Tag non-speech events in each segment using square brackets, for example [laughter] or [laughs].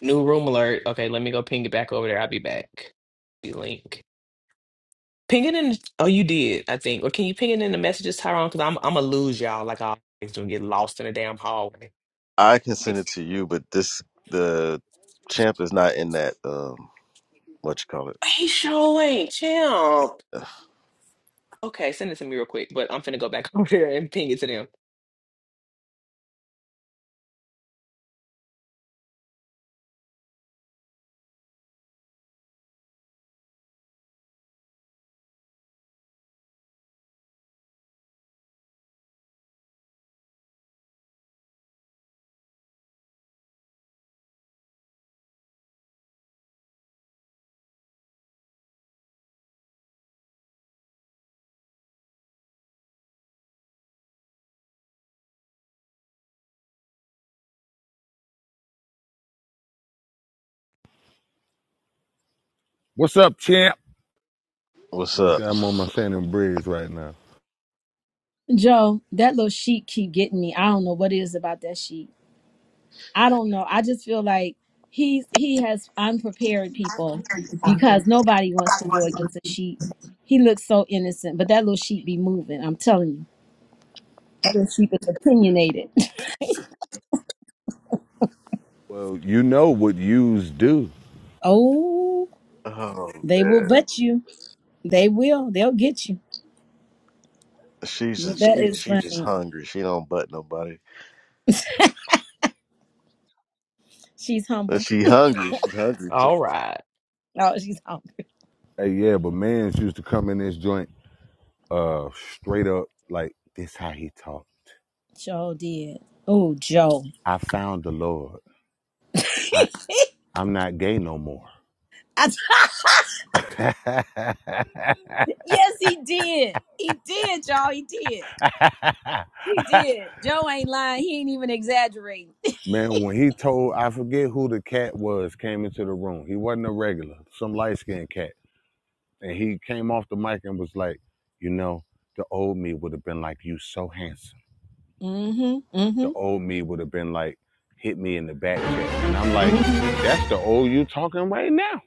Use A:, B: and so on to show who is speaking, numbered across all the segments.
A: New room alert. Okay, let me go ping it back over there. I'll be back. Be link. Ping it in. Oh, you did, I think. Or can you ping it in the messages, Tyrone? Because I'm I'm gonna lose y'all like I always do and get lost in the damn hallway.
B: I can send it to
A: Hey,
B: you, but this the champ is not in that. Um, what you call it?
A: show ain't champ. Okay, send it to me real quick. But I'm finna go back [laughs] over there and ping it to them.
C: What's up, champ?
B: What's up?
C: I'm on my Shannon Briggs right now.
D: Joe, that little sheep keep getting me. I don't know what it is about that sheep. I don't know. I just feel like he's he has unprepared people because nobody wants to go against a sheep. He looks so innocent, but that little sheep be moving. I'm telling you, that little sheep is opinionated.
C: Well, you know what yous do.
D: [laughs] oh,
B: Oh
D: they will
B: man,
D: butt you. They will. They'll get you.
B: she's
D: But
B: just,
D: that
B: she
D: is
B: she just
D: funny.
B: hungry. She don't butt nobody.
D: She's
B: But
D: humble.
B: she hungry. She's hungry too.
A: All right.
D: Oh, she's hungry.
C: Hey, yeah, but man's used to come in this joint uh straight up like this how he talk.
D: Joe did. Oh, Joe.
C: I found the Lord. I I'm not gay no more.
D: [laughs]
C: [laughs]
D: yes, he did. He did, y'all. He did. He did. Joe ain't lying. He ain't even exaggerating.
C: Man, when he told I forget who the cat was came into the room. He wasn't a regular, some light skinned cat. And he came off the mic and was like, you know, the old me would have been like, you so handsome.
D: Mm-hmm.
C: the
D: Mm-hmm.
C: old me would have been like, hit me in the back chat. And I'm like,
D: hmm
C: that's the old you talking right now.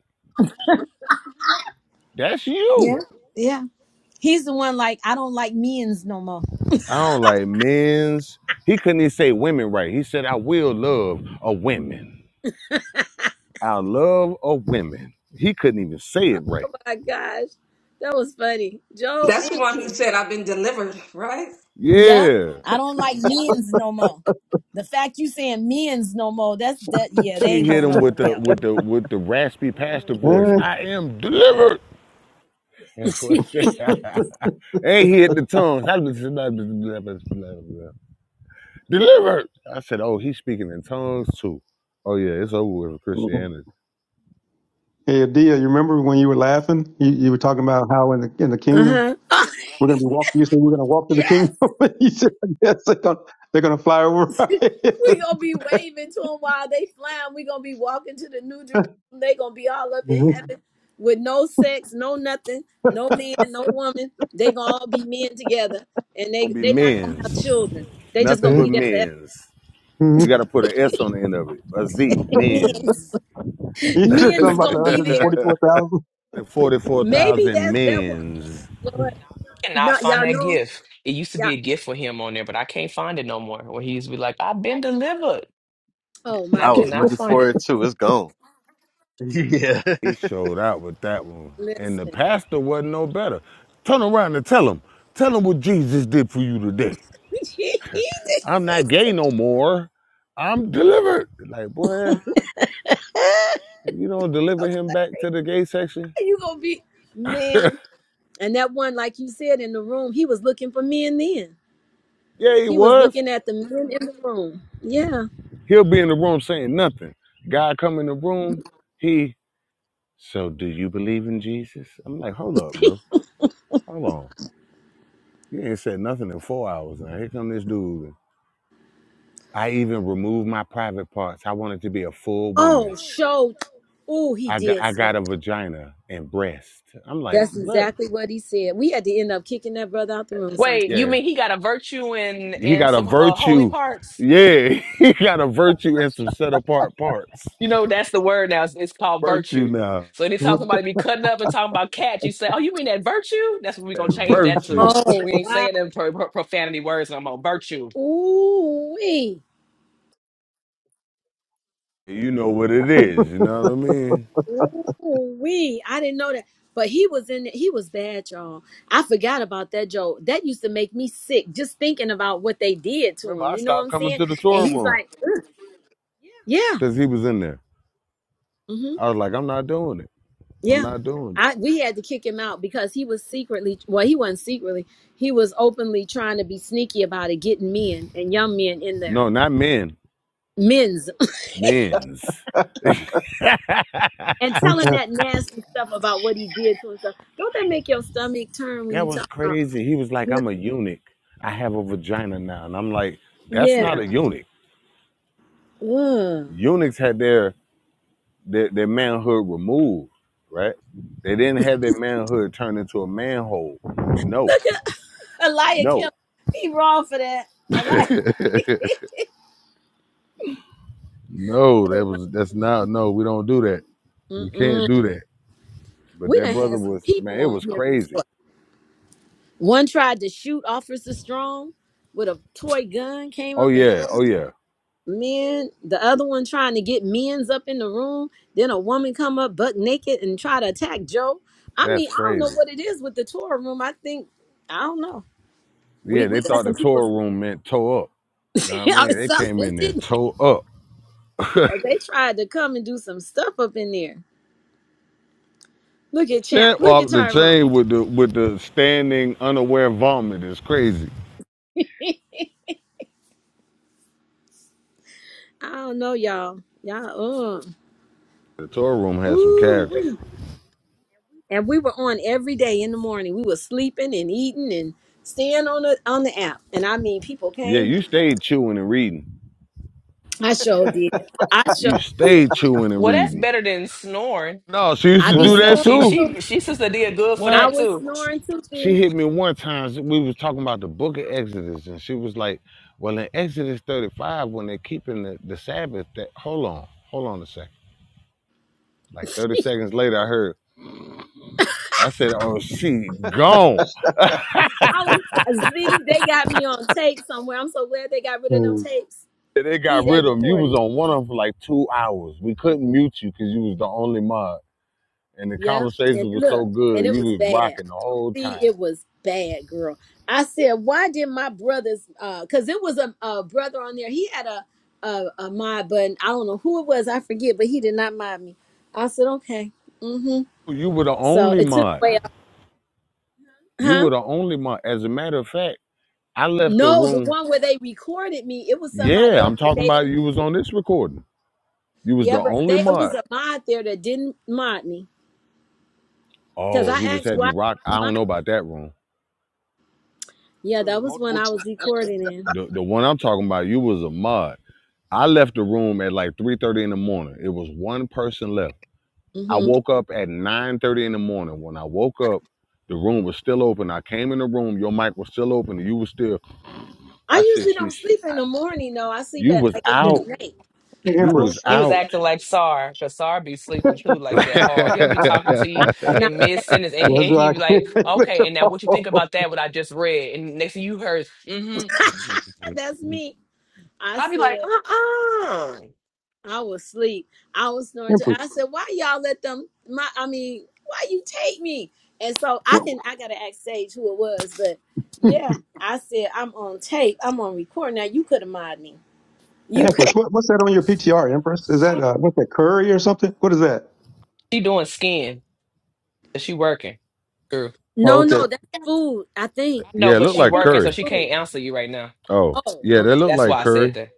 C: That's
D: Yeah.
C: you.
D: Yeah. He's the one like, I don't like men's no more.
C: I don't like men's. He couldn't even say women right. He said, I will love a woman. I love a woman. He couldn't even say it right.
D: Oh my gosh, that was funny, Joe.
E: That's the
D: ooh,
E: one who said, I've been delivered, right?
D: Yep.
C: Yeah.
D: I don't like men's no more. The fact you saying men's no more, that's that yeah, they
C: He
D: ain't
C: hit
D: going
C: him
D: over
C: with the
D: well.
C: with the with the raspy pastor voice.
F: Mm.
C: I am delivered. [laughs] And
D: [laughs]
F: [laughs]
C: he hit the tongues. [laughs] delivered. I said, oh, he's speaking in tongues too. Oh yeah, it's over with Christianity.
F: Hey, Adia, you remember when you were laughing? You, you were talking about how in the in the kingdom
D: uh huh. [laughs]
F: we're going to be walking. You said we're going to walk to the
D: yes.
F: kingdom. [laughs] you said, "Yes, they're going they're going to fly over." our heads." [laughs]
D: We gonna be waving to them while they flying. We gonna be walking to the New Jerusalem. They gonna be all up in
F: you
D: heaven with no sex, no nothing, no man, no woman. They gonna all be men together, and
C: It's
D: they
C: Gonna be
D: they not gonna have
C: men's,
D: children. They just
C: nothing
D: gonna be
C: but
D: there forever.
C: men's. You got to put an S on the end of it, a Z,
D: Men's
C: men's.
F: said something
D: men's
F: about
D: gonna
F: the
D: be
F: hundred and
D: there.
F: forty four thousand.
C: Forty-four
D: Maybe
C: thousand
D: that's that what
C: men's.
D: Lord. No,
A: Cannot find
D: y'all
A: that
D: know.
A: gift. It used to
D: Yeah.
A: be a gift for him on there, but I can't find it no more. Where he used to be like, I've been delivered,
D: Oh
A: and I
D: my
B: I was
D: goodness.
A: cannot
B: looking
A: find
B: for
A: it.
B: it too. It's gone. [laughs] Yeah,
C: He showed out with that one, and the
D: Listen,
C: pastor wasn't no better. Turn around and tell him, tell him what Jesus did for you today.
D: [laughs]
C: I'm not gay no more. I'm delivered. Like boy, you don't deliver him back to the gay section.
D: you gonna be men. And that one, like you said in the room, he was looking for men then
C: Yeah, he
D: He was
C: was.
D: looking at the men in the room. Yeah.
C: He'll be in the room saying nothing. God come in the room, he, so do you believe in Jesus? I'm like, hold up, bro. Hold on. You ain't said nothing in four hours now. Here come this dude. I even removed my private parts. I wanted to be a full woman.
D: Oh, showed. Oh, he
C: I got,
D: did
C: I
D: say
C: got a
D: that.
C: vagina and breast. I'm like,
D: That's
C: what?
D: exactly what he said. We had to end up kicking that brother out the room
A: Wait,
D: sometime.
A: you
C: Yeah.
A: mean he got a virtue and
C: He
A: and
C: got a
A: some uh, holy
C: virtue.
A: parts?
C: Yeah. [laughs] He got a virtue and some set apart parts.
A: You know, that's the word now. It's, it's called
C: Virtue
A: virtue.
C: now.
A: So anytime
F: [laughs]
A: somebody be cutting up and talking about cats, you say, "Oh, you mean that virtue?" That's what we're gonna
C: That
A: change that to.
C: virtue.
D: Oh,
A: We ain't
D: wow.
A: saying them pro- pro- profanity words no more. Virtue.
D: Ooh, wee.
C: You know what it is. You know what I mean?
D: Ooh, wee. I didn't know that. But he was in it. He was bad, y'all. I forgot about that joke. That used to make me sick just thinking about what they did to
C: Remember,
D: him.
C: I
D: You know what
C: stopped
D: I'm
C: coming
D: saying?
C: to the
D: And
C: tour
D: he's
C: room
D: like, yeah.
C: because he was in there. I was like, I'm not doing it. I'm
D: Yeah.
C: not doing it.
D: I we had to kick him out because he was secretly well, he wasn't secretly. He was openly trying to be sneaky about it, getting men and young men in there.
C: No, not men.
D: Men's
C: Men's. [laughs] that
D: [laughs] and telling that nasty stuff about what he did to himself. Don't that make your stomach turn when you
C: was
D: talk about
C: crazy. He was like,
D: you
C: I'm
D: know,
C: a eunuch. I have a vagina now. And I'm like, that's
D: Yeah.
C: not a eunuch.
D: Ugh.
C: Eunuchs had their their, their manhood removed, right? They didn't have their manhood turned into a manhole. No,
D: Look at [laughs] Eliakim.
C: no.
D: He wrong for that.
C: [laughs]
D: Eli
C: no, that was that's not no, we don't do that.
D: [laughs]
C: We
D: Mm-mm.
C: can't do that." But
D: We
C: that
D: done
C: brother
D: had some
C: was man,
D: people
C: it
D: on
C: was
D: here
C: crazy.
D: before. One tried to shoot Officer Strong with a toy gun, came
C: Oh
D: up and
C: yeah,
D: threw him
C: oh yeah,
D: men the other one trying to get men's up in the room then a woman come up buck naked and try to attack joe i
C: that's
D: mean i don't know
C: crazy.
D: what it is with the tour room i think i don't know
C: Yeah,
D: we
C: they
D: we got
C: thought the
D: some people [laughs]
C: tour room meant toe up. You know what I
D: or
C: mean? They came
D: something
C: in there
D: didn't they
C: toe up.
D: 'Cause they tried to come and do some stuff up in there look at champ
C: Chant
D: look at
C: off the
D: tyrone
C: chain with the with the standing unaware vomit is crazy.
D: i don't know y'all y'all um
C: The tour room had some characters.
D: whoo and we were on every day in the morning we were sleeping and eating and staying on the on the app and i mean people
C: Yeah,
D: came
C: you stayed chewing and reading.
D: I sure did. I sure
C: You
D: did.
C: stayed chewing and
A: Well, that's
C: reading.
A: better than snoring,
C: No, she used
D: I
C: to
D: be
A: cause
C: do
A: you know
C: that
D: snoring
A: she
C: too.
D: too.
A: she she sister did good for
D: I
C: What?
A: that
D: was
A: too.
D: snoring too,
C: she
D: Z.
C: hit me one time. We was talking about the book of Exodus, and she was like, "Well, in Exodus 35, when they're keeping the, the Sabbath, that hold on, hold on a second. Like 30 seconds later, I heard. I said, "Oh, she gone."
D: I was Z. They got me on tape somewhere. I'm so glad they got rid of them tapes.
C: [laughs] they got
D: D, they
C: rid of him. You
D: recorded
C: was
D: me.
C: on one of them for like two hours. We couldn't mute you because you was the only mod, and the
D: Yeah, and
C: conversation was
D: look,
C: so
D: and
C: good.
D: it
C: You
D: was
C: was
D: bad.
C: rocking the whole
D: See,
C: time.
D: it was bad, girl. I said, why did my brothers? uh 'cause Cause it was a, a brother on there. He had a a, a mod button. I don't know who it was. I forget, but he did not mod me. I said, okay, mm-hmm.
C: You were the
D: So
C: only
D: it took
C: mod.
D: away,
C: You
D: huh?
C: were the only mod. As a matter of fact, I left the
D: No, the
C: room.
D: one where they recorded me, it was somebody
C: Yeah, I'm
D: else, but
C: talking
D: they
C: about
D: didn't.
C: you was on this recording. You was the
D: Yeah, but
C: only
D: they it
C: mod.
D: was a mod there that didn't mod me because
C: Oh,
D: I
C: he just
D: asked
C: had
D: why.
C: you rock.
D: you
C: I
D: Mod.
C: don't know about that room.
D: Yeah,
F: it was
D: that was when
F: multiple
D: I
F: times.
D: was recording in.
C: The the one I'm talking about, you was a mod. I left the room at like 3:30 in the morning. It was one person left. I
D: hmm
C: woke up at 9:30 in the morning. When I woke up, the room was still open. I came in the room, your mic was still open, and you was still.
D: I
C: I said,
D: usually
C: "She,
D: don't
C: she-
D: sleep in the morning though. I sleep
C: you
D: at
C: was
D: like if
F: Hey,
C: out.
D: it's night. I
C: You
D: don't
C: was
F: Empress.
A: He
D: know.
A: was
C: out."
A: acting like Sar, cause Sar be sleeping too
C: [laughs]
A: like that
C: yeah,
A: hard. He'll be talking to
D: I'm
A: you
D: not.
A: in mid sentence, and he,
F: That's
A: and he
F: why I
A: be
F: can't
A: like,
F: with
A: "Okay, and now
F: you. [laughs]
A: what you think about that? What I just read?" And next thing you heard, "Mm-hmm,"
D: [laughs] That's me. I
A: I'll be
D: said.
A: like, "Uh-uh."
D: I was asleep. I was snoring too.
F: Empress.
D: I said, "Why y'all let them? My, I mean, why you take me?" And so I
F: What,
D: can, I gotta ask Sage who it was, but yeah, I said I'm on tape. I'm on record." now. You could have modded me. You
A: [laughs]
D: could. [laughs]
F: Empress. What, what's that on your PTR? Empress. Is that uh, what's that curry or something? What is that?
A: She doing skin. But she working. True.
F: Oh,
D: No,
F: okay.
D: no, that's food. I think.
A: I know,
C: it
A: but
C: looked
D: I
A: she
C: like
D: think
A: working,
D: that's
A: so
C: curry.
A: she
D: food.
A: can't answer you right now.
C: Oh,
D: Oh,
C: yeah,
D: okay.
C: that looked
A: That's
C: like
A: why I said
C: curry.
A: that.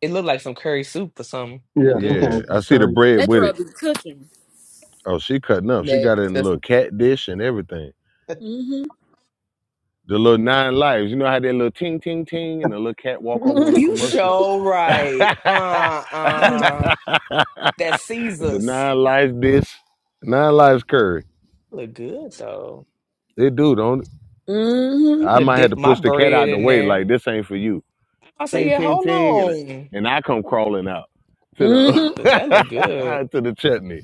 A: It looked like some curry soup or something. It
F: Yeah,
A: look
F: I think I
A: good.
C: Yeah,
F: was
C: I
F: at
C: see the
F: thirty.
C: bread
D: That
C: with
D: girl
C: it.
D: be cooking.
C: Oh, she cutting up. She got it
A: Next.
C: in a
A: That's
C: little cat dish and everything.
D: Mhm.
C: The little nine lives. You know how that little ting ting ting and the little cat walk over on the
D: mhm.
A: You
C: commercial?
A: show
C: [laughs]
A: right.
C: the
A: Uh uh. That's Caesar's.
C: nine lives dish. Nine lives curry.
A: look good though.
C: They do, don't it?
D: Mhm.
A: I'm
C: I
A: gonna
C: might have to
A: dip my
C: push the cat
A: bread
C: out the
A: in
C: way
A: there.
C: like this ain't for you.
A: I say,
C: Ting
A: yeah,
C: ting
A: hold
C: ting and
A: on.
C: and I come crawling out to
D: [laughs]
A: 'Cause
C: the
A: That look
C: [laughs]
A: good.
C: to the chutney.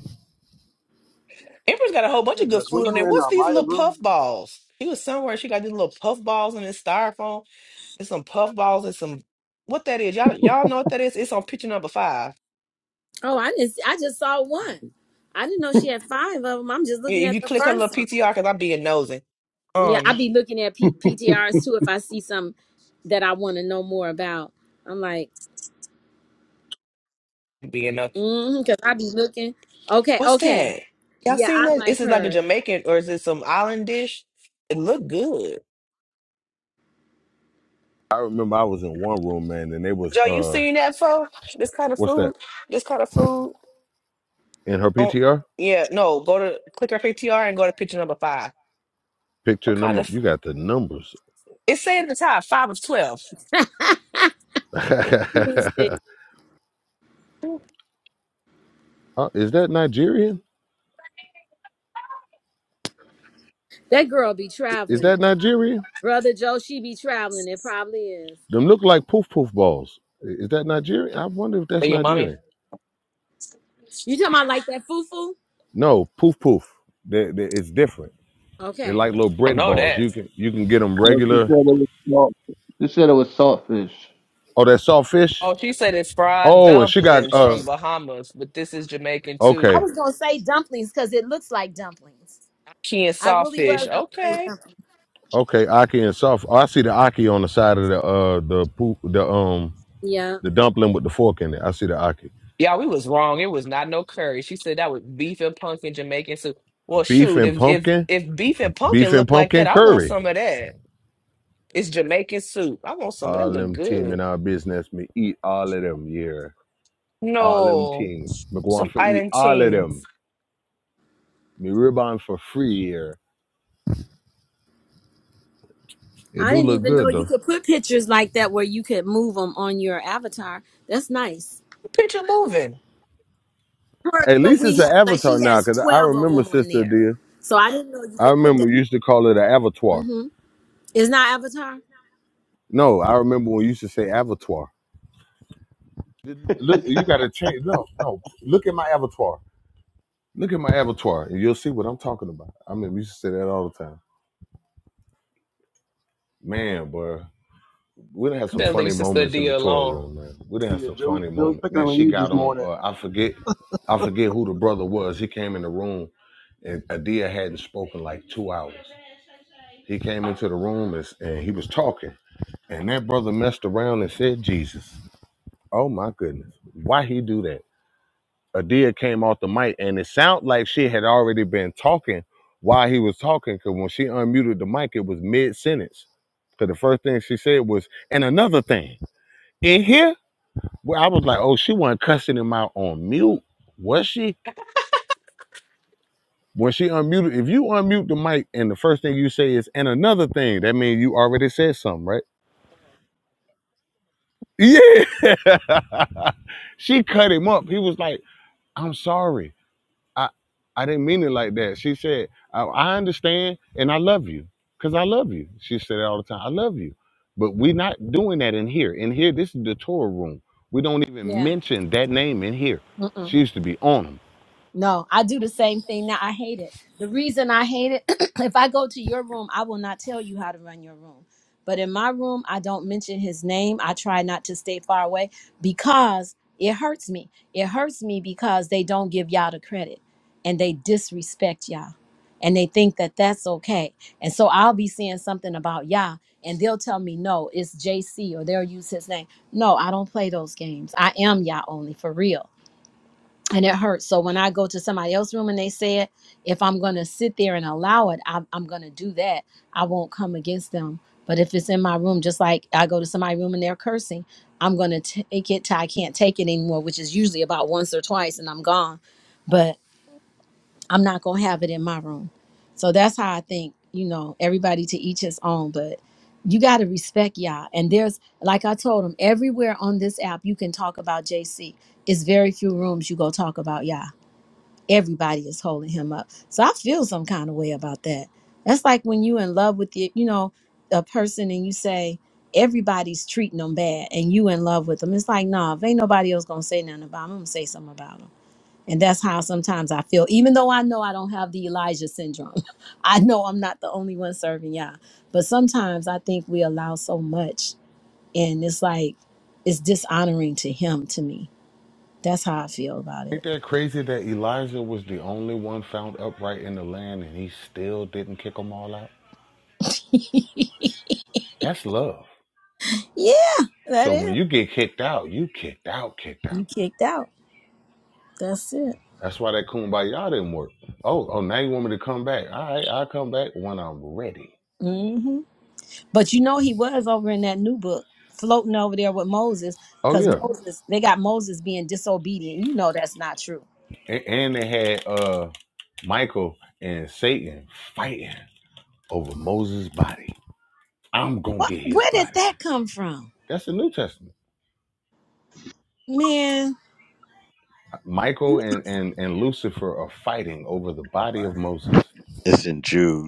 A: Emperor's got a whole bunch of good
F: Andrus, when
A: food on
F: you
A: there.
F: were in
A: What's
F: uh,
A: these
F: Maya
A: little
F: room,
A: puff balls? He was somewhere. She got these little puff balls in this styrofoam. There's some puff balls and some what that is. Y'all y'all know what that is? It's on picture number five.
D: Oh, I didn't. see- I just saw one. I didn't know she had five of them. I'm just looking
A: If
D: at
A: you
D: the
A: click her little
D: first one.
A: PTR, cause I'm being nosy.
D: Yeah, I
A: Um,
D: be looking at P- PTRs too if I see something that I want to know more about. I'm like,
A: being nosy.
D: mm because I be looking. Okay,
A: What's
D: okay.
A: that? Y'all
D: Yeah,
A: seen
D: I
A: that?
D: like
A: Is it like a
D: her.
A: Jamaican or is it some island dish? It look good.
C: I remember I was in one room, man, and they was
A: Joe, you
C: uh
A: seen that for this kind of
C: what's that?
A: food? This kind of food?
C: In her
A: Oh,
C: PTR?
A: yeah. No, go to click her PTR and go to picture number five.
C: Picture
A: What kind
C: number
A: of
C: you got the numbers
A: It said at the top, five of 12.
D: [laughs] that
C: [laughs] Uh, is that Nigerian?
D: girl be
C: Is
D: traveling.
C: that Nigerian?
D: Brother Joe, she be traveling. It probably is.
C: Them look like poof poof balls. I- Is that Nigerian? I wonder if that's
A: Hey, your mommy.
C: Nigerian.
D: You talking about like that fufu?
C: No, poof poof. They, they, it's different. They're
D: Okay.
C: like little
A: I
C: bread
A: know
C: balls.
A: that.
C: You can you can get them
G: No, she
C: regular.
G: said it was salt. She said it was saltfish.
C: Oh, that soft fish.
A: Oh, she said it's fried
C: Oh, and she got
A: dumplings
C: uh.
A: from Bahamas, but this is Jamaican
D: I
A: too.
C: Okay,
D: was gonna say dumplings because it looks like dumplings.
A: Key and
D: I really
A: sawfish.
D: was gonna say
A: Okay.
D: dumplings.
C: okay. Aki and soft. Oh, I see the aki on the side of the uh the poop the um
D: Yeah.
C: the dumpling with the fork in it. I see the aki.
A: Yeah, we was wrong. It was not no curry. She said that was beef and pumpkin Jamaican soup. Well,
C: Beef
A: shoot,
C: and
A: if if
C: pumpkin.
A: if beef and pumpkin
C: Beef and
A: look like that,
C: pumpkin
A: I want
C: curry.
A: some of that. It's Jamaican soup. I want some of that.
C: All
A: Look
C: them team
A: good.
C: in our business, me eat all of them here. All them
A: No,
C: team. Me go on
A: some
C: for eat
A: island
C: all of
A: team.
C: them. Me rebound for free here. It
D: I
C: do
D: didn't
C: look
D: even know
C: good
D: you
C: though.
D: could put pictures like that where you could move them on your avatar. That's nice.
A: Picture moving.
D: hers,
C: At
D: but
C: least it's
D: we
C: an
D: have like
C: avatar
D: she
C: now,
D: has
C: cause I
D: twelve of
C: remember
D: them on
C: sister
D: there.
C: dear.
D: So I didn't know you
C: I
D: could put
C: remember
D: that.
C: you used to call it an avatar.
D: Mm-hmm. It's not Avatar.
C: No, I remember when you used to say avatar. Look, you gotta change. No, no. Look at my avatar. Look at my avatar, and you'll see what I'm talking about. I mean, we used to say that all the time. Man, boy. we done had some
A: Better
C: funny
A: leave Sister
C: moments in
A: D
C: the Torah
A: alone.
C: room, man. We
F: [laughs]
C: done had
F: yeah,
C: some
F: Joe,
C: funny
F: Joe was
C: moments,
F: picking
C: man.
F: on
C: She
F: you this
C: got on.
F: morning.
C: Uh, I forget, I forget who the brother was. He came in the room, and Adia hadn't spoken like two hours. He came into the room and, and he was talking, and that brother messed around and said Jesus. Oh my goodness, why he do that? Adia came off the mic, and it sounded like she had already been talking while he was talking, because when she unmuted the mic, it was mid sentence. Because the first thing she said was, "And another thing, in here." Well, I was like, oh, she wasn't cussing him out on mute, was she? When she unmuted, if you unmute the mic and the first thing you say is and another thing, that means you already said something, right? Yeah. [laughs] she cut him up. He was like, I'm sorry. I I didn't mean it like that. She said, I, I understand and I love you. Cause I love you. She said it all the time. I love you. But we're not doing that in here. In here, this is the Torah room. We don't even
D: Yeah.
C: mention that name in here. She used to be on him.
D: No, I do the same thing now. I hate it. The reason I hate it, [clears throat] if I go to your room, I will not tell you how to run your room. But in my room, I don't mention his name. I try not to stay far away because it hurts me. It hurts me because they don't give y'all the credit and they disrespect y'all and they think that that's okay. And so I'll be saying something about y'all and they'll tell me, no, it's JC or they'll use his name. No, I don't play those games. I am y'all only for real and it hurts. So when I go to somebody else's room and they say it, if I'm going to sit there and allow it, I'm, I'm going to do that. I won't come against them. But if it's in my room, just like I go to somebody's room and they're cursing, I'm going to take it till I can't take it anymore, which is usually about once or twice and I'm gone. But I'm not going to have it in my room. So that's how I think, you know, everybody to each his own. But you got to respect y'all. And there's, like I told them, everywhere on this app, you can talk about JC. It's very few rooms you go talk about y'all everybody is holding him up. So I feel some kind of way about that. That's like when you in love with your, you know, a person and you say everybody's treating them bad and you in love with them. It's like, nah, if ain't nobody else gonna say nothing about him, I'm gonna say something about him. And that's how sometimes I feel, even though I know I don't have the Elijah syndrome. [laughs] I know I'm not the only one serving Yah. But sometimes I think we allow so much and it's like it's dishonoring to him to me. That's how I feel about it.
C: Ain't that crazy that Elijah was the only one found upright in the land and he still didn't kick them all out? That's love.
D: Yeah, that
C: So
D: is.
C: when you get kicked out, you kicked out, kicked out.
D: You kicked out. That's it.
C: That's why that kumbaya didn't work. Oh, oh, now you want me to come back? All right, I'll come back when I'm ready.
D: hmm But you know he was over in that new book, floating over there with Moses,
C: Oh
D: because
C: yeah,
D: Moses they got Moses being disobedient. You know that's not true.
C: A- and they had uh Michael and Satan fighting over Moses' body. I'm gonna
D: What?
C: get his
D: Where did
C: body.
D: that come from,
C: That's the New Testament.
D: man?
C: Michael and, and, and Lucifer are fighting over the body of Moses.
B: it's in Jude.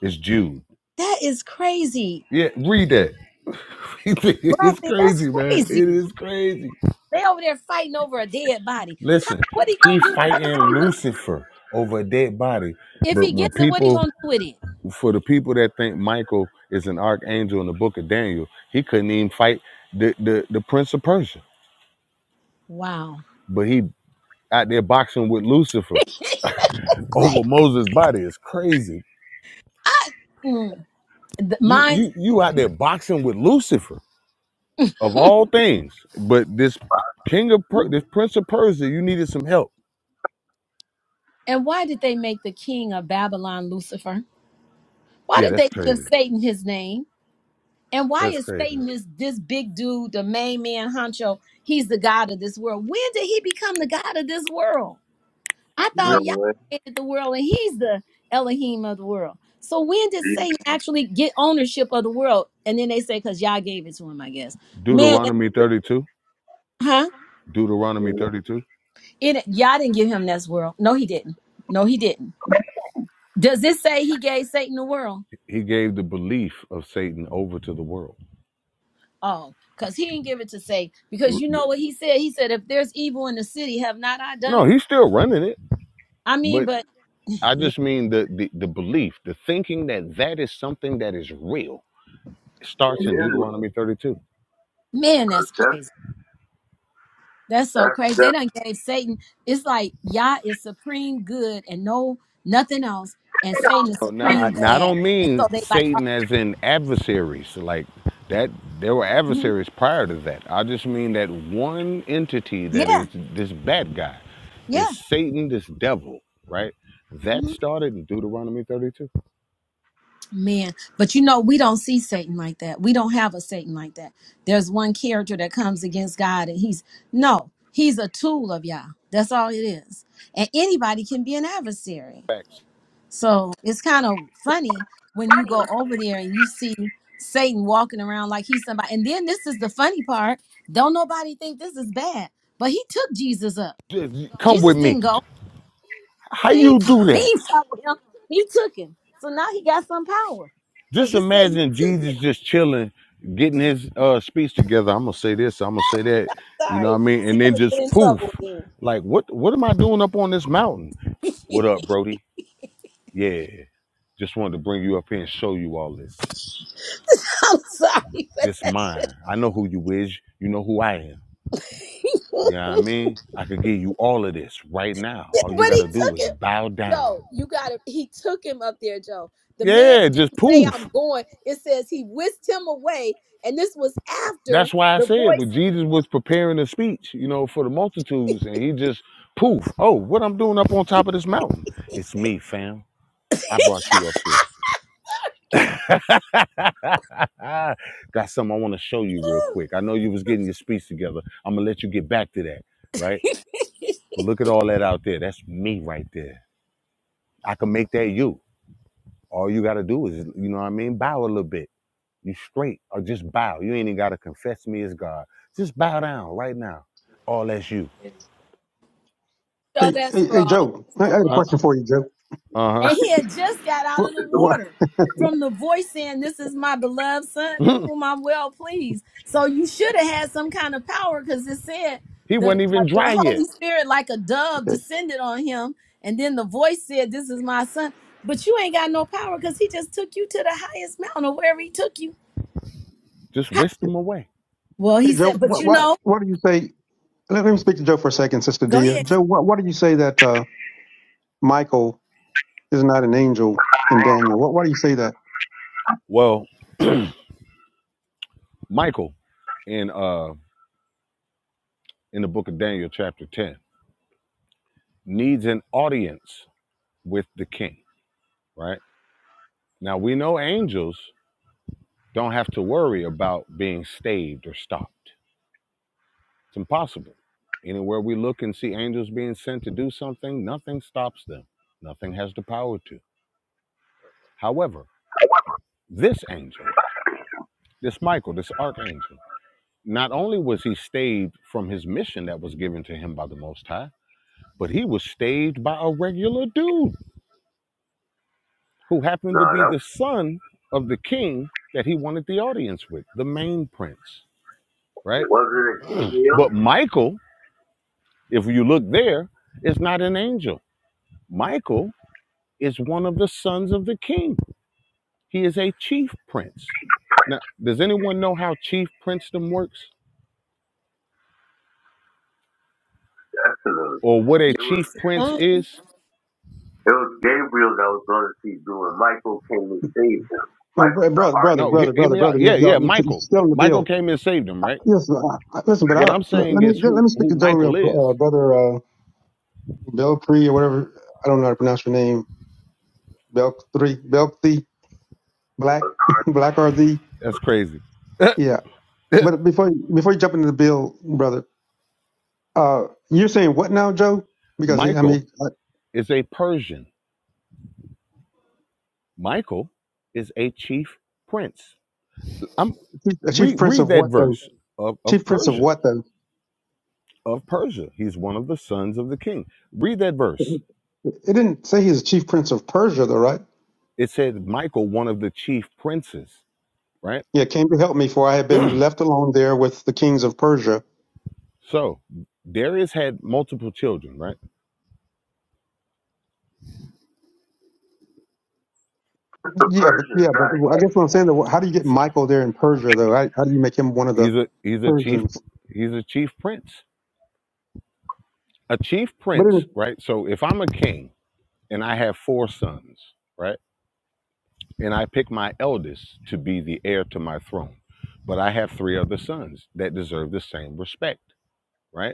C: It's Jude.
D: That is crazy,
C: Yeah, read that. [laughs]
D: black.
C: it's
D: man, That's
C: crazy, man.
D: crazy.
C: It is crazy.
D: They over there fighting over a dead body. How,
C: Listen,
D: what he
C: he
D: gonna do with the
C: fighting
D: body when-
C: Lucifer over a dead body.
D: if
C: But
D: he
C: when
D: gets it? What he
C: people,
D: gonna do with it?
C: for the people that think Michael is an archangel in the book of Daniel, he couldn't even fight the, the, the prince of Persia.
D: Wow.
C: But he out there boxing with Lucifer
D: [laughs]
C: over
D: Like
C: Moses' body. It's crazy.
D: I, mm, The-
C: You,
D: mine.
C: you, you out there boxing with Lucifer of all things. But this king of, Per- this prince of Persia, you needed some help
D: And why did they make the king of Babylon Lucifer? Why
C: Yeah,
D: did
C: that's
D: they give
C: crazy.
D: Satan his name? And why
C: That's
D: is
C: crazy.
D: Satan this this big dude, the main man, honcho? He's the god of this world. When did he become the god of this world? I
H: You know
D: thought
C: It-
D: Yah
H: what?
D: created the world and he's the Elohim of the world. So when did
H: It
D: Satan actually get ownership of the world? And then they say because Yah gave it to him, I guess. Man, that-
C: Deuteronomy 32.
D: huh?
C: Deuteronomy
H: it
C: 32.
D: It Yah didn't give him this world. No, he didn't. No, he didn't. Does this say he gave Satan the world?
C: He gave the belief of Satan over to the world.
D: Oh, because he didn't give it to say, because
C: R-
D: you know what he said? He said, if there's evil in the city, have not I done
C: No,
D: it?
C: he's still running it,
D: I mean,
C: but
D: but
C: I
D: yeah,
C: just mean the, the the belief, the thinking that that is something that is real
H: is
C: starts in
H: real.
C: Deuteronomy 32.
D: man, that's
H: That's
D: crazy. That's so
H: that's
D: crazy. They
H: that's
D: done gave Satan, it's like Yah is supreme good and no nothing else, and Satan is
C: Oh, Now,
D: supreme
C: I, no, I
D: bad.
C: don't
D: And
C: mean
D: so they like,
C: Satan as in adversaries. Like that, there were
D: mhm.
C: adversaries prior to that. I just mean that one entity that
D: yeah,
C: is this bad guy,
D: yeah.
C: this Satan, this devil, right? That started in Deuteronomy 32.
D: Man, but you know, we don't see Satan like that. We don't have a Satan like that. There's one character that comes against God, and he's no, he's a tool of Yah. That's all it is. And anybody can be an adversary.
C: Facts.
D: So it's kind of funny when you go over there and you see Satan walking around like he's somebody. And then this is the funny part. Don't nobody think this is bad, but he took Jesus up.
C: Just- come
D: Jesus
C: with me.
D: didn't go.
C: How
D: He
C: you do
D: [laughs]
C: that?
D: he fought with him. He took him. So now he got some power. Cause
C: Just
D: it said he
C: imagine
D: took
C: Jesus
D: him.
C: just chilling, getting his uh, speech together. I'm gonna say this. I'm gonna say that. You know
D: Sorry.
C: what I mean?
D: See,
C: And
D: I'm
C: then
D: gonna get
C: just
D: in
C: poof.
D: trouble again.
C: Like what? What am I doing up on this mountain? What up, Brody? Yeah. Just wanted to bring you up here and show you all this.
D: [laughs] I'm sorry, but
C: This
D: that,
C: mine. I know who you is. You know who I am.
D: [laughs]
C: You know what I
D: but
C: mean? I could give you all of this right now. All you
D: he
C: gotta do
D: took
C: is
D: him.
C: bow down.
D: Joe, you gotta he took him up there, Joe. The man
C: Yeah,
D: didn't
C: just
D: say
C: poof.
D: I'm going. It says he whisked him away, and this was after
C: That's why I
D: the
C: said
D: voice.
C: when Jesus was preparing a speech, you know, for the multitudes, and he just poof. Oh, what I'm doing up on top of this mountain. It's me, fam. I brought you up here. [laughs] Got something I want to show you real quick. I know you was getting your speech together. I'm gonna let you get back to that, right? But look at all that out there. That's me right there. I can make that you. All you gotta do is, you know what I mean, bow a little bit. You straight or just bow. You ain't even gotta confess me as God. Just bow down right now. All that's you.
F: Hey,
D: Oh,
F: hey,
D: that's
F: hey,
D: wrong.
F: Joe.
D: That's
F: I I
D: so
F: got a
C: Huh?
D: wrong.
F: question for you, Joe.
D: And
C: Uh-huh.
D: he had just got out of
F: What?
D: the
H: it's a, no,
F: what
D: water from the voice saying, This is my beloved son in whom I'm well pleased. So you should have had some kind of power because it said
C: [laughs] he
D: the,
C: wasn't
D: uh,
C: even dry
D: the
C: yet.
D: Holy Spirit, like a dove,
F: Hey,
D: descended on him. And then the voice said, This is my son. But you ain't got no power because he just took you to the highest mountain or wherever he took you.
C: Just whisked him away.
D: Well, he
F: hey,
D: said,
F: Joe.
D: But
F: What?
D: you
F: What?
D: know,
F: What do you say? Let, let me speak to Joe for a second, Sister
D: go
F: Dia.
D: ahead.
F: Joe, what? What do you say that uh, Michael is not an angel in Daniel? What? Why do you say that?
C: Well, Michael, in uh in the book of Daniel, chapter 10, needs an audience with the king, right? Now we know angels don't have to worry about being staved or stopped It's impossible. Anywhere we look and see angels being sent to do something, nothing stops them. Nothing has the power to. However, this angel, this Michael, this archangel, not only was he staved from his mission that was given to him by the Most High, but he was staved by a regular dude who happened to be
H: that
C: the son of the king that he wanted the audience with, the main prince, right?
H: wasn't a
C: [clears throat]
H: deal.
C: but Michael, if you look there, is not an angel. Michael is one of the sons of the king. He is a chief prince. Now, does anyone know how chief princedom works
H: That's another.
C: or what a
H: It was
C: chief prince
D: Oh,
C: is?
H: it was Gabriel that was going to see doing. Michael came and saved him.
F: Um, br-
H: Michael's the
F: brother, brother,
H: archangel.
C: No, hear,
F: brother,
C: hear
F: brother,
C: me out.
F: brother.
C: Yeah,
F: You,
C: yeah,
F: y'all, you're
C: Michael.
F: still in the
C: Michael
F: bill.
C: came and saved him, right?
F: Yes. Uh, listen, but I,
C: What I'm
F: let, let
C: saying
F: me
C: is
F: let
C: who,
F: me speak
C: who
F: to Joe, real,
C: Michael is.
F: uh, brother. uh, Belkri or whatever. I don't know how to pronounce her name. Belkri, Belcree, Black, [laughs] Black RZ.
C: That's crazy.
F: Yeah. But before before you jump into the bill, brother, uh, you're saying what now, Joe? Because I
C: Michael
F: mean, uh,
C: is a Persian. Michael is a chief prince. I'm
F: chief a chief
C: read
F: prince
C: read
F: of
C: that
F: what though?
C: verse of, of
F: Chief prince of
C: Persia.
F: what though?
C: Of Persia. He's one of the sons of the king. Read that verse.
F: It didn't say he's a chief prince of Persia though, right?
C: it said Michael, one of the chief princes, right?
F: Yeah, came to help me, for I had been left alone there with the kings of Persia.
C: So Darius had multiple children, right?
H: Because The
F: Yeah, but yeah,
H: Persian's
F: but
H: not.
F: I
H: a
F: guess what I'm saying though, how do you get
C: So
F: Michael there in Persia though? How, how do you make him one of the
C: he's a he's a chief
F: Persians?
C: he's a chief prince. A chief
F: But
C: prince, right? So if I'm a king and I have four sons, right? And I pick my eldest to be the heir to my throne, but I have three other sons that deserve the same respect, right?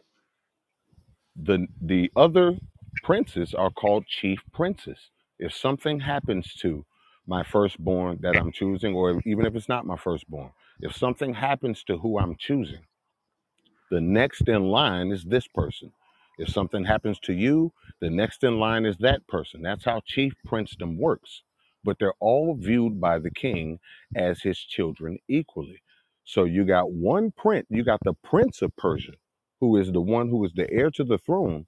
C: the the other princes are called chief princes if something happens to my firstborn that i'm choosing or even if it's not my firstborn if something happens to who i'm choosing the next in line is this person. If something happens to you, the next in line is that person. That's how chief princedom works. But they're all viewed by the king as his children equally. So you got one prince, you got the prince of Persia, who is the one who is the heir to the throne,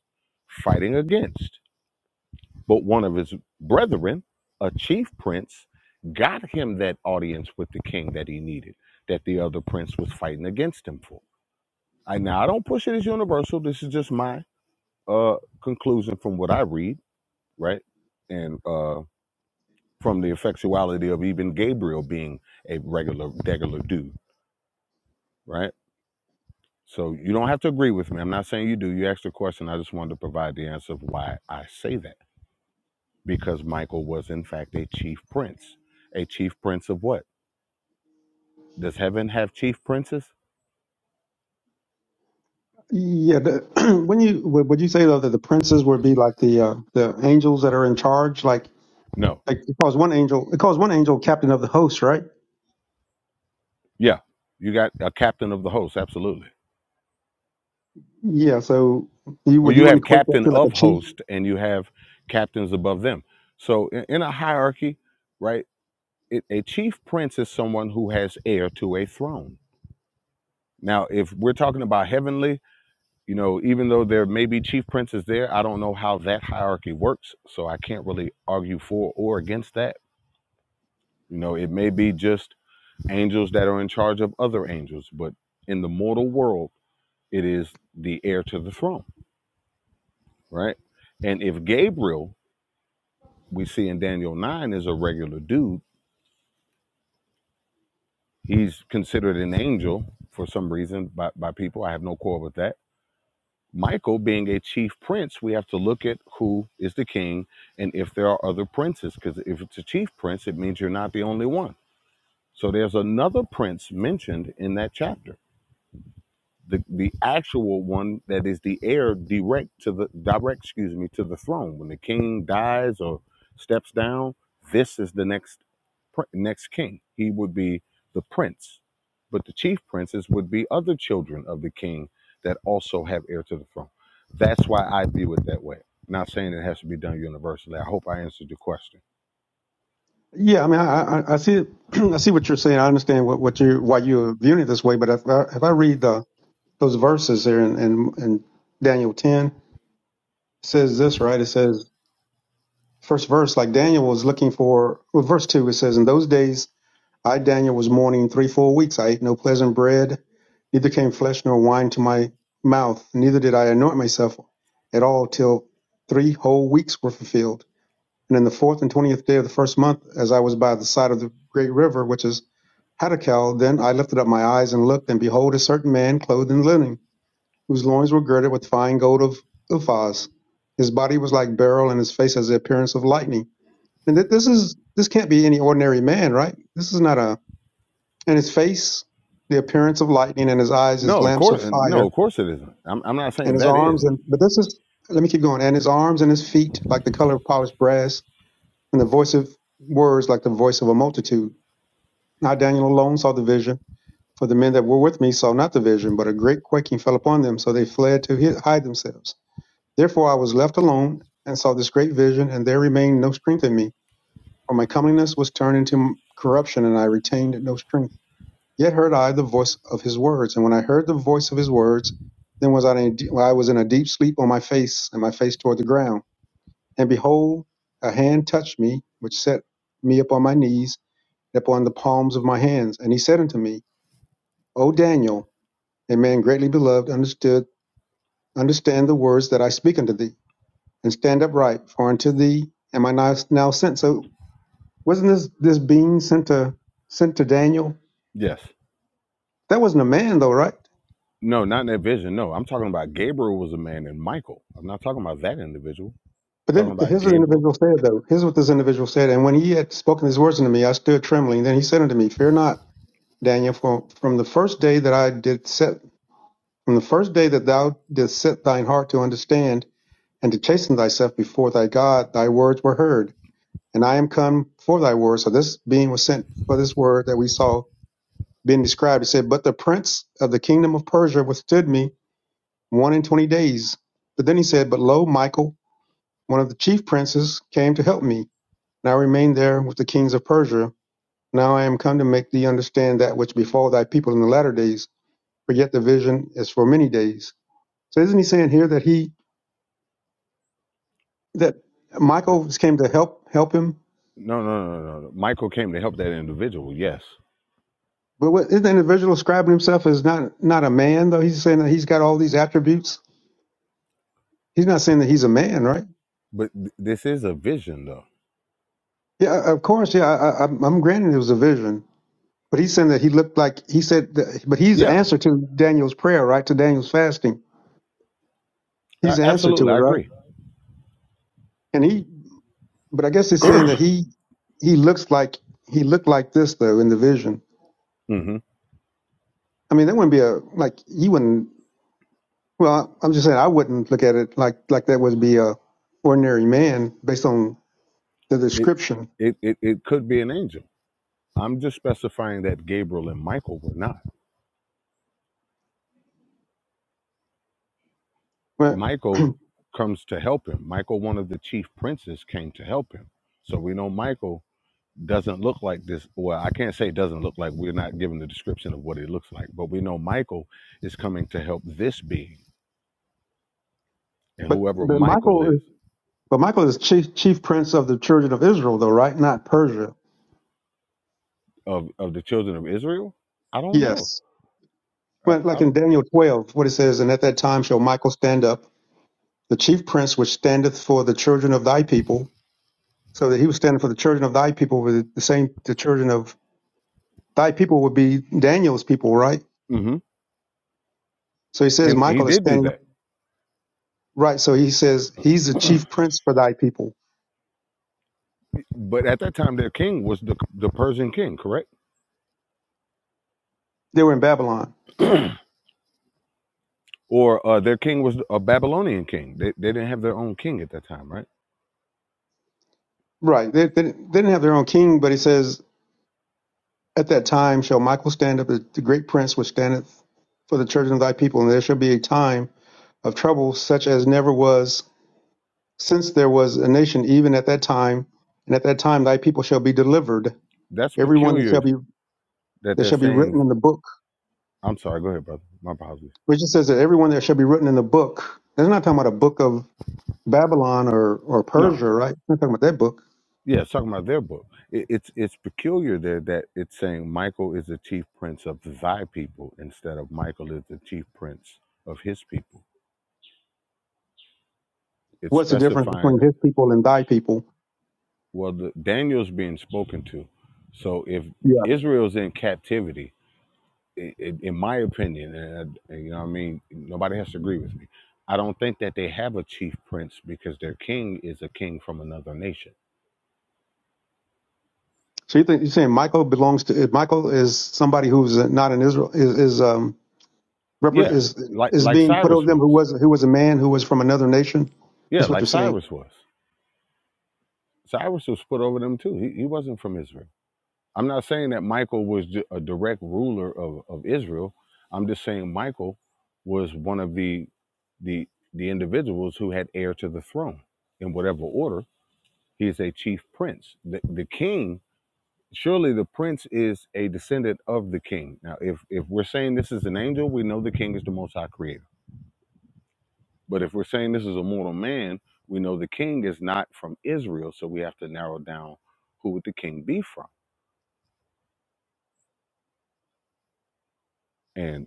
C: fighting against. But one of his brethren, a chief prince, got him that audience with the king that he needed, that the other prince was fighting against him for. I now I don't push it as universal. This is just my uh conclusion from what I read, right? And uh from the effectuality of even Gabriel being a regular degular dude, right? So you don't have to agree with me. I'm not saying you do. You asked a question. I just wanted to provide the answer of why I say that. Because Michael was in fact a chief prince. A chief prince of what? Does heaven have chief princes?
F: Yeah, the, [clears throat] when you would would you say though that the princes would be like the uh, the angels that are in charge, like
C: No.
F: like it calls one angel it calls one angel captain of the host, right?
C: Yeah. You got a captain of the host, absolutely
F: Yeah, so you
C: Or
F: would
C: you
F: you want to
C: have
F: equate that
C: captain
F: to like a
C: of
F: chief?
C: host and you have captains above them. So in, in a hierarchy, right, it, a chief prince is someone who has heir to a throne. Now, if we're talking about heavenly, you know, even though there may be chief princes there, I don't know how that hierarchy works. So I can't really argue for or against that. You know, it may be just angels that are in charge of other angels, but in the mortal world, it is the heir to the throne, right? And if Gabriel we see in Daniel 9 is a regular dude. He's considered an angel for some reason by, by people. I have no quarrel with that. Michael being a chief prince, we have to look at who is the king and if there are other princes, because if it's a chief prince, it means you're not the only one. So there's another prince mentioned in that chapter. the the actual one that is the heir direct to the direct excuse me to the throne when the king dies or steps down this is the next pr- next king he would be the prince but the chief princes would be other children of the king that also have heir to the throne that's why i view it that way not saying it has to be done universally i hope i answered your question
F: Yeah, I mean, I I, I see it, [clears throat] I see what you're saying. I understand what what you why you're viewing it this way, but if I, if I read the those verses there in, in in Daniel ten, it says this right? It says first verse like Daniel was looking for well, verse two. It says in those days I, Daniel, was mourning three full weeks. I ate no pleasant bread, neither came flesh nor wine to my mouth, neither did I anoint myself at all till three whole weeks were fulfilled. And in the fourth and twentieth day of the first month, as I was by the side of the great river, which is Hattakel, then I lifted up my eyes and looked, and behold, a certain man clothed in linen, whose loins were girded with fine gold of Uphaz. His body was like beryl, and his face has the appearance of lightning. And th- this is this can't be any ordinary man, right? This is not a and his face the appearance of lightning and his eyes as
C: no of
F: lamps
C: course
F: of
C: no
F: fire
C: of course it isn't i'm, I'm not
F: and
C: saying
F: his
C: that is
F: arms and but this is let me keep going and his arms and his feet like the color of polished brass and the voice of words like the voice of a multitude now daniel alone saw the vision for the men that were with me saw not the vision but a great quaking fell upon them so they fled to hid, hide themselves therefore i was left alone and saw this great vision and there remained no strength in me for my comeliness was turned into corruption and i retained no strength Yet heard I the voice of his words, and when I heard the voice of his words, then was I in a I was in a deep sleep on my face, and my face toward the ground. And behold, a hand touched me, which set me upon my knees and upon the palms of my hands. And he said unto me, O Daniel, a man greatly beloved, understood, understand the words that I speak unto thee, and stand upright, for unto thee am I now, now sent. So wasn't this this being sent to sent to Daniel?
C: yes
F: That wasn't a man though, right?
C: No, not in that vision. No, I'm talking about Gabriel was a man and Michael. I'm not talking about that individual. I'm
F: But
C: talking
F: then
C: about
F: here's what the
C: Gabriel.
F: individual said, though. Here's what this individual said. And when he had spoken these words unto me, I stood trembling. Then he said unto me, Fear not, Daniel, for from the first day that I did set, from the first day that thou didst set thine heart to understand and to chasten thyself before thy God, thy words were heard. And I am come for thy word. So this being was sent for this word that we saw being described. It said, But the prince of the kingdom of Persia withstood me one and twenty days. But then he said, But lo, Michael, one of the chief princes, came to help me And I remained there with the kings of Persia. Now I am come to make thee understand that which befall thy people in the latter days, for yet the vision is for many days. So isn't he saying here that he that
C: Th-
F: Michael came to help help him?
C: No, no, no, no, no. Michael came to help that individual. Yes,
F: But what, isn't the individual describing himself as not not a man though? He's saying that he's got all these attributes. He's not saying that he's a man, right?
C: but th- this is a vision, though.
F: Yeah, of course. Yeah, I, I, I'm I'm granting it was a vision, but he's saying that he looked like he said. That, but he's the
C: Yeah,
F: answer to Daniel's prayer, right? To Daniel's fasting, he's
C: a-
F: the answer to
C: absolutely.
F: it,
C: I
F: right?
C: agree.
F: And he But I guess he's saying that
C: [clears throat]
F: he he looks like he looked like this though in the vision.
C: hmm
F: I mean, that wouldn't be a like you wouldn't. Well, I'm just saying I wouldn't look at it like like that would be a ordinary man based on the
C: It,
F: description.
C: it, it, it could be an angel. I'm just specifying that Gabriel and Michael were not.
F: But
C: Michael comes to help him. Michael, one of the chief princes, came to help him. So we know Michael doesn't look like this. Well, I can't say it doesn't look like. We're not given the description of what it looks like, but we know Michael is coming to help this being, and
F: but,
C: whoever
F: but
C: Michael
F: Michael
C: is
F: is but Michael is chief chief prince of the children of Israel though, right? Not Persia.
C: of of the children of Israel, I don't know.
F: Yes.
C: I,
F: Well, like
C: I,
F: in Daniel 12, what it says, and at that time shall Michael stand up, the chief prince which standeth for the children of thy people. So that he was standing for the children of thy people with the same the children of thy people would be Daniel's people, right?
C: hmm
F: So he says
C: And he
F: Michael is
C: did do
F: standing up,
C: that,
F: right? So he says he's the
C: [clears throat]
F: chief prince for thy people.
C: but at that time their king was the the Persian king, correct?
F: They were in Babylon,
C: [clears throat] or uh, their king was a Babylonian king. They they didn't have their own king at that time, right?
F: right? They, they, didn't- they didn't have their own king, but he says, at that time shall Michael stand up as the great prince which standeth for the children of thy people, and there shall be a time of trouble such as never was since there was a nation, even at that time. And at that time thy people shall be delivered,
C: That's
F: everyone that shall
C: peculiar
F: be
C: that
F: that
C: they're
F: shall be written
C: saying.
F: in the book,
C: I'm sorry. Go ahead, brother. My apologies.
F: which it says that everyone that shall be written in the book. They're not talking about a book of Babylon or, or
C: No,
F: Persia, right? We're talking about that book.
C: yeah, it's talking about their book. It, it's it's peculiar there that it's saying Michael is the chief prince of thy people instead of Michael is the chief prince of his people. It's
F: What's the difference between
C: specifying
F: his people and thy people?
C: well, the, Daniel's being spoken to. So if
F: Yeah.
C: Israel's in captivity, i i in my opinion, and, I- and you know, what I mean, nobody has to agree with me. I don't think that they have a chief prince because their king is a king from another nation.
F: So you think you're saying Michael belongs to Michael is somebody who's not in Israel is, is um repre-
C: Yeah,
F: is
C: like
F: is
C: like
F: being put
C: Cyrus
F: over them
C: was.
F: who was who was a man who was from another nation.
C: Yeah,
F: That's what you're
C: like
F: saying.
C: Cyrus was. Cyrus was put over them too. He, he wasn't from Israel. I'm not saying that Michael was ju- a direct ruler of, of Israel. I'm just saying Michael was one of the the the individuals who had heir to the throne in whatever order. He is a chief prince. The, the king, surely the prince is a descendant of the king. Now, if if we're saying this is an angel, we know the king is the Most High Creator. But if we're saying this is a mortal man, we know the king is not from Israel. So we have to narrow down who would the king be from and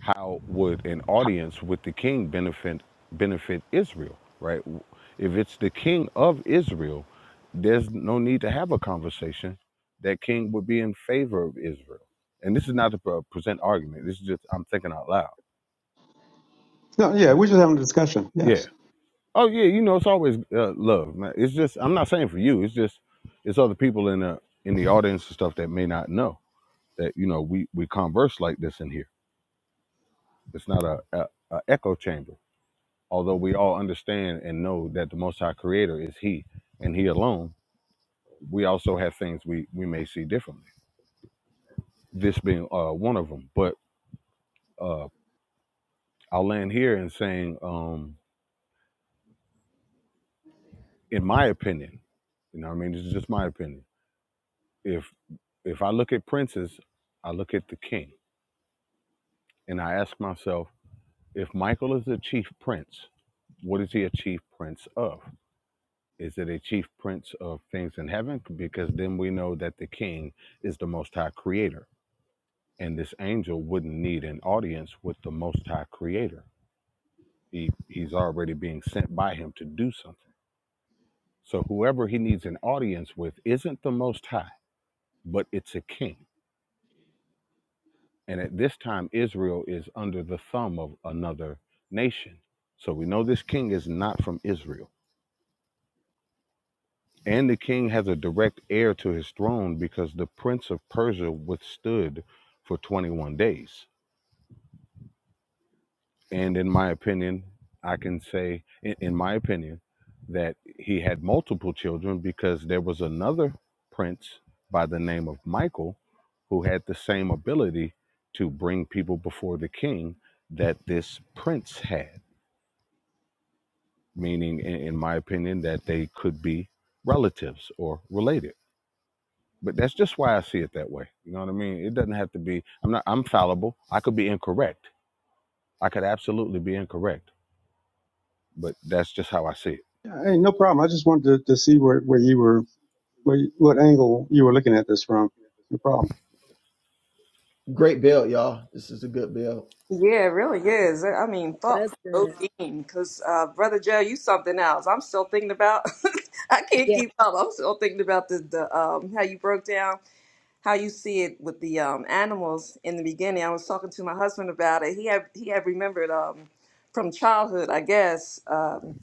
C: how would an audience with the king benefit benefit Israel, right? If it's the king of Israel, there's no need to have a conversation. That king would be in favor of Israel, and this is not a pre- present argument. This is just I'm thinking out loud.
F: No, yeah, we're just having a discussion.
C: Yeah.
F: Yes.
C: Oh yeah. You know, it's always uh, love. man. It's just I'm not saying for you. It's just it's other people in the in the audience and stuff that may not know that you know we we converse like this in here. It's not a, a, a echo chamber although we all understand and know that the most high creator is he and he alone we also have things we we may see differently this being uh one of them but uh i'll land here and saying um in my opinion you know what i mean this is just my opinion if if i look at princes i look at the king and i ask myself if michael is a chief prince what is he a chief prince of is it a chief prince of things in heaven because then we know that the king is the most high creator and this angel wouldn't need an audience with the most high creator he he's already being sent by him to do something so whoever he needs an audience with isn't the most high but it's a king and at this time israel is under the thumb of another nation so we know this king is not from israel and the king has a direct heir to his throne because the prince of persia withstood for 21 days And in my opinion, I can say, in, in my opinion, that he had multiple children because there was another prince by the name of Michael who had the same ability to bring people before the king that this prince had, meaning, in, in my opinion, that they could be relatives or related. But that's just why I see it that way. You know what I mean? It doesn't have to be, I'm not, I'm fallible. I could be incorrect. I could absolutely be incorrect, but that's just how I see it.
F: Yeah, Hey, no problem. I just wanted to, to see where, where you were where you, what angle you were looking at this from. No problem.
I: Great build, y'all. This is a good build.
E: Yeah, it really is. I mean, thought
D: that's good.
E: provoking. Because, uh, Brother Joe, you something else. I'm still thinking about. [laughs] I can't
D: Yeah.
E: keep up. I'm still thinking about the, the um how you broke down how you see it with the um animals in the beginning. I was talking to my husband about it. He had he had remembered um from childhood, I guess, um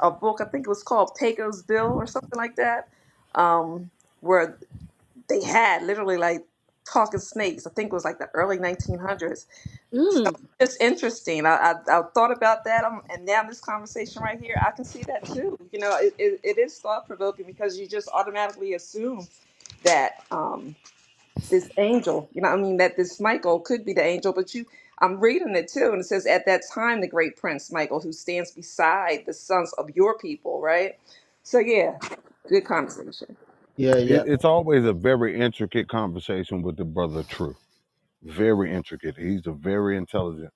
E: a book I think it was called Pecos Bill or something like that. Um, where. they had literally like talking snakes. I think it was like the early 1900s.
D: Mm.
E: It's interesting. I, I, I thought about that, um, and now this conversation right here, I can see that too. You know, it, it, it is thought provoking because you just automatically assume that um, this angel, you know, what I mean, that this Michael could be the angel, but you. I'm reading it too, and it says, At that time, the great prince Michael, who stands beside the sons of your people, right? So, yeah, good conversation.
I: Yeah, yeah.
C: it, it's always a very intricate conversation with the brother True. Very intricate. He's a very intelligent,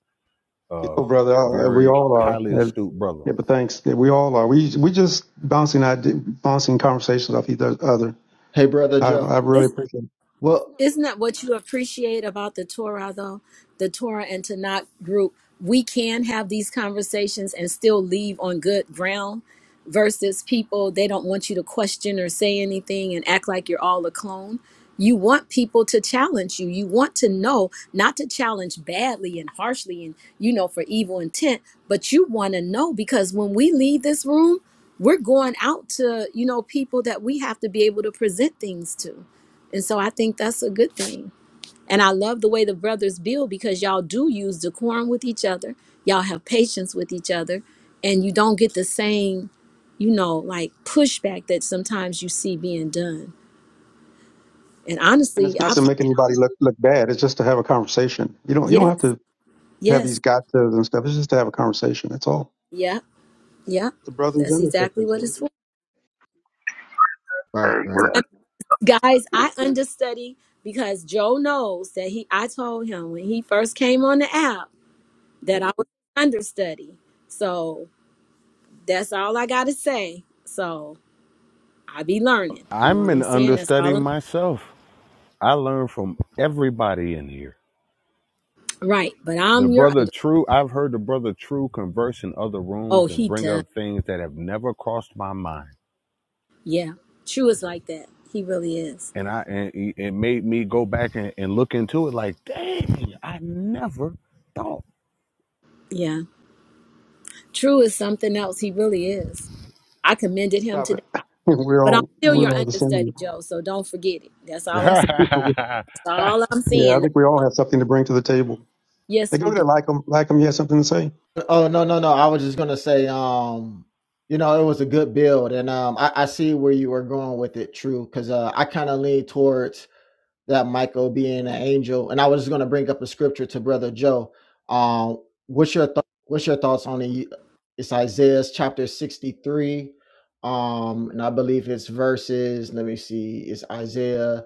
C: uh,
F: Oh, brother, uh, we
C: very
F: all
C: highly
F: are.
C: astute brother.
F: Yeah, but thanks. Yeah, we all are. We we just bouncing idea, bouncing conversations off each other.
I: Hey, brother
F: I,
I: Joe.
F: I really
D: It's
F: appreciate it.
I: Well,
D: Isn't that what you appreciate about the Torah, though? The Torah and Tanakh group. We can have these conversations and still leave on good ground versus people, they don't want you to question or say anything and act like you're all a clone. You want people to challenge you. You want to know, not to challenge badly and harshly and, you know, for evil intent, but you want to know because when we leave this room, we're going out to, you know, people that we have to be able to present things to and so I think that's a good thing. And I love the way the brothers build because y'all do use decorum with each other. Y'all have patience with each other. And you don't get the same, you know, like pushback that sometimes you see being done. And
F: And
D: honestly,
F: it's
D: I
F: not to make anybody look look bad. It's just to have a conversation. You don't you don't
D: yes,
F: have to have these
D: yes,
F: gotchas and stuff. It's just to have a conversation. That's all.
D: yeah, yeah.
F: The brothers
D: That's
F: and the
D: exactly
F: sisters.
D: what
F: here.
D: it's for.
I: right,
H: Hey, can
I: right.
H: I,
D: And guys, I understudy because Joe knows that he I told him when he first came on the app that I was understudy. So That's all I gotta say. So I be learning. You know
C: I'm
D: what
C: an
D: I'm saying? That's
C: understudy
D: all I'm
C: myself. I learn from everybody in here.
D: right. But
C: The
D: I'm your
C: brother
D: under
C: True, I've heard the brother True converse in other
D: oh
C: rooms and
D: he
C: bring
D: does.
C: up things that have never crossed my mind.
D: Yeah. True is like that. He really is.
C: And I and it it made me go back and, and look into it like, dang, I never thought.
D: Yeah. True is something else. He really is. I commended him
F: Stop
D: today.
F: it. [laughs] We're
D: But I'm
F: all
D: still your
F: we're all the
D: understudy,
F: same.
D: Joe, so don't forget it. That's all I'm that's
F: [laughs] yeah,
C: [laughs]
D: all I'm
F: I
D: saying.
F: think we all have something to bring to the table. Hey,
D: Yes, we
F: go
D: do.
F: ahead, like them, like them. you have something to say.
I: Oh no, no, no. I was just gonna say, um, you know, it was a good build, and um, I, I see where you were going with it, true. Because uh, I kind of lean towards that Michael being an angel, and I was just gonna bring up a scripture to brother Joe. Um, what's your th- what's your thoughts on the? It's Isaiah chapter sixty three, um, and I believe it's verses. Let me see. It's Isaiah.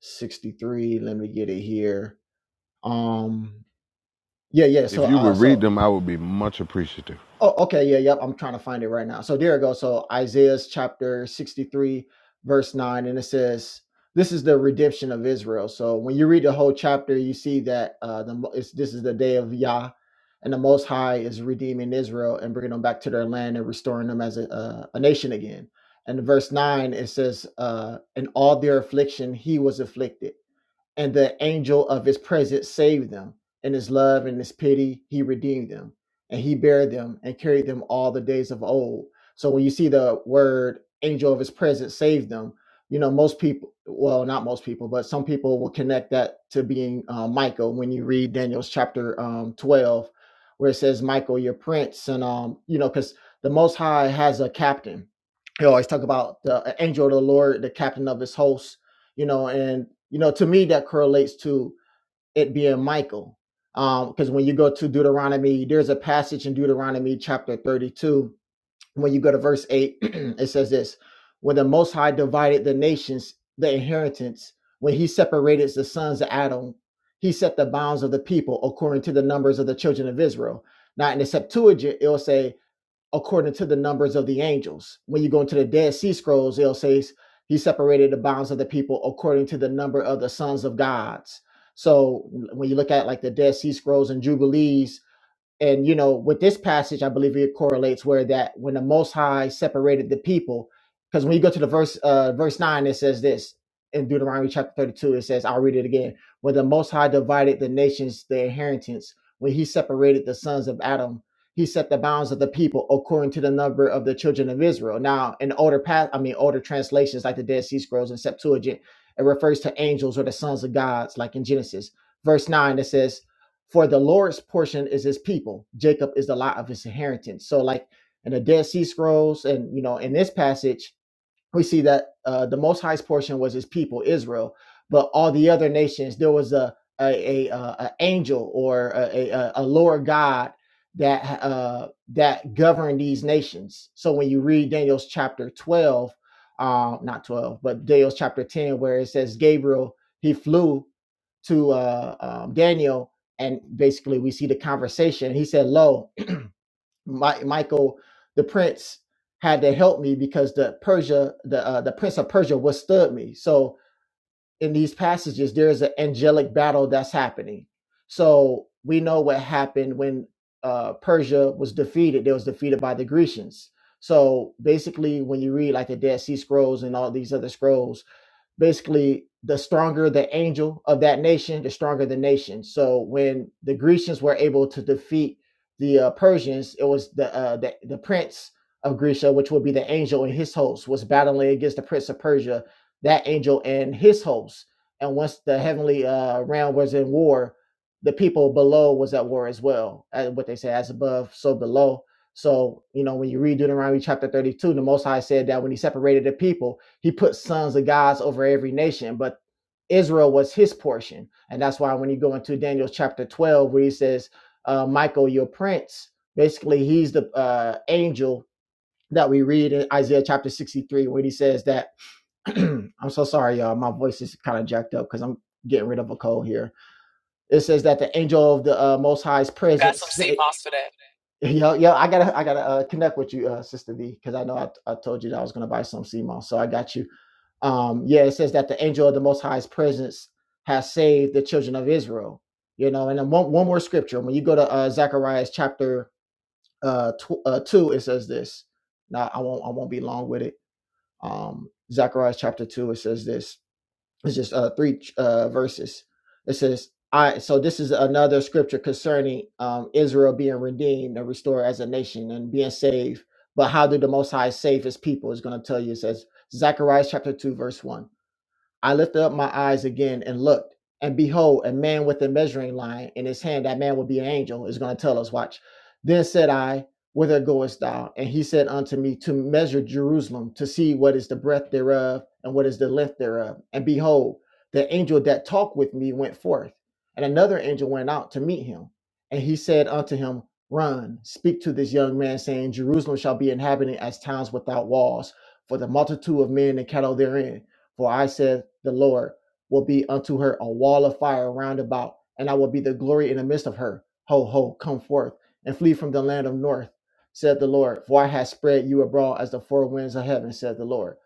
I: 63 let me get it here um yeah yeah so
C: If you
I: uh
C: would read
I: so
C: them, I would be much appreciative.
I: oh okay yeah yep i'm trying to find it right now so there it goes so isaiah's chapter 63 verse 9 and it says this is the redemption of israel so when you read the whole chapter you see that uh the mo- it's, this is the day of yah and the most high is redeeming israel and bringing them back to their land and restoring them as a, uh, a nation again and verse 9 it says uh in all their affliction he was afflicted and the angel of his presence saved them. In his love and his pity, he redeemed them, and he bare them and carried them all the days of old. So when you see the word angel of his presence saved them, you know, most people, well, not most people, but some people will connect that to being uh, Michael when you read Daniel's chapter um, 12, where it says, Michael, your prince. And, um, you know, because the Most High has a captain. He always talk about the uh, angel of the Lord, the captain of his hosts you know and you know to me that correlates to it being michael um because um, when you go to deuteronomy there's a passage in deuteronomy chapter 32 when you go to verse 8 [clears throat] it says this when the most high divided the nations the inheritance when he separated the sons of adam he set the bounds of the people according to the numbers of the children of israel now in the septuagint it'll say according to the numbers of the angels. When you go into the Dead Sea Scrolls, it'll say he separated the bounds of the people according to the number of the sons of gods. So when you look at like the Dead Sea Scrolls and Jubilees, and you know with this passage i believe it correlates where that when the most high separated the people because when you go to the verse uh verse 9 it says this in deuteronomy chapter 32 it says i'll read it again when the most high divided the nations their inheritance when he separated the sons of adam he set the bounds of the people according to the number of the children of israel now in older path i mean older translations like the dead sea scrolls and septuagint it refers to angels or the sons of gods like in genesis verse 9 it says for the Lord's portion is his people. Jacob is the lot of his inheritance. So, like in the Dead Sea Scrolls, and you know, in this passage, we see that uh, the Most High's portion was his people, Israel. But all the other nations, there was a a, a, uh, a angel or a, a, a Lord God that uh, that governed these nations. So when you read Daniel's chapter twelve, uh, not twelve, but Daniel's chapter ten, where it says Gabriel he flew to uh, um, Daniel, and basically we see the conversation. He said, "Lo, my, Michael, the prince had to help me because the Persia, the uh, the prince of Persia, withstood me." So in these passages, there is an angelic battle that's happening. So we know what happened when uh, Persia was defeated. It was defeated by the Grecians. So basically, when you read like the Dead Sea Scrolls and all these other scrolls basically the stronger the angel of that nation, the stronger the nation. So when the Grecians were able to defeat the uh, Persians, it was the, uh, the the prince of Grecia, which would be the angel and his host, was battling against the prince of Persia, that angel and his host. And once the heavenly uh, realm was in war, the people below was at war as well. As what they say, as above, so below. So you know when you read Deuteronomy chapter thirty-two, the Most High said that when He separated the people he put sons of gods over every nation, but Israel was his portion. And that's why when you go into Daniel chapter 12, where he says, uh, Michael, your prince, basically he's the uh, angel that we read in Isaiah chapter 63, when he says that, [clears throat] I'm so sorry, y'all, my voice is kind of jacked up because I'm getting rid of a cold here. It says that the angel of the uh, Most High's
A: Got
I: presence,
A: some sea
I: say,
A: moss for that.
I: [laughs] yo, yo, I gotta, I gotta uh, connect with you, uh, Sister V, because I know I, I told you that I was gonna buy some CMOS, so I got you um, yeah, it says that the angel of the Most High's presence has saved the children of Israel. You know, and then one, one more scripture. When you go to uh, Zechariah chapter uh, tw- uh, two, it says this. Now I won't I won't be long with it. Um, Zechariah chapter two, it says this. It's just uh, three uh, verses. It says, "I." So this is another scripture concerning um, Israel being redeemed and restored as a nation and being saved. But how did the Most High save His people? Is going to tell you. It says Zechariah chapter two, verse one. I lifted up my eyes again and looked, and behold, a man with a measuring line in his hand. That man would be an angel, is going to tell us, watch. Then said I, Whither goest thou? And he said unto me, To measure Jerusalem, to see what is the breadth thereof, and what is the length thereof. And behold, the angel that talked with me went forth, and another angel went out to meet him. And he said unto him, Run, speak to this young man, saying, Jerusalem shall be inhabited as towns without walls, for the multitude of men and cattle therein. For I said, The Lord will be unto her a wall of fire round about, and I will be the glory in the midst of her. Ho, ho, come forth and flee from the land of north, said the Lord. For I have spread you abroad as the four winds of heaven, said the Lord.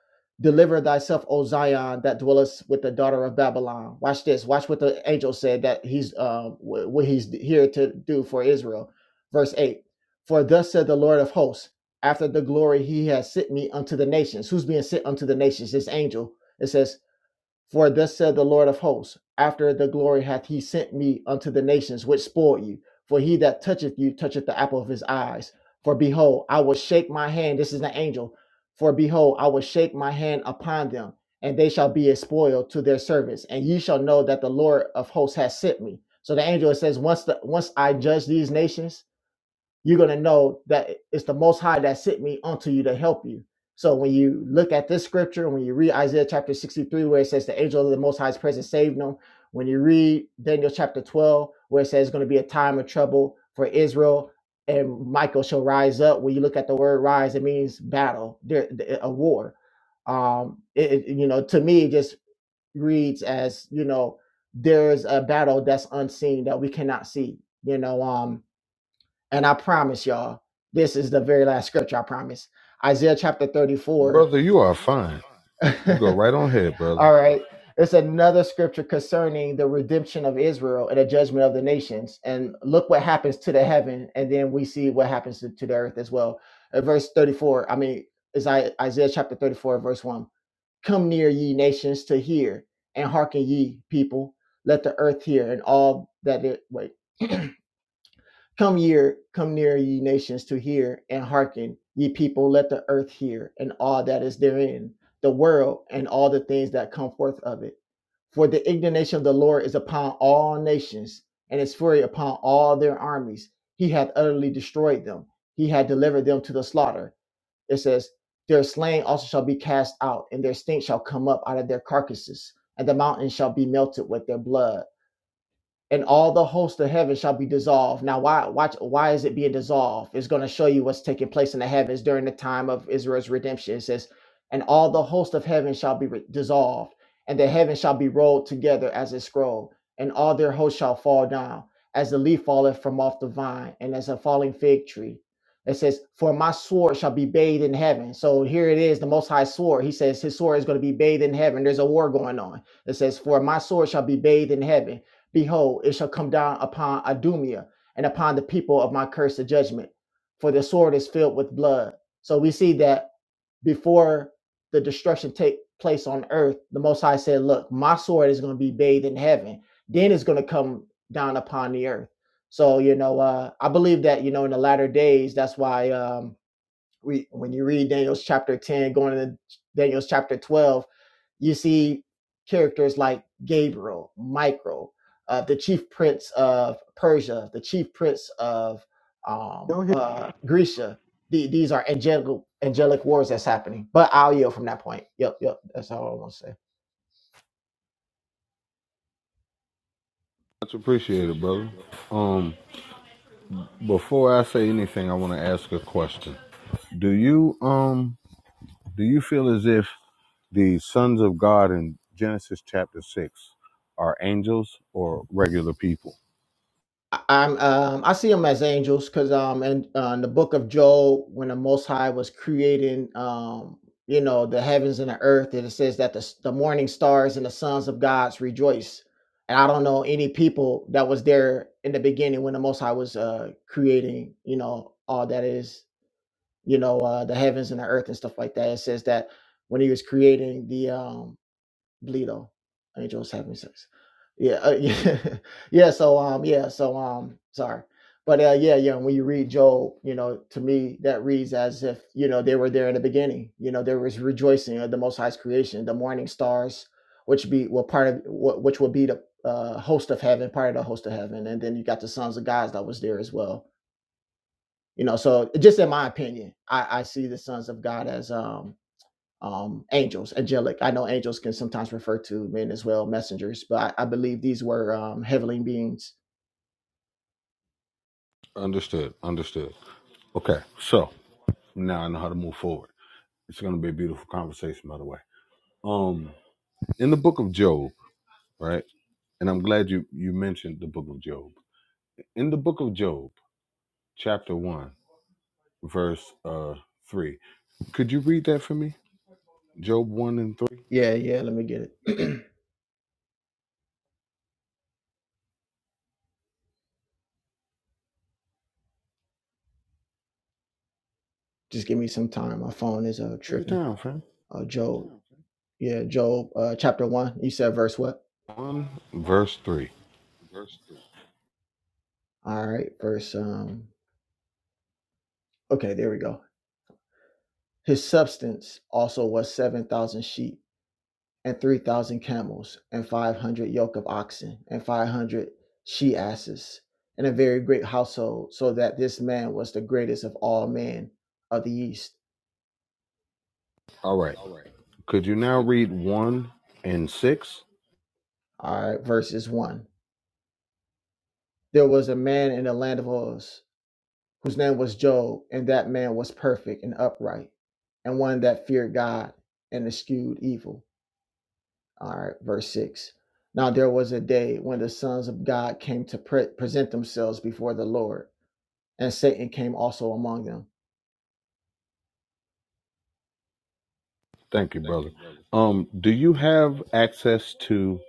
I: Deliver thyself, O Zion, that dwellest with the daughter of Babylon. Watch this. Watch what the angel said that he's uh, wh- what he's here to do for Israel. Verse eight. For thus said the Lord of hosts, after the glory he has sent me unto the nations. Who's being sent unto the nations? This angel it says, For thus said the Lord of hosts, after the glory hath he sent me unto the nations which spoiled you. For he that toucheth you toucheth the apple of his eyes. For behold, I will shake my hand. This is the angel. For behold, I will shake my hand upon them, and they shall be a spoil to their servants. And ye shall know that the Lord of hosts has sent me. So the angel says, Once the once I judge these nations, you're going to know that it's the Most High that sent me unto you to help you. So when you look at this scripture, when you read Isaiah chapter 63, where it says the angel of the Most High is present, saved them. When you read Daniel chapter 12, where it says it's going to be a time of trouble for Israel and Michael shall rise up. When you look at the word rise, it means battle, there, a war. Um, it, it- you know, to me, it just reads as, you know, there's a battle that's unseen that we cannot see, you know, um, and I promise y'all, this is the very last scripture, I promise. Isaiah chapter 34.
C: Brother, you are fine.
I: [laughs] All
C: You go right on ahead, brother.
I: right. It's another scripture concerning the redemption of Israel and the judgment of the nations. And look what happens to the heaven. And then we see what happens to, to the earth as well. At verse 34, I mean, it's I- Isaiah chapter 34, verse 1. Come near, ye nations, to hear, and hearken, ye people. Let the earth hear, and all that it wait. Come year, come near, ye nations, to hear and hearken, ye people, let the earth hear, and all that is therein, the world, and all the things that come forth of it. For the indignation of the Lord is upon all nations, and his fury upon all their armies. He hath utterly destroyed them, he hath delivered them to the slaughter. It says, Their slain also shall be cast out, and their stink shall come up out of their carcasses, and the mountains shall be melted with their blood and all the hosts of heaven shall be dissolved. Now, why watch why is it being dissolved? It's going to show you what's taking place in the heavens during the time of Israel's redemption. It says, and all the host of heaven shall be re- dissolved, and the heaven shall be rolled together as a scroll, and all their hosts shall fall down, as the leaf falleth from off the vine, and as a falling fig tree. It says, For my sword shall be bathed in heaven. So here it is, the most high sword. He says his sword is going to be bathed in heaven. There's a war going on. It says, For my sword shall be bathed in heaven Behold, it shall come down upon Adumia and upon the people of my cursed judgment, for the sword is filled with blood. So we see that before the destruction take place on earth, the Most High said, Look, my sword is going to be bathed in heaven. Then it's going to come down upon the earth. So, you know, uh, I believe that, you know, in the latter days, that's why um, we, when you read Daniel's chapter 10, going into Daniel's chapter 12, you see characters like Gabriel, Michael, uh, the chief prince of Persia, the chief prince of um,
F: Go ahead.
I: uh, Grecia. The, these are angelic angelic wars that's happening. But I'll yield from that point. Yep, yep. That's all I want to say.
C: Much appreciated, brother. Um, before I say anything, I want to ask a question. Do you um do you feel as if the sons of God in Genesis chapter six are angels or regular people?
I: I- I'm um I see them as angels because um and uh, in the book of Job when the Most High was creating um you know the heavens and the earth and it says that the s- the morning stars and the sons of gods rejoice and I don't know any people that was there in the beginning when the Most High was uh creating you know all that is you know uh the heavens and the earth and stuff like that it says that when he was creating the um Bleedo, Angels having sex. Yeah, uh, yeah, [laughs] yeah. So um, yeah, so um, sorry, but uh, yeah, yeah. When you read Job, you know, to me that reads as if you know they were there in the beginning. You know, there was rejoicing of the Most High's creation, the morning stars, which be well part of wh- which would be the uh, host of heaven, part of the host of heaven, and then you got the sons of God that was there as well. You know, so just in my opinion, I, I see the sons of God as um um, angels, angelic. I know angels can sometimes refer to men as well, messengers, but I, I believe these were um, heavenly beings.
C: Understood. Understood. Okay. So now I know how to move forward. It's going to be a beautiful conversation, by the way. Um, in the book of Job, right? And I'm glad you you mentioned the book of Job. In the book of Job, chapter 1, verse uh 3. Could you read that for me? Job 1 and 3.
I: Yeah, yeah. Let me get it. [clears throat] Just give me some time. My phone is uh,
C: Take your
I: tripping.
C: time, fam.
I: Uh, Job. Oh, okay. Yeah, Job, uh, chapter one. You said verse what?
C: 1 verse 3.
I: All right, verse. Um, okay, there we go. His substance also was seven thousand sheep and three thousand camels, and five hundred yoke of oxen, and five hundred she asses, and a very great household, so that this man was the greatest of all men of the east.
C: All right. Could you now read 1 and 6?
I: All right, verses one. There was a man in the land of Uz whose name was Job, and that man was perfect and upright, and one that feared God and eschewed evil. All right, verse six. Now there was a day when the sons of God came to pre- present themselves before the Lord and Satan came also among them.
C: Thank you, brother. Um do you have access to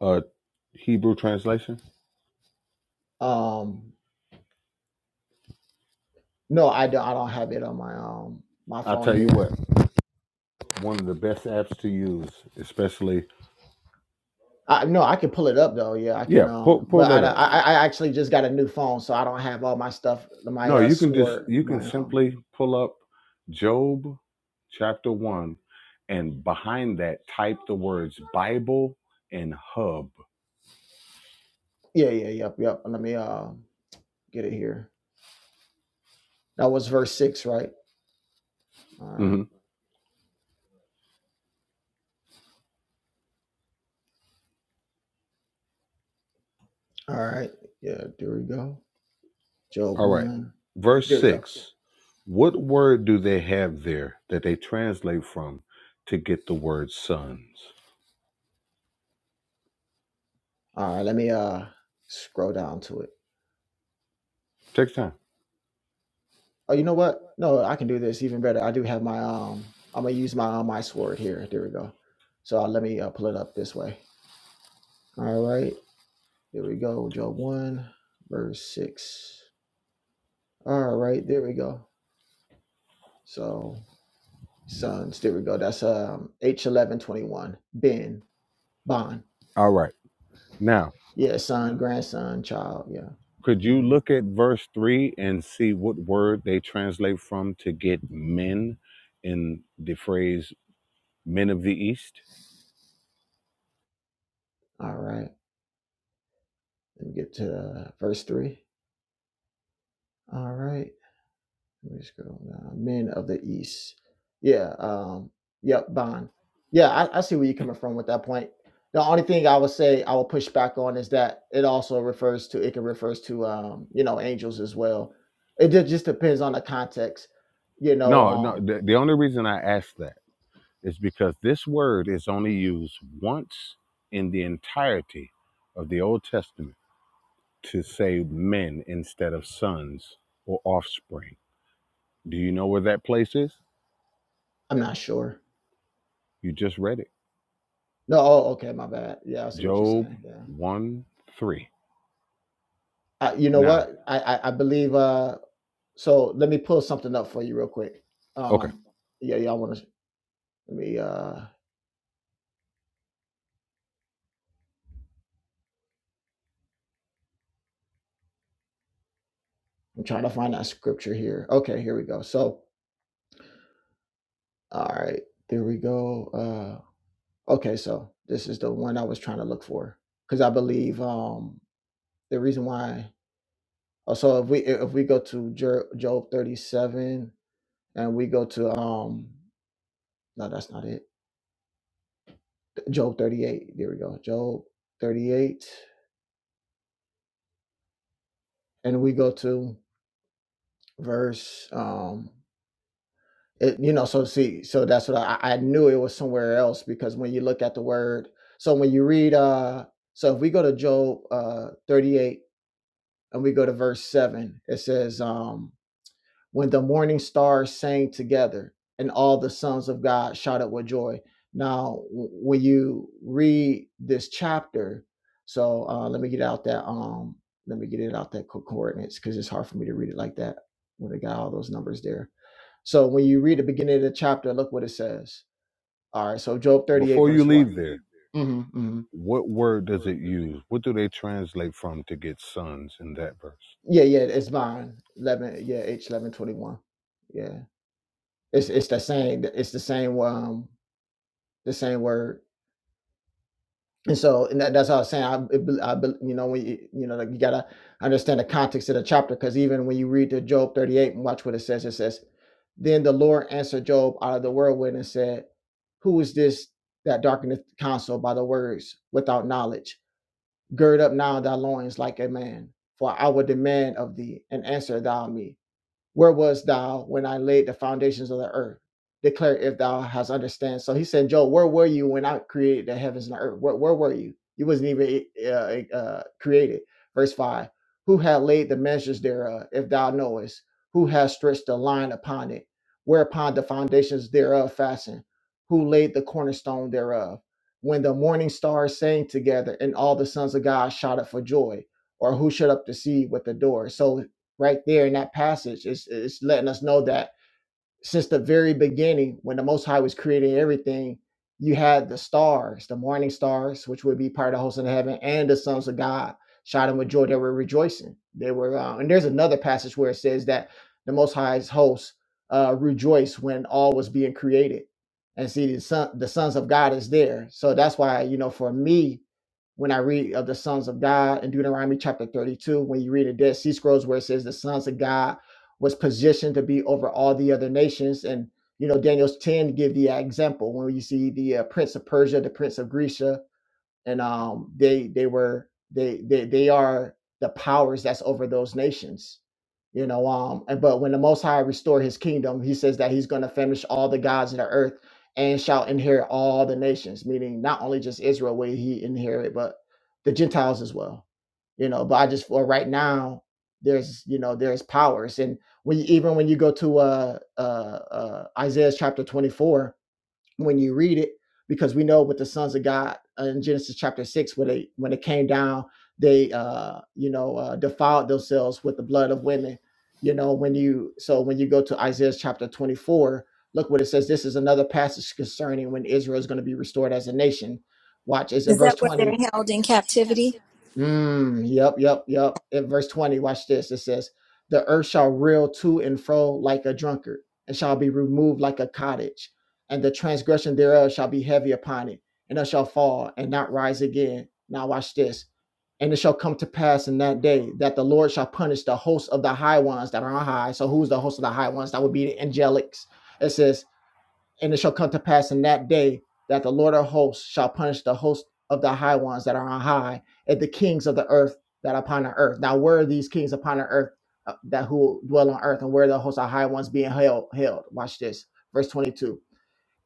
C: uh Hebrew translation?
I: Um, no, I don't. I don't have it on my um my
C: I'll
I: phone
C: tell you
I: here.
C: what. One of the best apps to use, especially
I: I no, I can pull it up though. Yeah, I can.
C: Yeah,
I: Yeah.
C: pull
I: Um,
C: pull
I: but I
C: that up.
I: I I I actually just got a new phone, so I don't have all my stuff. My
C: No,
I: uh
C: you can just
I: sword. [laughs]
C: you can
I: My um.
C: simply pull up Job chapter one, and behind that type the words Bible and hub.
I: Yeah, yeah, yep, yep. Let me uh get it here. That was verse six, right? All right,
C: Mhm.
I: all right. Yeah, there we go. Job
C: All right,
I: one.
C: verse
I: There we go.
C: six. What word do they have there that they translate from to get the word sons?
I: All right. Let me uh scroll down to it.
C: Take time.
I: Oh, you know what? No, I can do this even better. I do have my um. I'm gonna use my uh, my sword here. There we go. So uh, let me uh, pull it up this way. All right, there we go. Job one, verse six. All right, there we go. So sons, there we go. That's um H eleven twenty one. Ben Bon.
C: All right. Now,
I: Yeah, son, grandson, child. Yeah.
C: could you
I: Mhm.
C: look at verse three and see what word they translate from to get men in the phrase men of the east?
I: All right. Let me get to uh, verse three. All right. Let me just go down. Men of the East. Yeah. Um, yep, Bond. Yeah, I, I see where you're coming from with that point. The only thing I would say I will push back on is that it also refers to it can refers to um, you know, angels as well. It ju- just depends on the context. You know,
C: No, no.
I: um,
C: The, the only reason I ask that is because this word is only used once in the entirety of the Old Testament to say men instead of sons or offspring. Do you know where that place is?
I: I'm not sure.
C: You just read it.
I: No, oh, okay, my bad. Yeah, I see what you're
C: Job
I: saying. Yeah.
C: 1 3.
I: Uh, you know
C: Now,
I: what? I, I I believe uh so let me pull something up for you real quick.
C: okay.
I: Um yeah, y'all wanna let me uh I'm trying to find that scripture here. Okay, here we go. So, all right, there we go. Uh, okay, so this is the one I was trying to look for because I believe um the reason why. Oh, so if we if we go to Jer- Job 37 and we go to um no that's not it Job 38 there we go Job 38 and we go to verse um It, you know, so see, so that's what I, I knew it was somewhere else because when you look at the word, so when you read, uh, so if we go to Job uh, 38 and we go to verse 7, it says, um, when the morning stars sang together and all the sons of God shouted with joy. Now, w- when you read this chapter, so uh, let me get out that um, let me get it out that co- coordinates because it's hard for me to read it like that when they got all those numbers there. So when you read the beginning of the chapter, look what it says. All right, so Job thirty-eight
C: Before you
I: verse
C: leave
I: one.
C: there,
I: hmm hmm
C: what word does it use? What do they translate from to get sons in that verse?
I: Yeah, yeah, it's mine. Eleven, yeah, H eleven twenty-one. Yeah, it's it's the same. It's the same. Um, the same word. And so, and that, that's how I was saying, I, it I, you know, when you, you know, like you gotta understand the context of the chapter, because even when you read the Job 38 and watch what it says, it says, then the Lord answered Job out of the whirlwind and said, Who is this that darkeneth counsel by the words without knowledge? Gird up now thy loins like a man, for I will demand of thee, and answer thou me. Where was thou when I laid the foundations of the earth? Declare if thou hast understand. So he said, Joel, where were you when I created the heavens and the earth? Where, where were you? You wasn't even uh, uh, created. Verse five: Who had laid the measures thereof? If thou knowest, who has stretched the line upon it? Whereupon the foundations thereof fastened? Who laid the cornerstone thereof? When the morning stars sang together, and all the sons of God shouted for joy, or who shut up the sea with the door? So right there in that passage. It's, it's letting us know that since the very beginning, when the Most High was creating everything, you had the stars, the morning stars, which would be part of the host of heaven, and the sons of God, shouting with joy. They were rejoicing. They were, uh, and there's another passage where it says that the Most High's hosts uh, rejoiced when all was being created. And see, the son, the sons of God is there. So that's why, you know, for me, when I read of the sons of God in Deuteronomy chapter 32, when you read the Dead Sea Scrolls, where it says the sons of God was positioned to be over all the other nations. And you know, Daniel's ten give the example when you see the uh, prince of Persia, the prince of Grecia, and um, they they were they they they are the powers that's over those nations you know um and but when the most high restore his kingdom he says that he's going to finish all the gods of the earth and shall inherit all the nations meaning not only just israel will he inherit but the gentiles as well you know but i just for right now there's you know there's powers and when you, even when you go to uh uh, uh isaiah chapter 24 when you read it because we know with the sons of god uh, in genesis chapter 6 when they when it came down they uh you know uh, defiled themselves with the blood of women you know when you so when you go to isaiah chapter 24 look what it says this is another passage concerning when israel is going to be restored as a nation watch it's in
D: Is
I: verse
D: that where they're
I: 20
D: held in captivity?
I: Mm, yep, yep, yep. In verse 20, watch this. It says, The earth shall reel to and fro like a drunkard, and shall be removed like a cottage and the transgression thereof shall be heavy upon it, and it shall fall and not rise again. Now watch this. And it shall come to pass in that day that the Lord shall punish the host of the high ones that are on high. So who's the host of the high ones? That would be the angelics. It says, and it shall come to pass in that day that the Lord of hosts shall punish the host of the high ones that are on high, and the kings of the earth that are upon the earth. Now where are these kings upon the earth uh, that who dwell on earth, and where are the hosts of high ones being held? Held. Watch this, verse twenty-two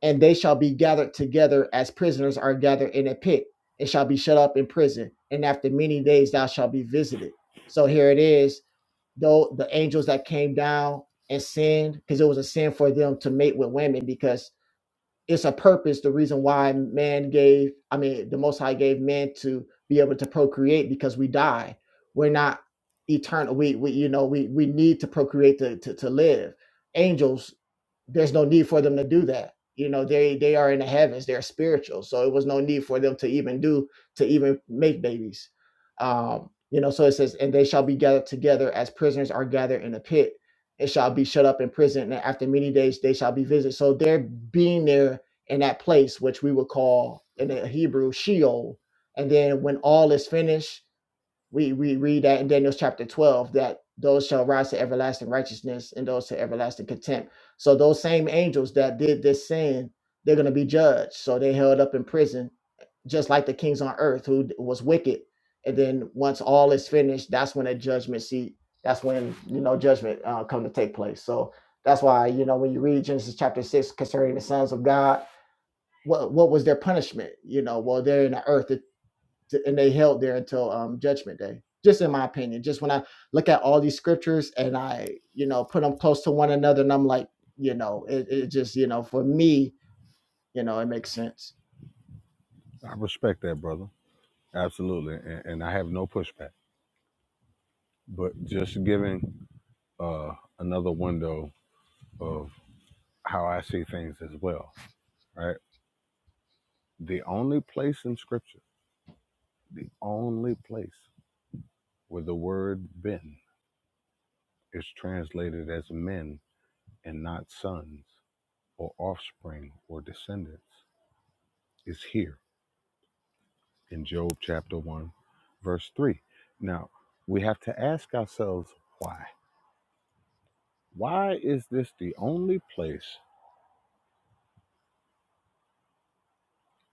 I: and they shall be gathered together as prisoners are gathered in a pit, and shall be shut up in prison. And after many days thou shalt be visited. So here it is, though the angels that came down and sinned, because it was a sin for them to mate with women, because it's a purpose, the reason why man gave, I mean, the Most High gave man to be able to procreate because we die. We're not eternal. We, we you know, we, we need to procreate to, to, to live. Angels there's no need for them to do that you know they they are in the heavens they're spiritual so it was no need for them to even do to even make babies um you know so it says and they shall be gathered together as prisoners are gathered in a pit and shall be shut up in prison and after many days they shall be visited so they're being there in that place which we would call in the hebrew sheol and then when all is finished we we read that in Daniel's chapter 12 that those shall rise to everlasting righteousness and those to everlasting contempt. So those same angels that did this sin, they're going to be judged. So they held up in prison, just like the kings on earth who d- was wicked. And then once all is finished, that's when a judgment seat. That's when you know judgment uh, come to take place. So that's why you know when you read Genesis chapter six concerning the sons of God, what what was their punishment? You know, well they're in the earth t- and they held there until um, judgment day just in my opinion just when i look at all these scriptures and i you know put them close to one another and i'm like you know it, it just you know for me you know it makes sense
C: I respect that, brother. Absolutely. And, and I have no pushback. But just giving uh, another window of how I see things as well, right? The only place in Scripture, the only place where the word ben is translated as men and not sons or offspring or descendants is here in Job chapter 1, verse 3. Now, we have to ask ourselves why. Why is this the only place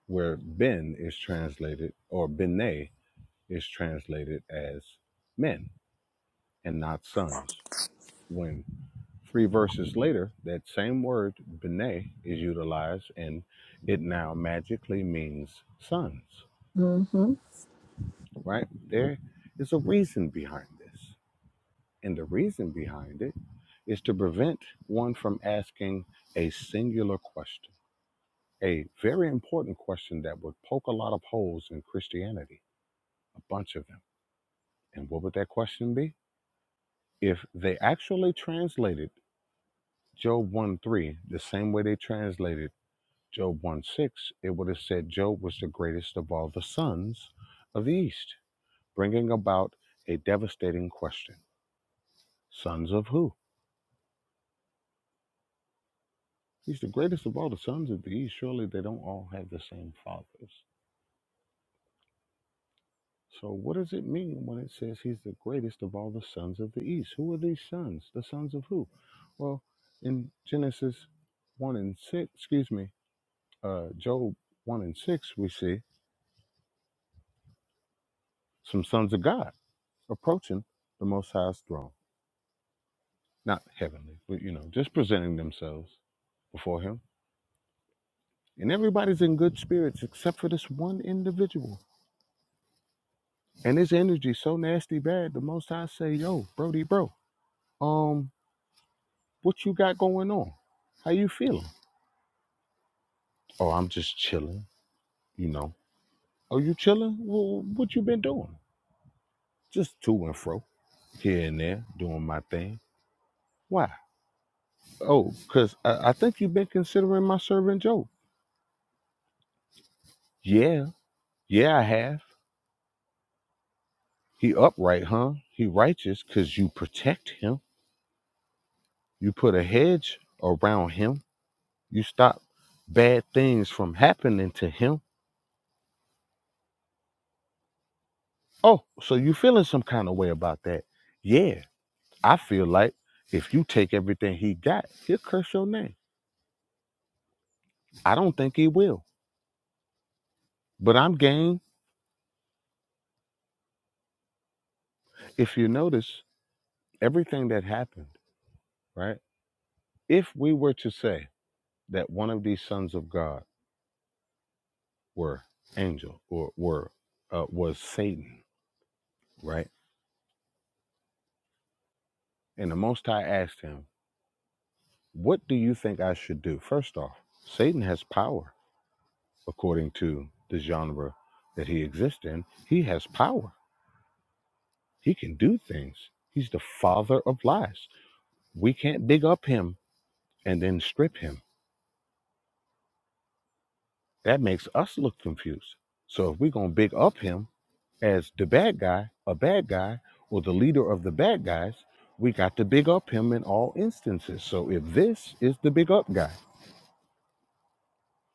C: where ben is translated or bene is translated as men and not sons. When three verses later, that same word, bene, is utilized and it now magically means sons,
D: hmm
C: right? There is a reason behind this. And the reason behind it is to prevent one from asking a singular question, a very important question that would poke a lot of holes in Christianity, a bunch of them. And what would that question be? If they actually translated Job 1 3, the same way they translated Job 1 6, it would have said Job was the greatest of all the sons of the East, bringing about a devastating question Sons of who? He's the greatest of all the sons of the East. Surely they don't all have the same fathers. So, what does it mean when it says he's the greatest of all the sons of the East? Who are these sons? The sons of who? Well, in Genesis 1 and 6, excuse me, uh, Job 1 and 6, we see some sons of God approaching the Most High's throne, not heavenly, but you know, just presenting themselves before Him. And everybody's in good spirits except for this one individual. And his energy so nasty bad. The Most High say, "Yo, Brody, bro, um, what you got going on? How you feeling?" "Oh, I'm just chilling, you know." "Oh, you chilling? Well, what you been doing?" "Just to and fro, here and there, doing my thing." "Why?" "Oh, cause I, I think you've been considering my servant Job." "Yeah, yeah, I have." He upright, huh? He righteous because you protect him. You put a hedge around him. You stop bad things from happening to him. Oh, so you feeling some kind of way about that? Yeah, I feel like if you take everything he got, he'll curse your name. I don't think he will, but I'm game. If you notice everything that happened, right? If we were to say that one of these sons of God were angel or were uh, was Satan, right? And the Most High asked him, What do you think I should do? First off, Satan has power according to the genre that he exists in. He has power, he can do things. He's the father of lies. We can't big up him and then strip him. That makes us look confused. So if we're going to big up him as the bad guy, a bad guy, or the leader of the bad guys, we got to big up him in all instances. So if this is the big up guy,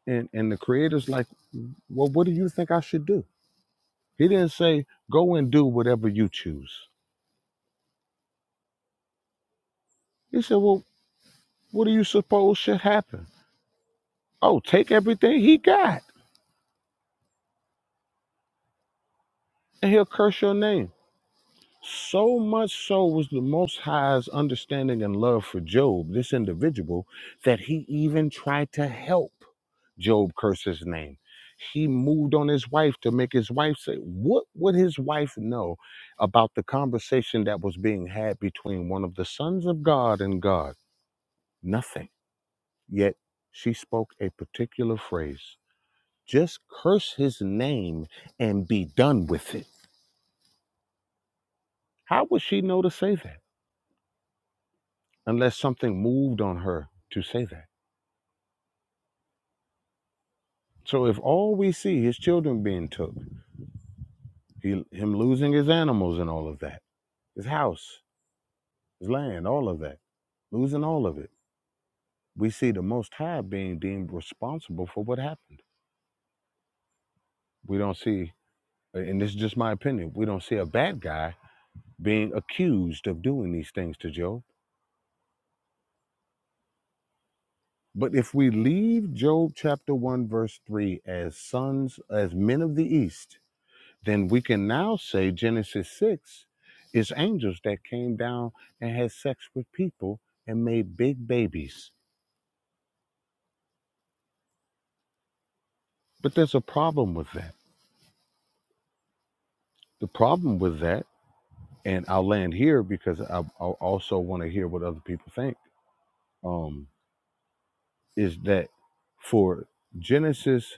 C: and and the creator's like, well, what do you think I should do? He didn't say go and do whatever you choose. He said, well, what do you suppose should happen? Oh, take everything he got, and he'll curse your name. So much so was the Most High's understanding and love for Job, this individual, that he even tried to help Job curse his name. He moved on his wife to make his wife say, What would his wife know about the conversation that was being had between one of the sons of God and God? Nothing. Yet she spoke a particular phrase just curse his name and be done with it. How would she know to say that? unless something moved on her to say that. So if all we see his children being took, he, him losing his animals and all of that, his house, his land, all of that, losing all of it, we see the Most High being deemed responsible for what happened. We don't see, and this is just my opinion, we don't see a bad guy being accused of doing these things to Job. But if we leave Job chapter 1, verse 3 as sons, as men of the East, then we can now say Genesis 6 is angels that came down and had sex with people and made big babies. But there's a problem with that. The problem with that, and I'll land here because I, I also want to hear what other people think, um, is that for Genesis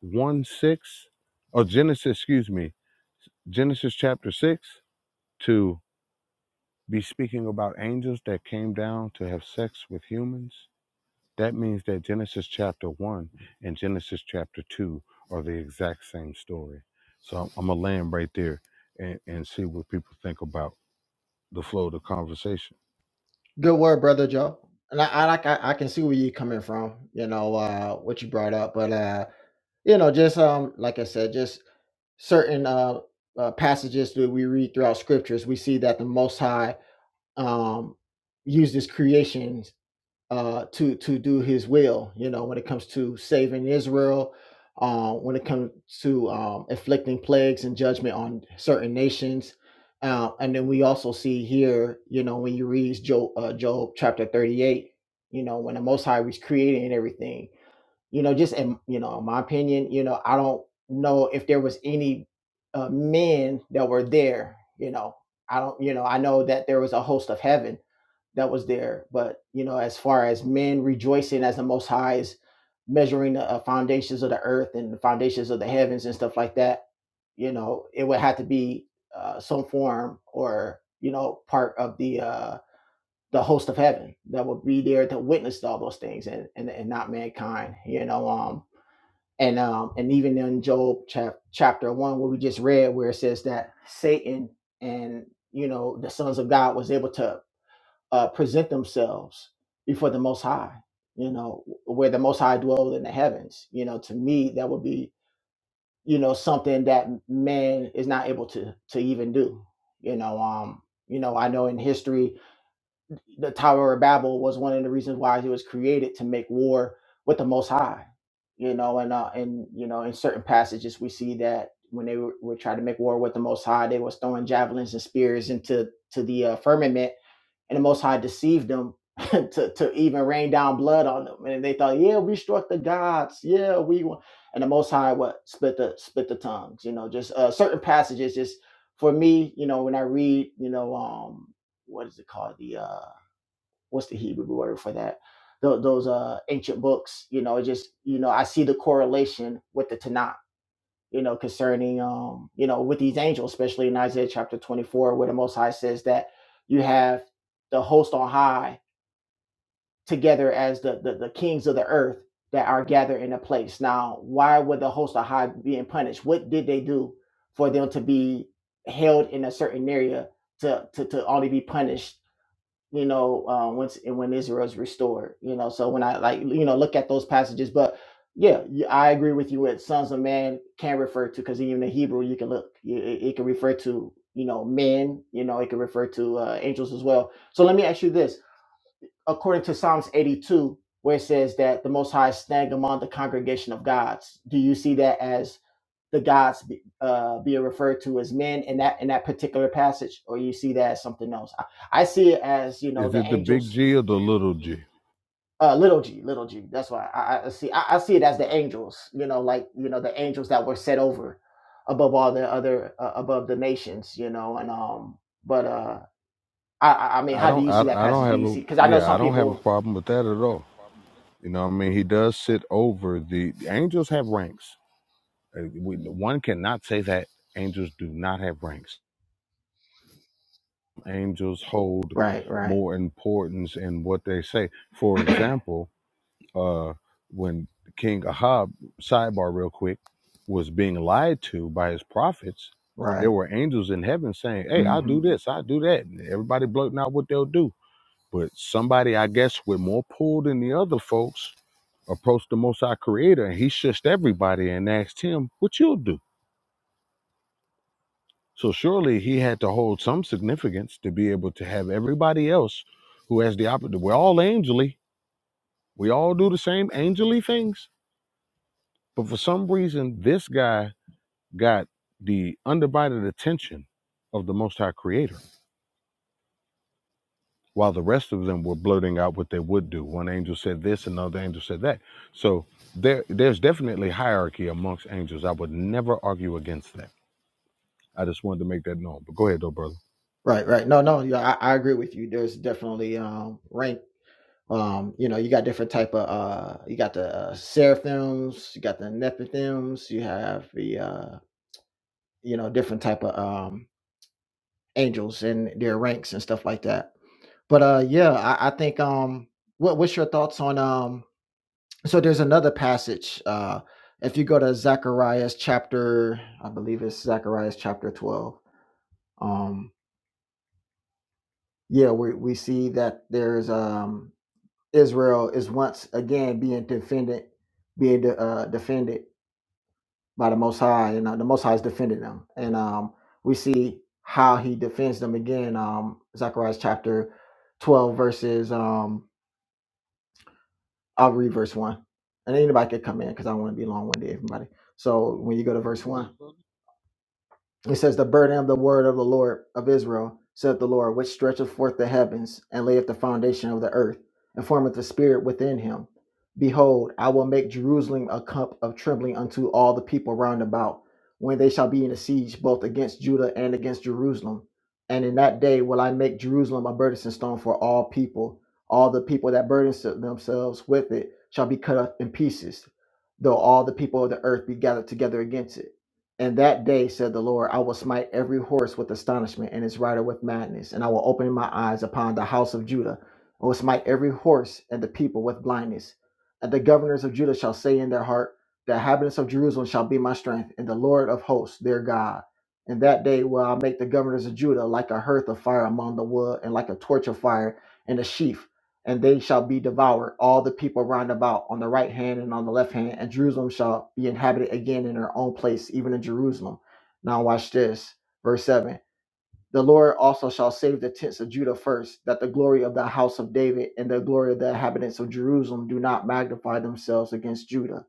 C: 1 6, or Genesis, excuse me, Genesis chapter 6 to be speaking about angels that came down to have sex with humans That means that Genesis chapter 1 and Genesis chapter 2 are the exact same story. So I'm, I'm going to land right there and, and see what people think about the flow of the conversation.
I: good word brother joe and i i like i, I can see where you are coming from you know uh what you brought up but uh you know just um like i said just certain uh, uh passages that we read throughout scriptures we see that the most high um uses creation uh, to to do His will. You know, when it comes to saving Israel, uh, when it comes to um, inflicting plagues and judgment on certain nations, uh, and then we also see here, you know, when you read Job, uh, Job chapter thirty-eight, you know, when the Most High was creating everything you know just in you know in my opinion you know i don't know if there was any uh, men that were there you know i don't you know i know that there was a host of heaven that was there but you know as far as men rejoicing as the most high is measuring the uh, foundations of the earth and the foundations of the heavens and stuff like that you know it would have to be uh, some form or you know part of the uh the host of heaven that would be there to witness all those things and, and, and not mankind, you know. Um, and um, and even in Job chap- chapter one, where we just read, where it says that Satan and you know the sons of God was able to uh, present themselves before the Most High, you know, where the Most High dwelled in the heavens. You know, to me, that would be you know something that man is not able to to even do. You know, um, you know, I know in history the Tower of Babel was one of the reasons why it was created to make war with the Most High. You know, and uh, and you know, in certain passages we see that when they were, were trying to make war with the Most High, they was throwing javelins and spears into to the uh, firmament, and the Most High deceived them [laughs] to to even rain down blood on them, and they thought, yeah, we struck the gods, yeah, we won. and the Most High what split the split the tongues. You know, just uh, certain passages. Just for me, you know, when I read, you know, um, what is it called, the uh what's the Hebrew word for that? Those, those uh ancient books. You know, it just you know I see the correlation with the Tanakh. You know, concerning um you know with these angels, especially in Isaiah chapter twenty four, where the Most High says that you have the host on high together as the the, the kings of the earth that are gathered in a place. Now, why would the host on high being punished? What did they do for them to be held in a certain area to to, to only be punished? you know, uh, once and when Israel's restored, you know. So when I like, you know, look at those passages, but yeah, y- I agree with you. What sons of man can refer to, because even in Hebrew, you can look, y- it, it can refer to, you know, men, you know, it can refer to uh, angels as well. So let me ask you this: according to Psalms eighty-two, where it says that the Most High is standing among the congregation of gods, do you see that as the gods be, uh, being referred to as men in that in that particular passage, or you see that as something else? I, I see it as you know
C: Is
I: the
C: it
I: The
C: the big
I: angels, The
C: G or the little G?
I: uh, little g, little g. That's why I, I see I, I see it as the angels. You know, like you know the angels that were set over above all the other uh, above the nations. You know, and um, but uh, I I I mean,
C: I
I: how do
C: don't
I: you
C: I,
I: see that
C: I don't
I: passage? Do
C: have
I: you see?
C: a
I: Because I know
C: yeah,
I: some
C: I don't have
I: people.
C: a problem with that at all. You know what I mean? He does sit over the, the angels have ranks. Uh, we- One cannot say that angels do not have ranks. Angels hold
I: Right.
C: more importance in what they say. For example, uh, when King Ahab, sidebar real quick, was being lied to by his prophets, there were angels in heaven saying, Hey, I'll
I: hmm
C: do this, I'll do that. And everybody blurting out what they'll do. But somebody, I guess, with more pull than the other folks approached the Most High Creator and he shushed everybody and asked him, What you'll do? So surely he had to hold some significance to be able to have everybody else who has the opposite. We're all angely. We all do the same angely things But for some reason, this guy got the undivided attention of the Most High Creator, while the rest of them were blurting out what they would do. One angel said this, another angel said that. So there, there's definitely hierarchy amongst angels. I would never argue against that. I just wanted to make that known. But go ahead, though, brother.
I: Right. Right. No. No. Yeah. I, I agree with you. There's definitely um rank Um, you know, you got different type of uh, you got the uh, seraphims, you got the nephims, you have the uh, you know different type of um, angels and their ranks and stuff like that. But uh, yeah, I, I think um, what what's your thoughts on um? So there's another passage. Uh, if you go to Zacharias chapter, I believe it's Zacharias chapter twelve. Um, yeah, we we see that there's um Israel is once again being defended, being de- uh, defended by the Most High, and uh, the Most High is defending them. And um, we see how He defends them again. Um, Zechariah chapter twelve, verses. Um, I'll read verse one, and anybody could come in because I don't want to be long winded. Everybody. So when you go to verse one. It says, The burden of the word of the Lord of Israel, saith the Lord, which stretcheth forth the heavens, and layeth the foundation of the earth, and formeth the spirit within him. Behold, I will make Jerusalem a cup of trembling unto all the people round about, when they shall be in a siege both against Judah and against Jerusalem. And in that day will I make Jerusalem a burdensome stone for all people. All the people that burden themselves with it shall be cut up in pieces, though all the people of the earth be gathered together against it. And that day, said the Lord, I will smite every horse with astonishment and its rider with madness, and I will open my eyes upon the house of Judah. I will smite every horse and the people with blindness. And the governors of Judah shall say in their heart, The inhabitants of Jerusalem shall be my strength, and the Lord of hosts their God. And that day will I make the governors of Judah like a hearth of fire among the wood, and like a torch of fire in a sheaf and they shall be devoured, all the people round about on the right hand and on the left hand, and Jerusalem shall be inhabited again in her own place, even in Jerusalem. Now, watch this. Verse 7 The Lord also shall save the tents of Judah first, that the glory of the house of David and the glory of the inhabitants of Jerusalem do not magnify themselves against Judah.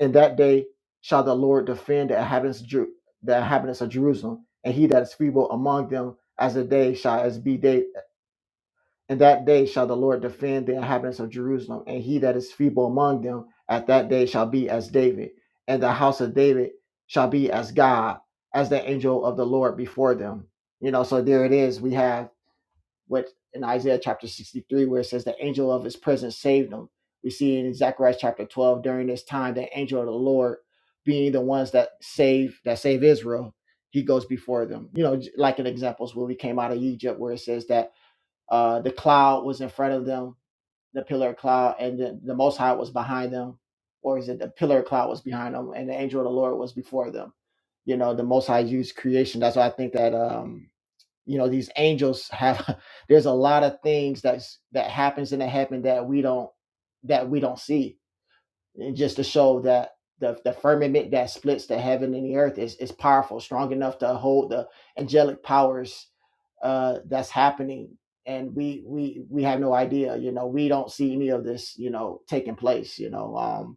I: In that day shall the Lord defend the inhabitants, of Ju- the inhabitants of Jerusalem, and he that is feeble among them as a day shall as be day and that day shall the Lord defend the inhabitants of Jerusalem, and he that is feeble among them at that day shall be as David, and the house of David shall be as God, as the angel of the Lord before them. You know, so there it is. We have what in Isaiah chapter 63, where it says, The angel of his presence saved them. We see in Zechariah chapter 12, during this time, the angel of the Lord being the ones that save that save Israel, he goes before them. You know, like in examples where we came out of Egypt, where it says that uh, the cloud was in front of them, the pillar of cloud, and the, the Most High was behind them, or is it the pillar of cloud was behind them, and the angel of the Lord was before them? You know, the Most High used creation. That's why I think that um, you know these angels have. [laughs] there's a lot of things that's that happens in the heaven that we don't that we don't see and just to show that the, the firmament that splits the heaven and the earth is, is powerful, strong enough to hold the angelic powers uh, that's happening. And we we we have no idea, you know, we don't see any of this, you know, taking place, you know. Um,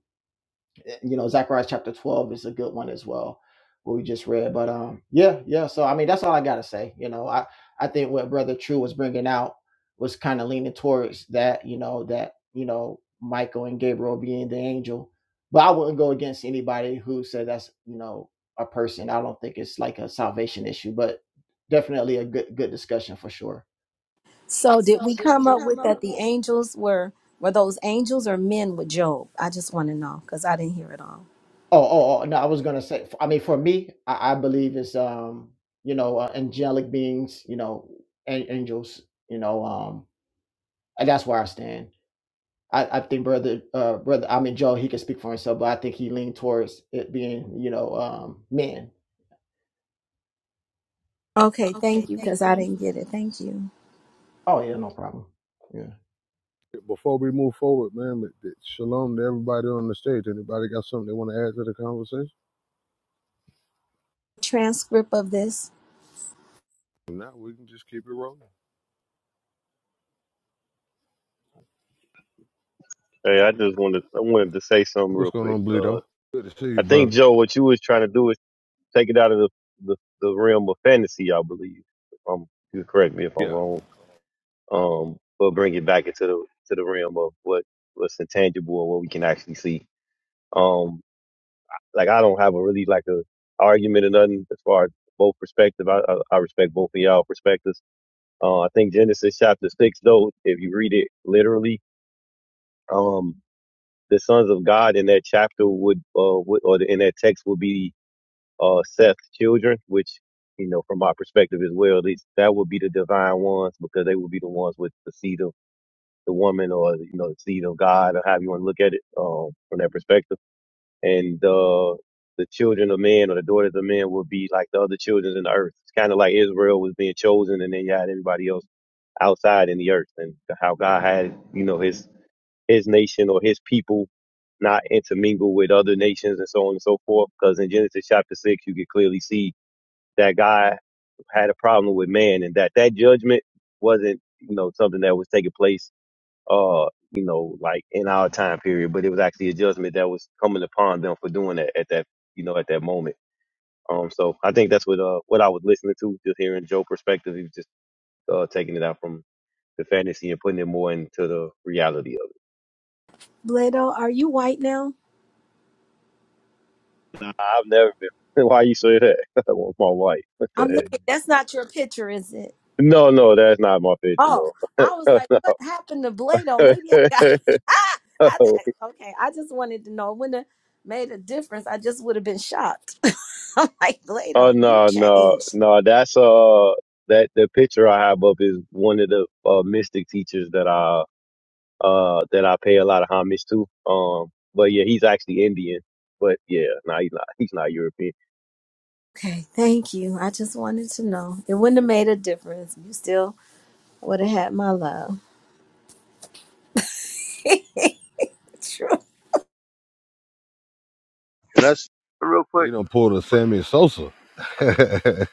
I: you know, Zacharias chapter 12 is a good one as well, what we just read. But um, yeah, yeah. So I mean, that's all I gotta say. You know, I I think what Brother True was bringing out was kind of leaning towards that. You know, that you know Michael and Gabriel being the angel, but I wouldn't go against anybody who said that's you know a person. I don't think it's like a salvation issue, but definitely a good good discussion for sure.
D: So did we come up with that the angels were were those angels or men with Job? I just want to know because I didn't hear it all.
I: Oh, oh, oh, no, I was gonna say, f- I mean, for me, I, I believe it's um, you know, uh, angelic beings, you know, an- angels, you know, um, and that's where I stand. I, I think brother, uh, brother, I mean, Joe, he can speak for himself, but I think he leaned towards it being, you know, um, men.
D: Okay, thank you because I didn't get it. Thank you.
I: Oh yeah, no problem.
C: Before we move forward, man, shalom to everybody on the stage. Anybody got something they want to add to the conversation?
D: Transcript of this.
C: If not, we can just keep it rolling.
J: Hey, I just wanted I wanted to say something
C: What's
J: real
C: going
J: quick.
C: on,
J: Uh,
C: Bleedo? Good to see
J: I
C: you,
J: think
C: brother.
J: Joe, what you was trying to do is take it out of the, the, the realm of fantasy, I believe. If I'm, you correct me if I'm
C: Yeah.
J: wrong. Um, but bring it back into the to the realm of what what's intangible and what we can actually see. Um, like I don't have a really like a argument or nothing as far as both perspective. I, I, I respect both of y'all perspectives. Uh, I think Genesis chapter six though, if you read it literally. um. the sons of God in that chapter would, uh, would or in that text would be uh, Seth's children, which you know from my perspective as well, these that would be the divine ones because they would be the ones with the seed of the woman or you know the seed of God or however you want to look at it um, from that perspective, and uh, the children of men or the daughters of men would be like the other children in the earth. It's kind of like Israel was being chosen, and then you had everybody else outside in the earth, and how God had you know His his nation or his people not intermingle with other nations and so on and so forth. Because in Genesis chapter six, you can clearly see that God had a problem with man, and that that judgment wasn't you know something that was taking place uh you know like in our time period, but it was actually a judgment that was coming upon them for doing that at that you know at that moment. Um, so I think that's what uh what I was listening to, just hearing Joe's perspective. He was just uh taking it out from the fantasy and putting it more into the reality
D: Bledo, are you white now?
J: I've never been. [laughs] Why you say that? [laughs] With my wife. What the
D: I'm
J: heck?
D: looking. That's not your picture, is it?
J: No, no, that's not my picture,
D: Oh,
J: no. [laughs]
D: I was like, what happened to Bledo? Maybe I got. [laughs] Ah, I think, okay, I just wanted to know. It Wouldn't have made a difference. I just would have been shocked. [laughs] I'm like,
J: oh
D: Bledo, you
J: no, no,
D: changed.
J: no. That's uh that the picture I have up is one of the uh, mystic teachers that I uh that I pay a lot of homage to. Um but yeah, he's actually Indian. But yeah, no, he's not he's not European.
D: Okay, thank you. I just wanted to know. It wouldn't have made a difference. You still would have had my love. [laughs] True.
H: can I s- real
C: He
H: quick?
C: done pulled a Sammy Sosa. [laughs] B-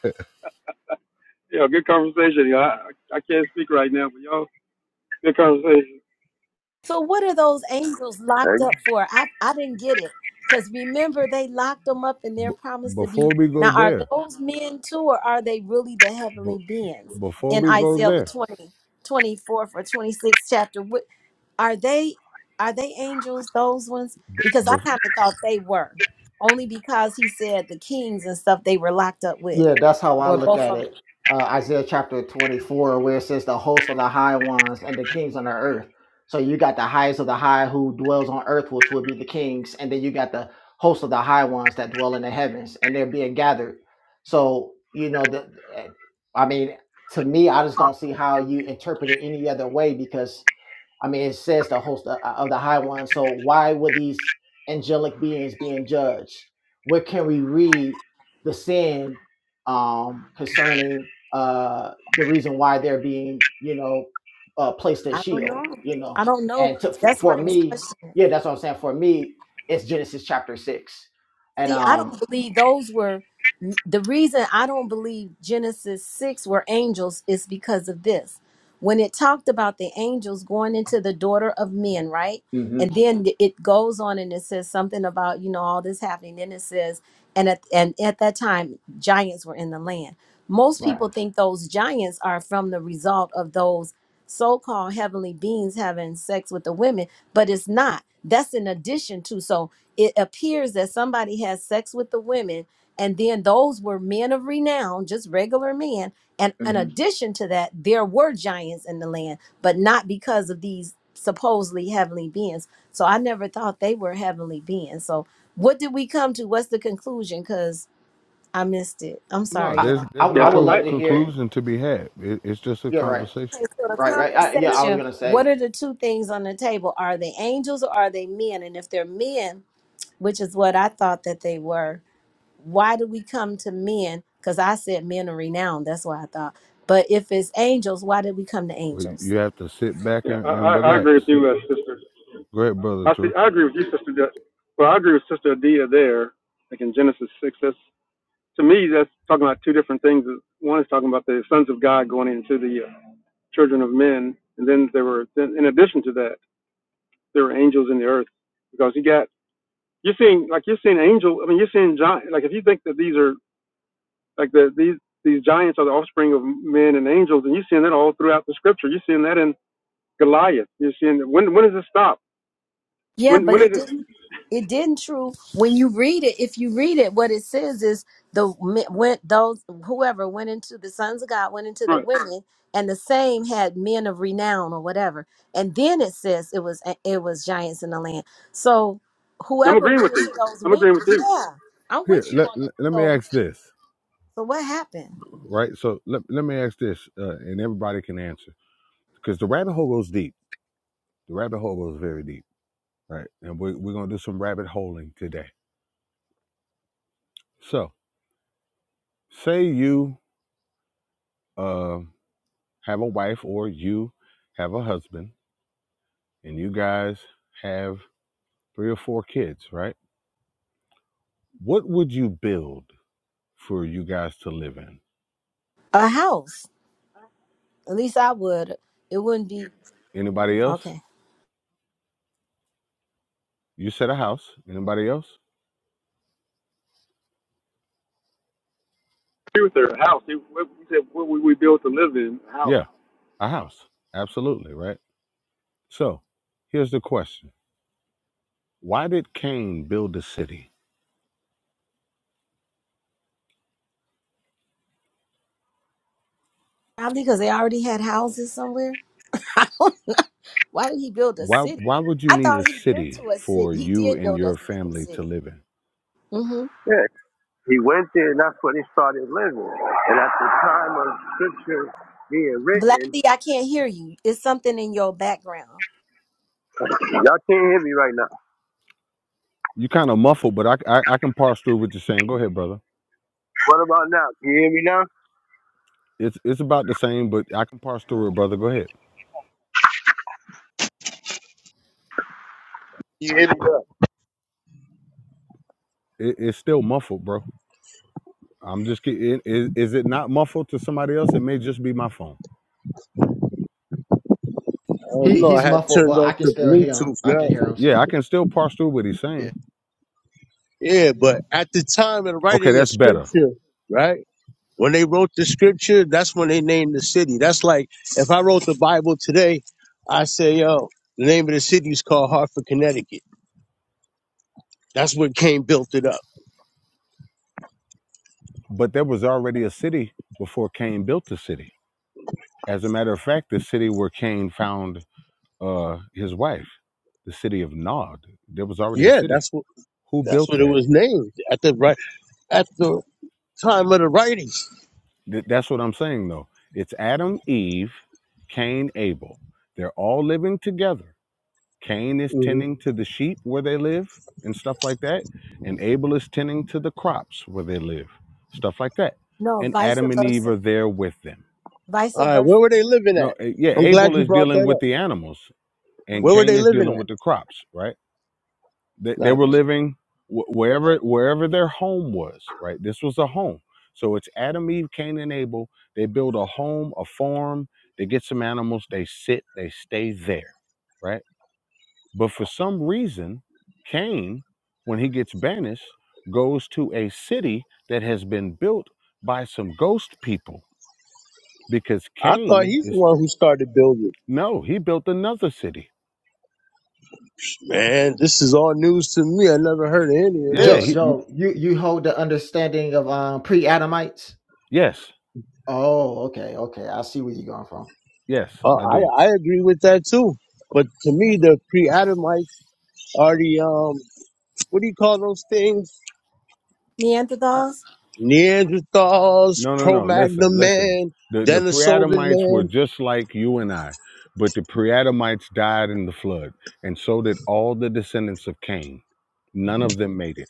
D: So what are those angels
H: Hey,
D: locked up for? I I didn't get it. Because remember they locked them up and they're promised to be
C: before we go
D: now are
C: there,
D: those men too, or are they really the
C: b-
D: heavenly beings
C: before
D: in
C: we go
D: Isaiah the
C: there,
D: twenty twenty fourth or 26th chapter? What are they are they angels, those ones?
C: b-
D: Because I
C: bef-
D: kind of thought they were. Only because he said the kings and stuff they were locked up with.
I: Yeah, that's how I
D: Or
I: look
D: both
I: at
D: of them.
I: it. Uh, Isaiah chapter 24, where it says the hosts of the high ones and the kings on the earth. So you got the highest of the high who dwells on earth, which would be the kings, and then you got the hosts of the high ones that dwell in the heavens, and they're being gathered. So you know the, eh, I mean, to me, I just don't see how you interpret it any other way because I mean, it says the host of, of the high one. So why would these angelic beings being judged? Where can we read the sin um, concerning uh, the reason why they're being, you know, uh, placed at
D: I don't
I: Sheol?
D: know.
I: You know,
D: I don't know.
I: and to, for,
D: That's why
I: for
D: I was
I: me,
D: questioning.
I: yeah, that's what I'm saying. For me, it's Genesis chapter six, and
D: See, I
I: um,
D: don't believe those were the reason I don't believe Genesis 6 were angels is because of this. When it talked about the angels going into the daughter of men, right?
I: hmm
D: And then it goes on and it says something about, you know, all this happening. Then it says, and at, and at that time, giants were in the land. Most
I: right,
D: people think those giants are from the result of those so called heavenly beings having sex with the women but it's not. That's in addition to. So it appears that somebody has sex with the women, and then those were men of renown, just regular men. And in
I: hmm
D: addition to that, there were giants in the land, but not because of these supposedly heavenly beings. So I never thought they were heavenly beings. So what did we come to? What's the conclusion? Because I missed it. I'm
C: no,
D: sorry,
I: I,
C: there's
D: y'all.
I: I
C: there's no
I: I
F: Yeah,
I: would
C: co-
F: I
I: love to hear.
C: conclusion to be had. It, it's just a
I: Yeah, right,
C: conversation.
D: Okay, so the
I: right, right. I, yeah,
F: yeah
I: I was
D: conversation,
I: gonna say.
D: what are the two things on the table? Are they angels or are they men? And if they're men, which is what I thought that they were. Why do we come to men? Because I said men are renowned. That's what I thought. But if it's angels, why did we come to
C: Where
D: angels?
C: you have to sit back
F: yeah I,
C: and, and
F: I I
C: relax.
F: agree with you, uh, sister.
C: Great brother,
F: I see.
C: true.
F: I agree with you, Sister. De- well, I agree with Sister Adia there. Like in Genesis six, that's to me that's talking about two different things. One is talking about the sons of God going into the uh, children of men, and then there were then in addition to that there were angels in the earth because you got you're seeing like you're seeing angel. I mean, you're seeing giant. Like if you think that these are like the these these giants are the offspring of men and angels, and you're seeing that all throughout the scripture. You're seeing that in Goliath. You're seeing that, when when does it stop?
D: Yeah,
F: When
D: but
F: when is
D: it
F: it?
D: didn't. It didn't true when you read it. If you read it, what it says is the men- went those whoever went into the sons of God went into the
F: Right.
D: women, and the same had men of renown or whatever. And then it says it was it was giants in the land. So
F: I'm
D: whoever
F: agreeing
D: went
F: with you.
D: into those
F: I'm
D: women,
F: agreeing with you.
D: yeah, I'm
C: here,
D: with you
C: let,
D: on that.
C: let, let me
D: So
C: ask this.
D: so what happened?
C: Right. So let, let me ask this, uh, and everybody can answer because the rabbit hole goes deep. The rabbit hole goes very deep, right? And we're, we're gonna do some rabbit holing today. So, say you, uh, have a wife or you have a husband and you guys have three or four kids, right? What would you build for you guys to live in?
D: A house. At least I would. It wouldn't be
C: Anybody else?
D: okay.
C: You said a house. Anybody else?
F: with her house. It, we said what we, we built to live in a house.
C: Yeah, a house. Absolutely, right? So, here's the question. Why did Cain build a city?
D: Probably because they already had houses somewhere. [laughs] I don't know. Why did he build a
C: Why
D: city?
C: why would you
D: I
C: need a
D: thought he built to
C: city
D: a city.
C: for
D: He
C: you
D: did
C: and
D: build
C: your
D: us another
C: family to
D: city.
C: live in?
D: hmm
H: yeah, he went there, and that's where they started living. And at the time of scripture being
D: Black
H: written,
D: D, I can't hear you. It's something in your background.
H: y'all can't hear me right now.
C: You kind of muffled, but I, I I can parse through what you're saying. Go ahead, brother.
H: What about now? Can you hear me now?
C: It's it's about the same, but I can parse through it, brother. Go ahead.
H: Can you hear me now?
C: It, it's still muffled, bro. I'm just kidding. Is, is it not muffled to somebody else? It may just be my phone.
H: Oh
I: He
H: no, I
I: he's
H: had
I: muffled,
H: turned
I: but I
H: off
I: can
H: the
I: still hear him.
H: Bluetooth
I: I can
H: now.
I: hear him
C: Yeah, I
I: still.
C: can still parse through what he's
I: Yeah.
C: saying.
H: Yeah, but at the time of
C: Okay,
H: writing a
C: that's better.
H: scripture, right? When they wrote the scripture, that's when they named the city. That's like if I wrote the Bible today, I say, yo, the name of the city is called Hartford, Connecticut. That's what up.
C: But there was already a city before Cain built the city. As a matter of fact, the city where Cain found uh, his wife, the city of Nod, there was already a
H: Yeah,
C: city.
H: that's what
C: Who
H: that's
C: built
H: what it
C: that?
H: was named at the right at the time of the writing.
C: Th- that's what I'm saying, though. It's Adam, Eve, Cain, Abel. They're all living together. Cain is tending to the sheep where they live and stuff like that, and Abel is tending to the crops where they live, stuff like that.
D: No,
C: And
D: vice
C: Adam and Eve
D: versa.
C: are there with them.
D: Vice
H: All right,
D: versa.
H: where were they living
C: No,
H: at?
C: eh, yeah,
H: I'm glad
C: Abel
H: you
C: is
H: brought
C: dealing
H: that
C: with
H: up.
C: the animals, and
H: Where
D: hmm
H: were
C: Cain
H: they
C: is
H: living
C: dealing
H: at?
C: with the crops. Right? They, they
H: Like,
C: were living wh- wherever wherever their home was. Right? This was a home. So it's Adam, Eve, Cain, and Abel. They build a home, a farm. They get some animals. They sit. They stay there. Right? But for some reason, Cain, when he gets banished, goes to a city that has been built by some ghost people because
H: I thought
C: Cain
H: he's the
C: is
H: one who started building.
C: no, he built another city.
H: Man, this is all news to me. I never heard of any of
C: Yeah,
I: Joe
C: he
H: this.
C: m-
I: Joe, you you hold the understanding of um pre-Adamites?
C: yes,
I: Oh, okay, okay. I see where you're going from.
C: yes,
H: Uh,
C: I
H: I
C: do.
H: I agree with that too. But to me, the pre-Adamites are the um, what do you call those things?
D: Neanderthals.
H: Neanderthals,
C: No, no, no. Listen,
H: Cro-Magnon
C: listen.
H: man,
C: The the
H: Denisovan
C: pre-Adamites were
H: man,
C: just like you and I, but the pre-Adamites died in the flood, and so did all the descendants of Cain. None of them made it.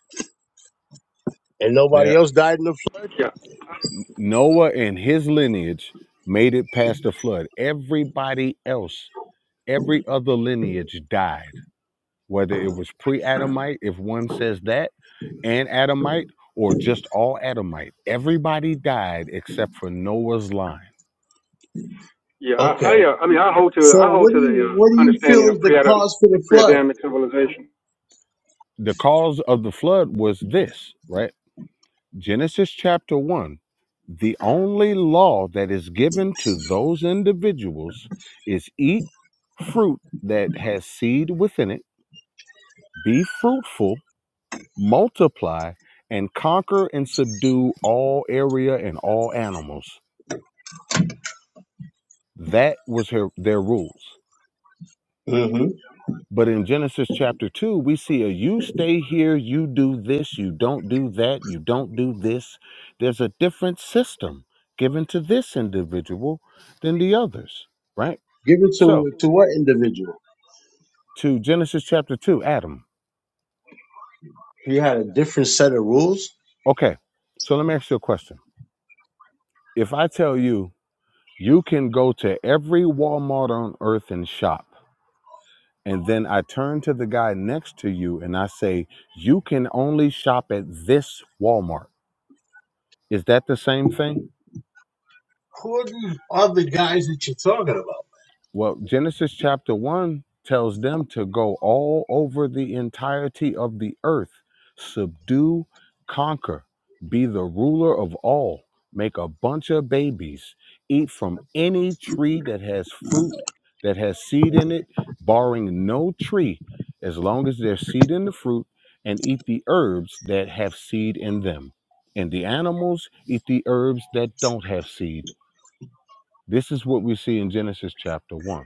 H: and nobody else died in the flood.
F: Yeah,
C: Noah and his lineage made it past the flood. Everybody else, every other lineage died, whether it was pre Adamite, if one says that, and Adamite, or just all Adamite. Everybody died except for Noah's line.
F: yeah. I,
H: Okay.
F: I, uh, I mean, I hold to,
H: So
F: I hold
H: what do
F: to the
H: you what do
F: uh,
H: you
F: understanding
H: feel is
F: of
H: the
F: pre-Adam,
H: cause for the flood?
F: pre-Adamic civilization.
C: The cause of the flood was this, right? Genesis chapter 1. The only law that is given to those individuals is eat fruit that has seed within it Be fruitful, multiply, and conquer and subdue all area and all animals. That was her, their rules.
H: hmm
C: But in Genesis chapter 2, we see a you stay here, you do this, you don't do that, you don't do this. There's a different system given to this individual than the others, right?
H: Given
C: So,
H: to to what individual?
C: to Genesis chapter 2, Adam.
H: You had a different set of rules.
C: Okay, so let me ask you a question. If I tell you, You can go to every Walmart on earth and shop. And then I turn to the guy next to you and I say, You can only shop at this Walmart. Is that the same thing?
H: Who are these other guys that you're talking about?
C: Well, Genesis chapter 1 tells them to go all over the entirety of the earth, subdue, conquer, be the ruler of all, make a bunch of babies, eat from any tree that has fruit, that has seed in it, barring no tree, as long as there's seed in the fruit, and eat the herbs that have seed in them. And the animals eat the herbs that don't have seed. This is what we see in Genesis chapter 1.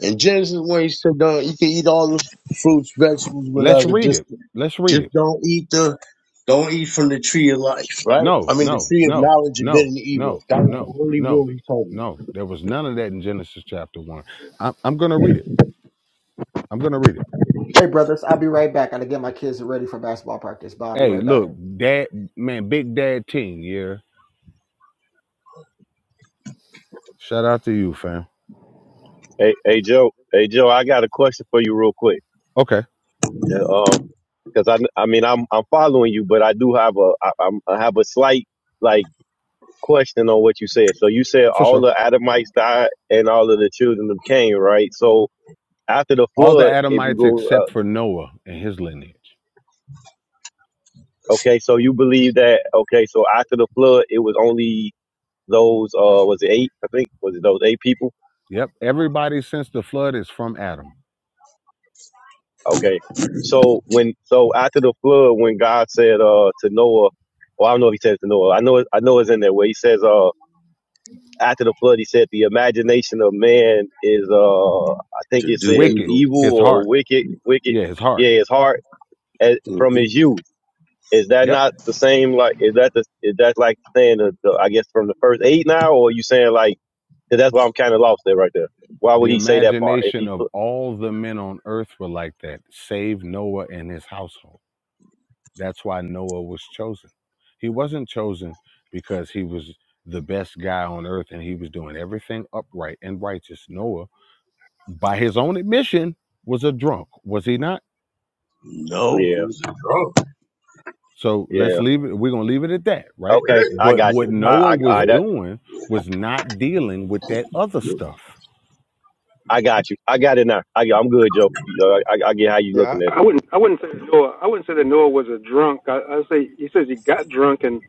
H: And Genesis, is where he said, "Don't you can eat all the fruits, vegetables,
C: Let's
H: whatever.
C: read
H: Just,
C: it. Let's read it.
H: just don't eat the, don't eat from the tree of life, right? I
C: No,
H: mean, the
C: no,
H: tree of
C: no,
H: knowledge of good
C: no,
H: and evil.
C: no,
H: That was
C: no,
H: the only
C: no,
H: rule he told me
C: no. There was none of that in Genesis chapter one. I'm, I'm gonna read it. I'm gonna read it.
I: Hey brothers, I'll be right back. I gotta get my kids ready for basketball practice. But I'll be
C: Hey,
I: right back.
C: look, Dad, man, Big Dad Teen, yeah. Shout out to you, fam.
J: Hey hey Joe, hey Joe, I got a question for you real quick.
C: Okay,
J: Uh, Um. because I, I mean, I'm I'm following you, but I do have a I, I'm, I have a slight like question on what you said. So you said
C: for
J: all
C: sure.
J: the Adamites died and all of the children of Cain, right? So after the
C: All the
J: flood, if you
C: Adamites
J: go,
C: except
J: uh,
C: for Noah and his lineage.
J: okay, so you believe that? Okay, so after the flood, it was only those uh was it eight? I think was it those eight people?
C: Yep, everybody since the flood is from Adam.
J: Okay. So when so after the flood, when God said uh to Noah, well I don't know if he says to Noah, I know it- I know it's in there where he says uh after the flood, he said the imagination of man is, uh, I think
H: to
J: it
H: do
J: says
C: Wicked,
H: evil.
J: evil
C: his
J: or
C: heart.
J: wicked, wicked.
C: Yeah, his heart.
J: Yeah, his heart as, from
H: hmm
J: his youth. Is that
C: Yep.
J: not the same? Like, is that the, is that like saying the, the, I guess from the first eight now, or are you saying like, 'cause that's why I'm kind of lost there right there. Why
C: The
J: would he say that part? If
C: imagination
J: he,
C: of all the men on earth were like that, save Noah and his household. That's why Noah was chosen. He wasn't chosen because he was the best guy on earth and he was doing everything upright and righteous. Noah, by his own admission, was a drunk, was he not?
H: No,
J: yeah,
H: he was a drunk.
C: So let's
J: yeah.
C: leave it. We're going to leave it at that, right?
J: Okay. I
C: But
J: got you.
C: what Noah
J: I, I,
C: was
J: I, that,
C: doing was not dealing with that other stuff.
J: I got you. I got it now. I, I'm good, Joe. You know, I, I I get how you
F: Yeah,
J: looking at it.
F: I I wouldn't, I wouldn't say that Noah, I wouldn't say that Noah was a drunk. I, I say he says he got drunk, and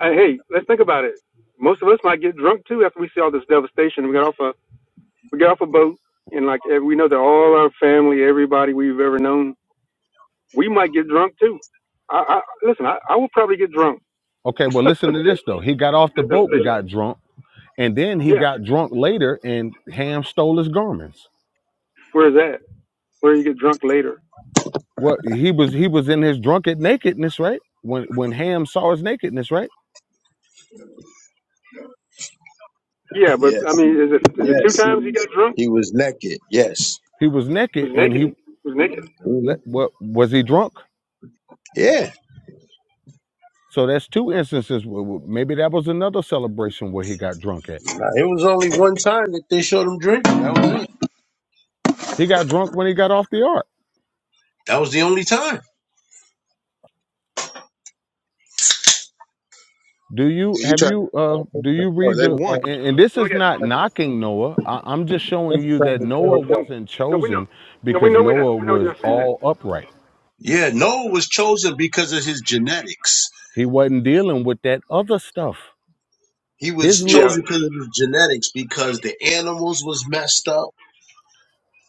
F: uh, hey, let's think about it. Most of us might get drunk too after we see all this devastation. We got off a, we got off a boat, and like eh, we know that all our family, everybody we've ever known, we might get drunk too. I, I listen. I, I will probably get drunk.
C: Okay, well,
F: [laughs]
C: listen to this though. He got off the
F: This
C: boat and
F: devastation.
C: got drunk and then he
F: Yes.
C: got drunk later and ham stole his garments
F: Where's that? Where you get drunk later?
C: well he was he was in his drunken nakedness right when when ham saw his nakedness right
F: Yeah, but I
H: Yes, he,
F: mean, is it is it two
H: yes, he
F: times he got
H: was.
F: drunk?
H: He was naked. Yes.
C: he was
F: It
C: naked
F: was
C: and
F: naked.
C: he
F: It was naked.
H: hmm
C: let, what was he drunk
H: Yeah.
C: so that's two instances maybe that was another celebration where he got drunk at
H: Now, it was only one time that they showed him drinking. That was it.
C: he got drunk when he got off the ark
H: That was the only time.
C: do you
K: Yeah, you
C: have
K: try to
C: you uh
K: tell
C: do
K: the
C: you
K: story.
C: read
K: That's
C: the
F: Once.
C: and, and and this
F: No, we
C: is
F: got
C: not
F: drunk once.
C: knocking noah I, i'm just
K: the same story.
C: showing
K: That's the
C: you that
K: same
F: No,
C: noah
K: story,
F: no,
K: though.
C: wasn't
F: no. We know.
C: chosen
F: No, we
C: because
F: know. We know.
C: noah
F: We know
C: was
F: you're saying that.
C: all upright
H: Yeah. Noah was chosen because of his genetics
C: He wasn't dealing with that other stuff.
H: He
C: His
H: was
C: li-
F: Yeah,
H: chosen because of his genetics, because the animals was messed up,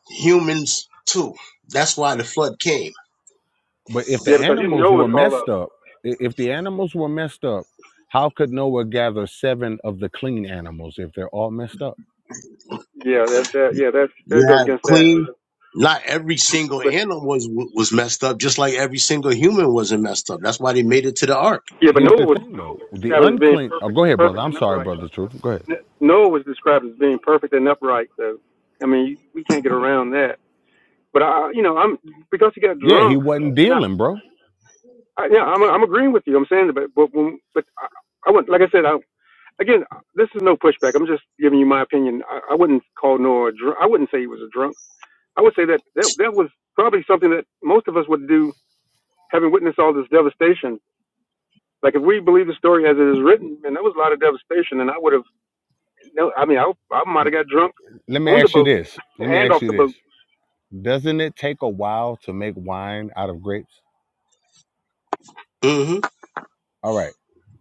H: humans too. That's why the flood came.
C: but if the
F: yeah, because you
C: animals
F: know
C: were
F: it's called up.
C: messed up, i- if the animals were messed up, how could Noah gather seven of the clean animals if they're all messed up?
F: Yeah, that that yeah that that
H: You
F: goes
H: have
F: against that.
H: clean. Not every single
F: But
H: animal was was messed up, just like every single human wasn't messed up. That's why they made it to the ark.
F: yeah, but
C: Here's
F: Noah
C: the
F: was
C: thing though. The
F: described as being
C: unclean oh
F: perfect,
C: go ahead, brother.
F: perfect
C: I'm
F: and
C: sorry,
F: upright.
C: brother Truth. Go ahead.
F: N- Noah was described as being perfect and upright. So I mean, we can't get around that. But I, you know, I'm because he got
C: Yeah, he
F: drunk.
C: wasn't
F: and I.
C: dealing, bro.
F: I, yeah, I'm I'm agreeing with you. I'm saying, but but when, but I, I would like I said, I, again, this is no pushback. I'm just giving you my opinion. I, I wouldn't call Noah a drunk. I wouldn't say he was a drunk. I would say that, that that was probably something that most of us would do, having witnessed all this devastation. Like if we believe the story as it is written, and there was a lot of devastation, and I would have no. I mean, I I might have got drunk
C: Let me
F: on the
C: ask you
F: boat
C: this.
F: [laughs]
C: Let me
F: and
C: ask
F: off
C: you
F: the
C: this.
F: boat.
C: Doesn't it take a while to make wine out of grapes?
H: hmm
C: All right.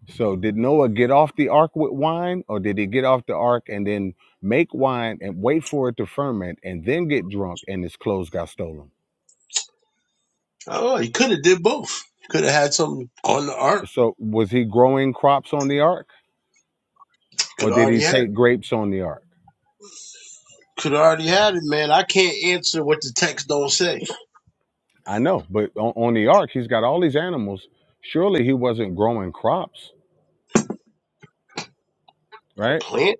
C: So did Noah get off the ark with wine, or did he get off the ark and then make wine and wait for it to ferment and then get drunk and his clothes got stolen?
H: Oh, he could have did both. Could have had something on the ark.
C: So was he growing crops on the ark,
H: Could
C: or
H: have
C: did
H: already
C: he
H: had
C: take
H: it.
C: grapes on the ark?
H: Could have already had it, man. I can't answer what the text don't say.
C: I know, but on, on the ark he's got all these animals. Surely he wasn't growing crops,
H: A
C: right?
H: plant?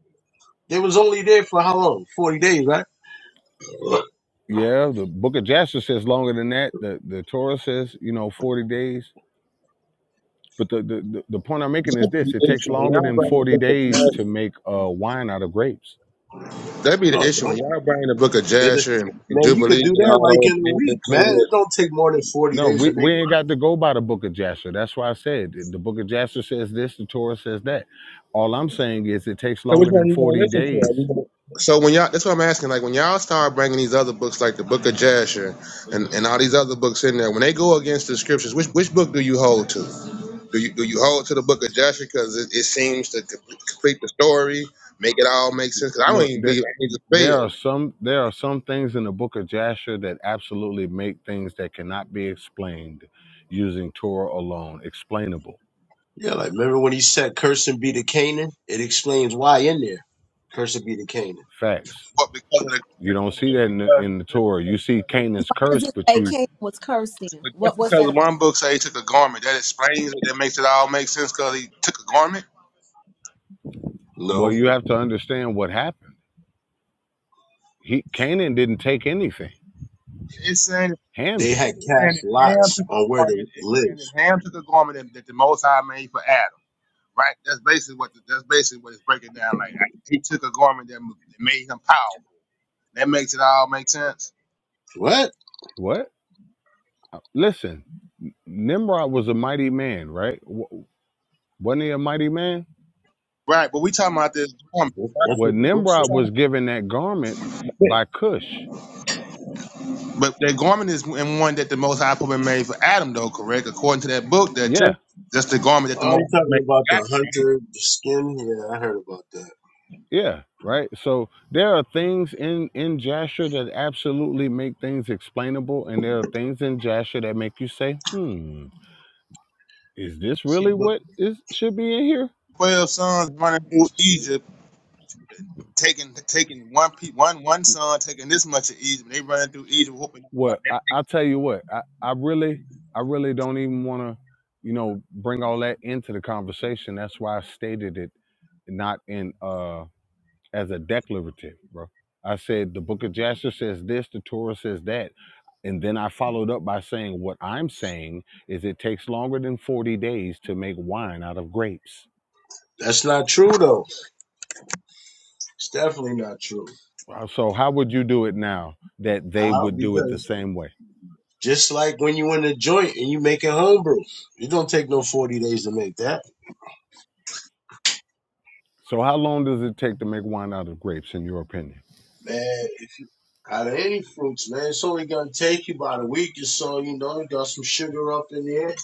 H: They was only there for how long? Forty days, right?
C: Yeah, the Book of Jasher says longer than that. The the Torah says you know forty days. But the, the, the the point I'm making is
K: That be
C: this:
K: the
C: it takes
K: issue when
C: longer
K: y'all
C: than
K: bring the
C: forty
K: book of
C: days to
K: Jasher.
C: make uh, wine out of grapes
K: That be the
H: No,
K: issue when
H: bro.
K: y'all bring the book of
H: It,
K: Jasher and, and
H: man, you
K: Jubilee
H: could
K: and
H: do that
K: all
H: like
K: those
H: in a
K: things
H: week, man.
K: into
H: It
K: it.
H: don't take more than 40
C: No,
H: days to
C: we,
H: make
C: we ain't
H: one.
C: got to go by the book of Jasher. That's why I said the the book of Jasher says this, the Torah says that. All I'm saying is it takes
K: So which
C: longer
K: one
C: than
K: you gonna
C: 40
K: listen to? Are
C: days.
K: you gonna- So when y'all, that's what I'm asking. Like when y'all start bringing these other books, like the Book of Jasher and, and all these other books in there, when they go against the scriptures, which which book do you hold to? Do you do you hold to the book of Joshua because it, it seems to complete, complete the story, make it all make sense? Because I don't
C: Look,
K: even
C: there,
K: believe angels
C: there are
K: fail.
C: some there are some things in the book of Jasher that absolutely make things that cannot be explained using Torah alone explainable.
H: Yeah, like remember when he said, Curse be the Canaan? It explains why in there. Curse be the Canaan.
C: Facts.
K: What because of the
C: You don't see that
K: just
C: in the,
K: because
C: in the
K: just
C: Torah. You
K: because
C: see
K: one book
C: Canaan's
K: he took
D: Because
C: curse,
D: just
K: a
C: but
D: say
K: garment,
C: you
D: Cain was cursing.
K: but just
D: What? What's
K: because
D: that about?
K: one book say he took a garment, that explains it. That makes it all make sense because he took a garment.
C: well,
H: No,
C: you have to understand what happened. He Canaan didn't take anything.
K: And it's
C: Ham
H: they
C: did.
H: had
K: basically saying
H: cast
K: that Ham
H: lots
K: took
H: on
K: a
H: where to
K: garment. It's saying
H: live.
K: that Ham took a garment that, that the Most High made for Adam. Right. That's basically what the, that's basically what it's breaking down. Like he took a garment that m- that made him powerful. That makes it all make sense.
H: What?
C: What? Uh, Listen, Nimrod was a mighty man, right? W- Wasn't he a mighty man?
K: Right. But we talking about this garment.
H: That's that's
K: right?
C: Well,
H: what the book
K: I'm
C: Nimrod
H: said.
K: trying
C: was given that garment
K: to.
C: by Cush.
K: But the garment is in one that the Most High put made for Adam, though, correct? According to that book, that te-
C: Yeah,
K: that's the garment that the
H: Oh,
K: Most
H: you're
K: High
H: talking
K: made
H: about
K: for Adam.
H: the
K: Right?
H: hunter skin? Yeah, I heard about that.
C: yeah, right. So there are things in in Jasher that absolutely make things explainable, and there are things in Jasher that make you say, "Hmm, is this
H: See,
C: really
H: but
C: what is should be in here?"
K: Twelve sons running through
H: see,
K: Egypt, taking taking one pe- one one son, taking this much of Egypt. They running through Egypt, whooping
C: Well,
K: everybody. That
C: I,
K: makes
C: I tell you what, I, I really, I really don't even want to, you know, bring all that into the conversation. That's why I stated it not in uh as a declarative, bro. I said the book of Jasher says this, the Torah says that. And then I followed up by saying what I'm saying is it takes longer than 40 days to make wine out of grapes.
H: that's not true, though. It's definitely not true.
C: Wow, So how would you do it now that they
H: How?
C: would do it
H: Because
C: the same way?
H: Just like when you in a joint and you making homebrew, it don't take no forty days to make that,
C: So how long does it take to make wine out of grapes in your opinion?
H: man. Out of any fruits, man, it's only gonna take you about a week or so. You know, you got some sugar up in there,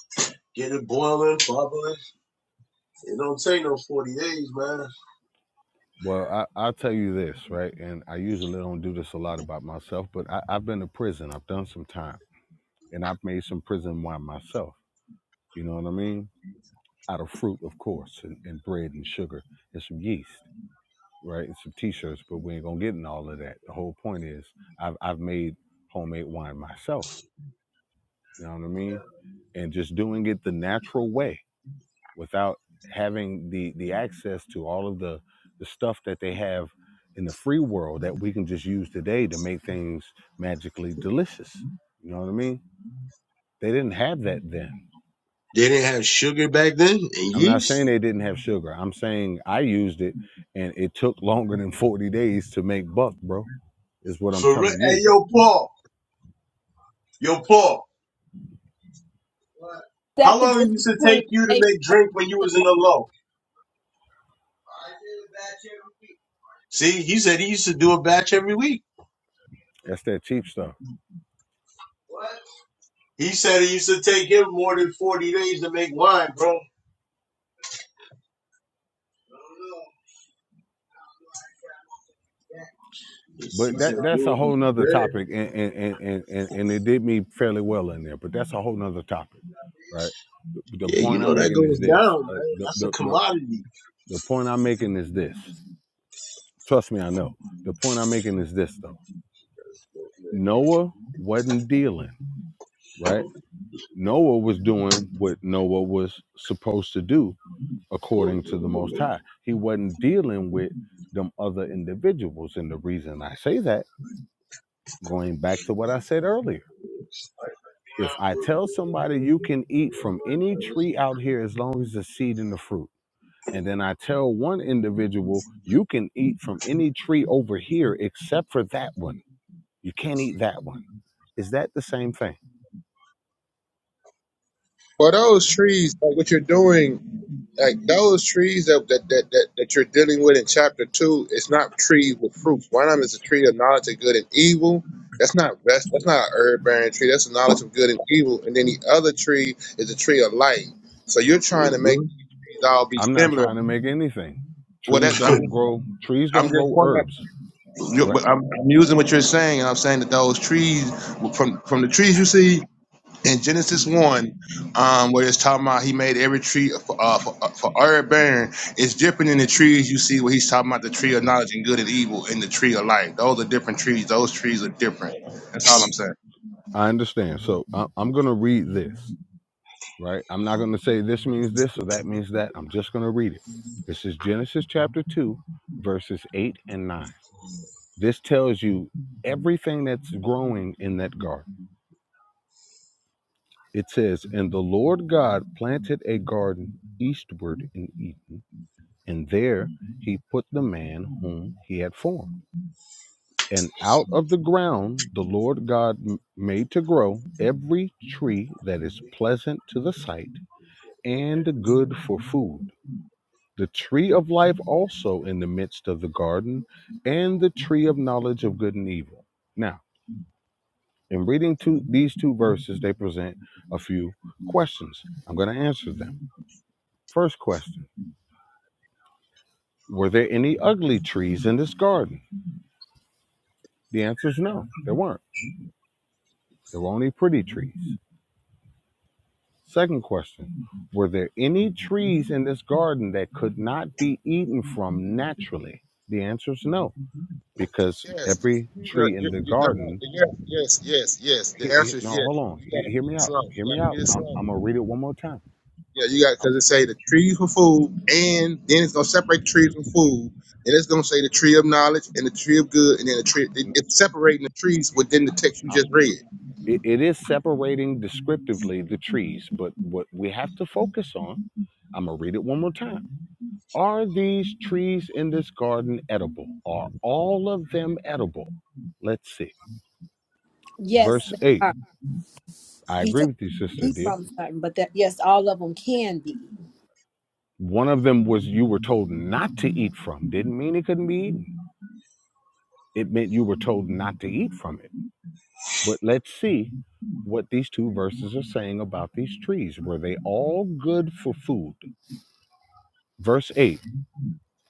H: get it boiling, bubbling. It don't take no forty days, man.
C: Well, I, I'll tell you this, right? And I usually don't do this a lot about myself, but I, I've been to prison. I've done some time and I've made some prison wine myself. You know what I mean? out of fruit, of course, and, and bread and sugar and some yeast, right? And some t-shirts, but we ain't gonna get in all of that. The whole point is I've I've made homemade wine myself. You know what I mean? And just doing it the natural way without having the the access to all of the the stuff that they have in the free world that we can just use today to make things magically delicious. You know what I mean? They didn't have that then
H: They didn't have sugar back then and
C: I'm not
H: yeast.
C: saying they didn't have sugar. I'm saying I used it and it took [laughs] longer than 40 days to make buck, bro. Is what I'm
H: For real,
C: telling
H: hey,
C: you.
H: yo, Paul, yo, Paul, What? how
D: That the
H: long it
D: difference
H: used to
D: between.
H: take you to
D: babies
H: make drink when you
D: and-
H: was in the low? See, he said he used to do a batch every week.
C: That's that cheap stuff.
H: He said it used to take him more than 40 days to make wine, bro. He
C: But
H: said,
C: that
H: the
C: that's a
H: dude,
C: whole
H: was
C: nother
H: good.
C: topic and and, and, and, and and it did me fairly well in there, but that's a whole nother topic. Right. The the
H: Yeah, you
C: point I'm
H: know that
C: making
H: goes
C: is this.
H: down,
C: Uh,
H: man.
C: the,
H: That's a
C: the, the,
H: commodity.
C: the point I'm making is this. Trust me, I know. The point I'm making is this though. Noah wasn't dealing, right? Noah was doing what Noah was supposed to do
H: mm
C: according to the Most High. He wasn't dealing with them other individuals. And the reason I say that, going back to what I said earlier, if I tell somebody you can eat from any tree out here as long as the seed and the fruit, and then I tell one individual you can eat from any tree over here except for that one, you can't eat that one. Is that the same thing?
K: For those trees, like what you're doing. like those trees that that, that that that you're dealing with in chapter two, it's not trees with fruits. One of them is a tree of knowledge of good and evil. That's not that's, that's not a herb bearing tree. That's a knowledge of good and evil. And then the other tree is the tree of life. So you're trying to make
H: hmm
K: these trees all be
C: I'm not
K: similar.
C: trying to make anything.
K: Well, that
C: Trees
K: I'm
C: don't
K: just
C: grow. Trees
K: I'm
C: don't
K: just
C: grow
K: pointing
C: herbs,
K: out. you-
C: right?
K: but I'm, I'm using what you're saying. I'm saying that those trees from from the trees you see in Genesis one, um, where it's talking about he made every tree uh, for uh, for, uh, for herb bearing, it's different than the trees you see where he's talking about the tree of knowledge and good and evil and the tree of life. Those are different trees. Those trees are different. That's all I'm saying.
C: I understand. So I, I'm going to read this right? I'm not going to say this means this or that means that. I'm just going to read it. This is Genesis chapter 2, verses 8 and 9. This tells you everything that's growing in that garden. It says, And the Lord God planted a garden eastward in Eden, and there he put the man whom he had formed. And out of the ground the Lord God m- made to grow every tree that is pleasant to the sight and good for food the tree of life also in the midst of the garden, and the tree of knowledge of good and evil. Now, in reading two, these two verses, they present a few questions. I'm going to answer them. First question Were there any ugly trees in this garden? The answer is no, there weren't. There were only pretty trees. Second question Were there any trees in this garden that could not be eaten from naturally? The answer is no, because
K: Yes.
C: every
K: These are-
C: tree
K: you-
C: in the
K: you- they're not-
C: garden
K: Yes, yes, yes, yes.
C: he,
K: The
C: he-
K: answer is
C: no, hold
K: yes. You,
C: on.
K: you gotta
C: He- hear
K: read
C: me
K: it
C: out.
K: slow. You
C: Hear me
K: gotta read
C: out.
K: it
C: I'm,
K: slow.
C: I'm gonna read it one more time.
K: Yeah, you got
C: I'm,
K: because it say the tree for food, and then it's gonna separate the trees from food, and it's gonna say the tree of knowledge and the tree of good, and then the tree. It, it's separating the trees within the text you
C: I'm,
K: just read.
C: it, it is separating descriptively the trees, but what we have to focus on, I'm gonna read it one more time. Are these trees in this garden edible? Are all of them edible? Let's see.
D: Yes,
C: Verse
D: they
C: eight. I
D: He
C: agree
D: told
C: with you, sister
D: me
C: dear.
D: from certain, but that yes, all of them can be.
C: One of them was you were told not to eat from. Didn't mean it couldn't be eaten. It meant you were told not to eat from it. But let's see what these two verses are saying about these trees. Were they all good for food? Verse 8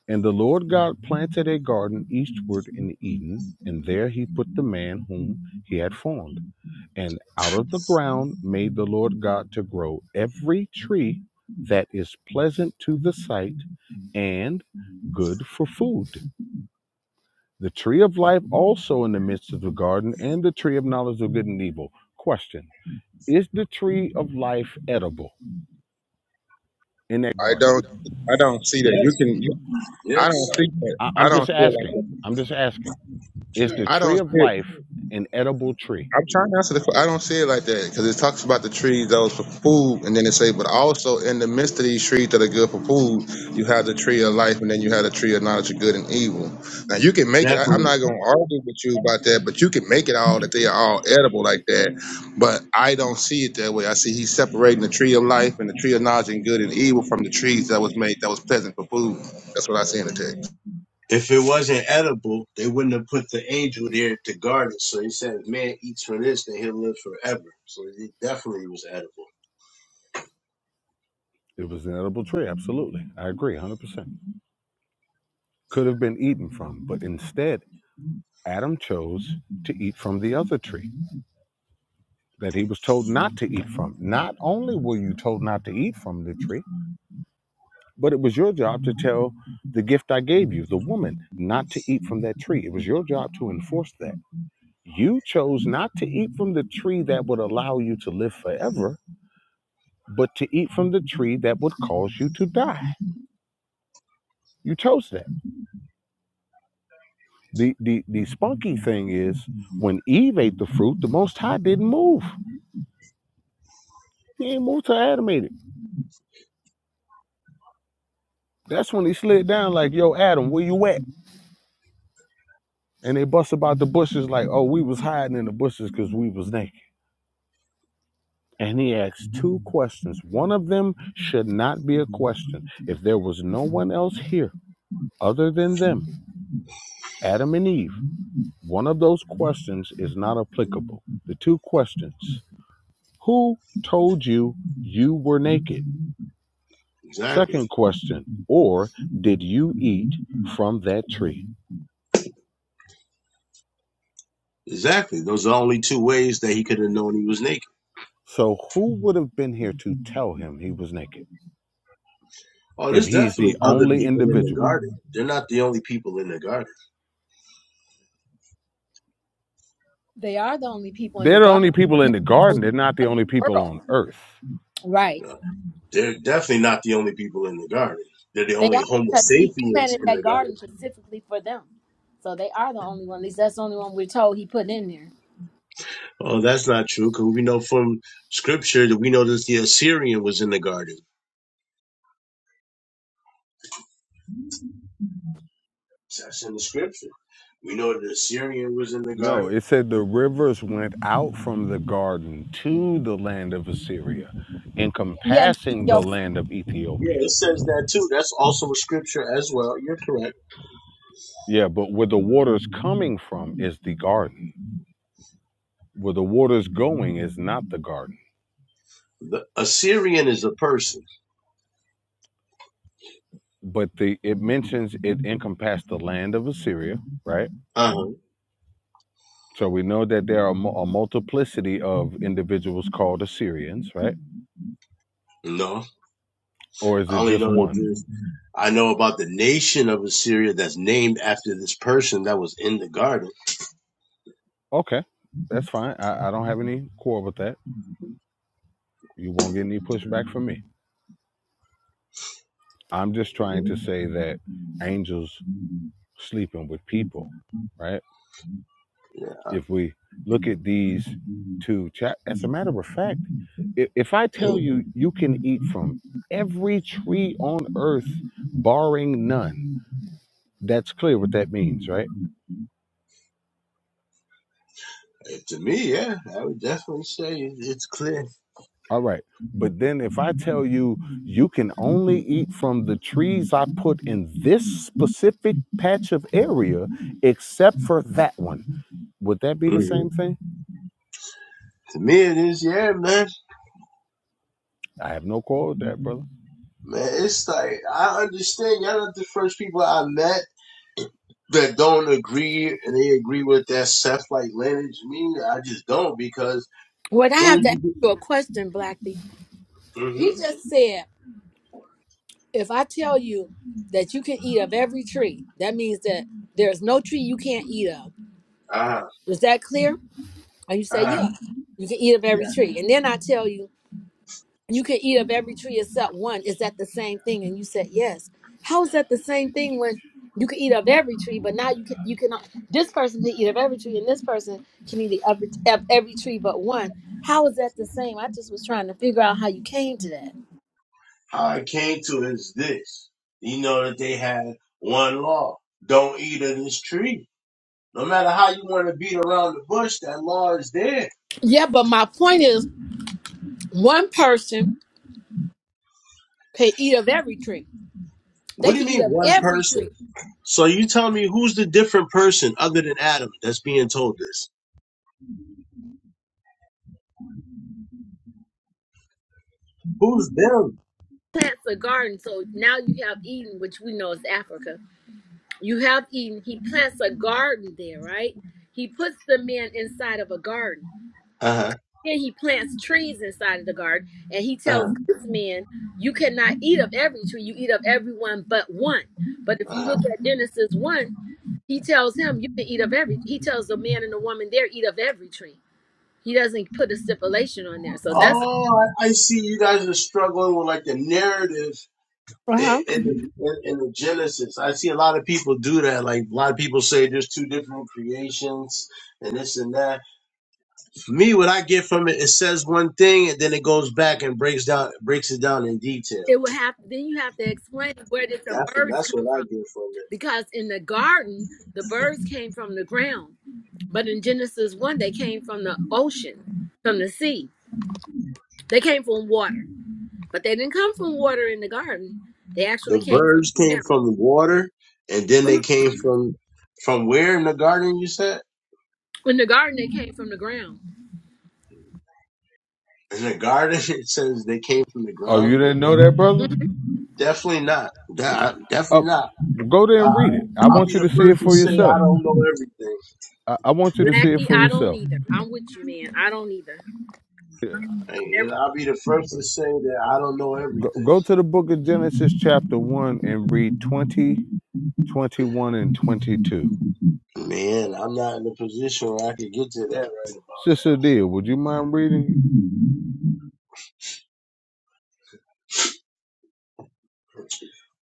C: And the Lord God planted a garden eastward in Eden, and there he put the man whom he had formed. And out of the ground made the Lord God to grow every tree that is pleasant to the sight and good for food. The tree of life also in the midst of the garden, and the tree of knowledge of good and evil. Question Is the tree of life edible in that
K: I
C: garden?
K: don't, I don't see that. You
H: Yes,
K: can, you, I don't
H: yes,
K: see that.
C: I,
K: I
C: I'm
K: don't
C: just
K: see it
C: asking.
K: like
C: I'm just asking. Is
K: that.
C: the
K: I don't
C: tree of
K: see.
C: life an edible tree?
K: I'm trying to answer the. que- I don't see it like that because it talks about the trees that was for food, and then it say, but also in the midst of these trees that are good for food, you have the tree of life, and then you have the tree of knowledge of good and evil. Now you can make it. I, I'm
H: definitely.
K: not going to argue with you about that, but you can make it all that they are all edible like that. But I don't see it that way. I see he's separating the tree of life and the tree of knowledge and good and evil from the trees that was made that was pleasant for food. That's what I see in the text.
H: If it wasn't edible, they wouldn't have put the angel there to guard it. So he said, if man eats from this, then he'll live forever. So it definitely was edible.
C: It was an edible tree, absolutely. I agree, 100%. Could have been eaten from, but instead, Adam chose to eat from the other tree that he was told not to eat from. Not only were you told not to eat from the tree, but it was your job to tell the gift I gave you, the woman, not to eat from that tree. It was your job to enforce that You chose not to eat from the tree that would allow you to live forever, but to eat from the tree that would cause you to die. You chose that. The the the spunky thing is when Eve ate the fruit, the most high didn't move. He ain't moved till Adam ate it. That's when he slid down like, yo, Adam, where you at? And they bust about the bushes like, oh, we was hiding in the bushes because we was naked. And he asked two questions. One of them should not be a question. If there was no one else here other than them, Adam and Eve. One of those questions is not applicable. The two questions Who told you you were naked?
H: Exactly.
C: Second question, or did you eat from that tree?
H: Exactly. Those are the only two ways that he could have known he was naked.
C: So, who would have been here to tell him he was naked
H: Oh,
C: if
H: there's
C: he's
H: definitely
C: the
H: other
C: only
H: people in the
C: individual?
H: garden. They're not the only people in the garden.
D: They are the only people in the
C: They're the
D: garden,
C: only
D: but
C: people in
D: not
C: the
D: the only
C: garden, they're not the only people
D: world.
C: on earth.
D: Right.
H: No. They're definitely not the only people in the garden. They're the
D: They
H: only
D: are
H: Homo
D: because he
H: sapiens
D: planted
H: in
D: that
H: the
D: garden
H: garden.
D: specifically for them. So they are the only one. At least that's the only one we're told he put in there.
H: Oh, that's not true, because we know from scripture that we know that the Assyrian was in the garden. That's in the scripture. We know that the Assyrian was in the
C: No,
H: garden.
C: it said the rivers went out from the garden to the land of Assyria,
D: Yeah, and
C: encompassing the
D: Ethiopia.
C: land of
H: Yeah,
C: Ethiopia.
H: it says that too. That's also a scripture as well. You're correct.
C: Yeah, but where the water's coming from is the garden. Where the water's going is not the garden.
H: The Assyrian is a person.
C: But the it mentions it encompassed the land of Assyria, right?
H: Uh huh.
C: So we know that there are mu- a multiplicity of individuals called Assyrians, right?
H: No,
C: Or is
H: I
C: it
H: only
C: just
H: know that
C: one?
H: there's I know about the nation of Assyria that's named after this person that was in the garden.
C: Okay, that's fine. I, I don't have any quarrel with that. You won't get any pushback from me. I'm just trying to say that angels sleeping with people, right?
H: Yeah,
C: if we look at these two chap as a matter of fact i- if i
H: I-
C: tell you you can eat from every tree on earth barring none that's clear what that means right
H: to me, yeah, I would definitely say it's clear.
C: all right but then if i tell you you can only eat from the trees i put in this specific patch of area except for that one would that be the
H: hmm
C: same thing
H: To me, it is. Yeah, man,
C: i have no quarrel with that brother
H: man, it's like I understand y'all not the first people I met that don't agree, and they agree with that Seth like lineage. Me, I just don't because
D: Wait, I
H: where
D: have
H: would
D: to
H: you?
D: ask
H: be?
D: you a question, Blackie. He
H: Mm-hmm.
D: just said, if I tell you that you can eat of every tree, that means that there's no tree you can't eat of.
H: Ah,
D: Is that clear? And you say,
H: ah.
D: yeah, you can eat of
H: yeah.
D: every tree. And then I tell you you can eat of every tree except one. Is that the same thing? And you said yes. How is that the same thing when you can eat of every tree, but now you can you cannot. This person can eat of every tree, and this person can eat of every, of every tree but one. How is that the same? I just was trying to figure out how you came to that.
H: How I came to is this. You know that they had one law. Don't eat of this tree. No matter how you want to beat around the bush, that law is there.
D: Yeah, but my point is, one person can eat of every tree.
H: What
D: They
H: do you
D: can eat
H: mean
D: of
H: one
D: every tree.
H: person? So you tell me who's the different person other than Adam that's being told this? Who's them?
D: Plants a garden, so now you have Eden, which we know is Africa You have Eden. He plants a garden there, right? He puts the man inside of a garden.
H: Uh-huh.
D: Then he plants trees inside of the garden, and he tells
H: Uh-huh.
D: this man, "You cannot eat of every tree. You eat of every one but one." But if you
H: Uh-huh.
D: look at Genesis one, he tells him, "You can eat of every." He tells the man and the woman there, "Eat of every tree." He doesn't put a stipulation on there, so that's
H: Oh, I, I see you guys are struggling with like the narrative
D: Uh
H: in,
D: huh.
H: in, the, in, in the Genesis. I see a lot of people do that. Like a lot of people say there's two different creations and this and that. For me, what I get from it, it says one thing and then it goes back and breaks down, breaks it down in detail.
D: it would have then you have to explain where did the
H: That's what
D: birds
H: that's
D: come
H: what I
D: from
H: get from it.
D: because in the garden the birds came from the ground But in Genesis 1, they came from the ocean, from the sea. They came from water. But they didn't come from water in the garden. They
H: The
D: actually came from
H: birds came
D: the
H: from the water, and then they
D: ground.
H: came from from where in the garden? You said
D: In the garden, they came from the ground.
H: in the garden. [laughs] It says they came from the
C: oh
H: ground.
C: you didn't know that brother
H: Definitely not. Da- Definitely
C: oh,
H: not.
C: go there
H: I,
C: and read it i
H: I'll
C: want
H: be
C: you to
H: the
C: see it
H: first to
C: for
H: say I
C: yourself
H: don't know everything.
C: I, I want you to
D: Black
C: see it
D: the
C: for
D: I don't
C: yourself.
D: either. I'm with you, man. I don't either.
C: Yeah.
H: And, you know, I'll be the first to say that I don't know
C: Go,
H: everything.
C: go to the book of Genesis, chapter 1, and read 20, 21, and 22.
H: Man, I'm not in a position where I could get to that right about now.
C: Sister Dia, would you mind reading?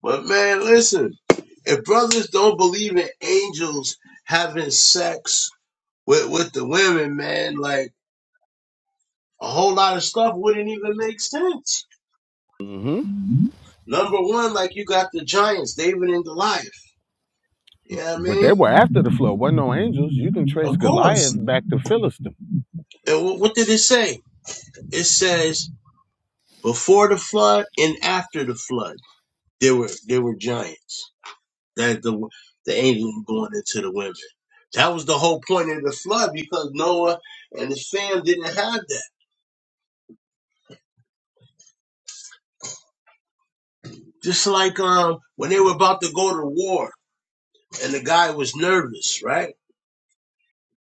H: But man, listen, if brothers don't believe in angels having sex with, with the women, man, like a whole lot of stuff wouldn't even make sense.
C: hmm
H: Number one, like you got the giants, David and Goliath. You know what I
C: But
H: mean?
C: they were after the flood. Wasn't no angels. You can trace
H: Of
C: Goliath
H: course.
C: back to Philistine.
H: And wh- what did it say? It says before the flood and after the flood, there were there were giants. that the the angels were going into the women. That was the whole point of the flood because Noah and his fam didn't have that. Just like um when they were about to go to war and the guy was nervous, right?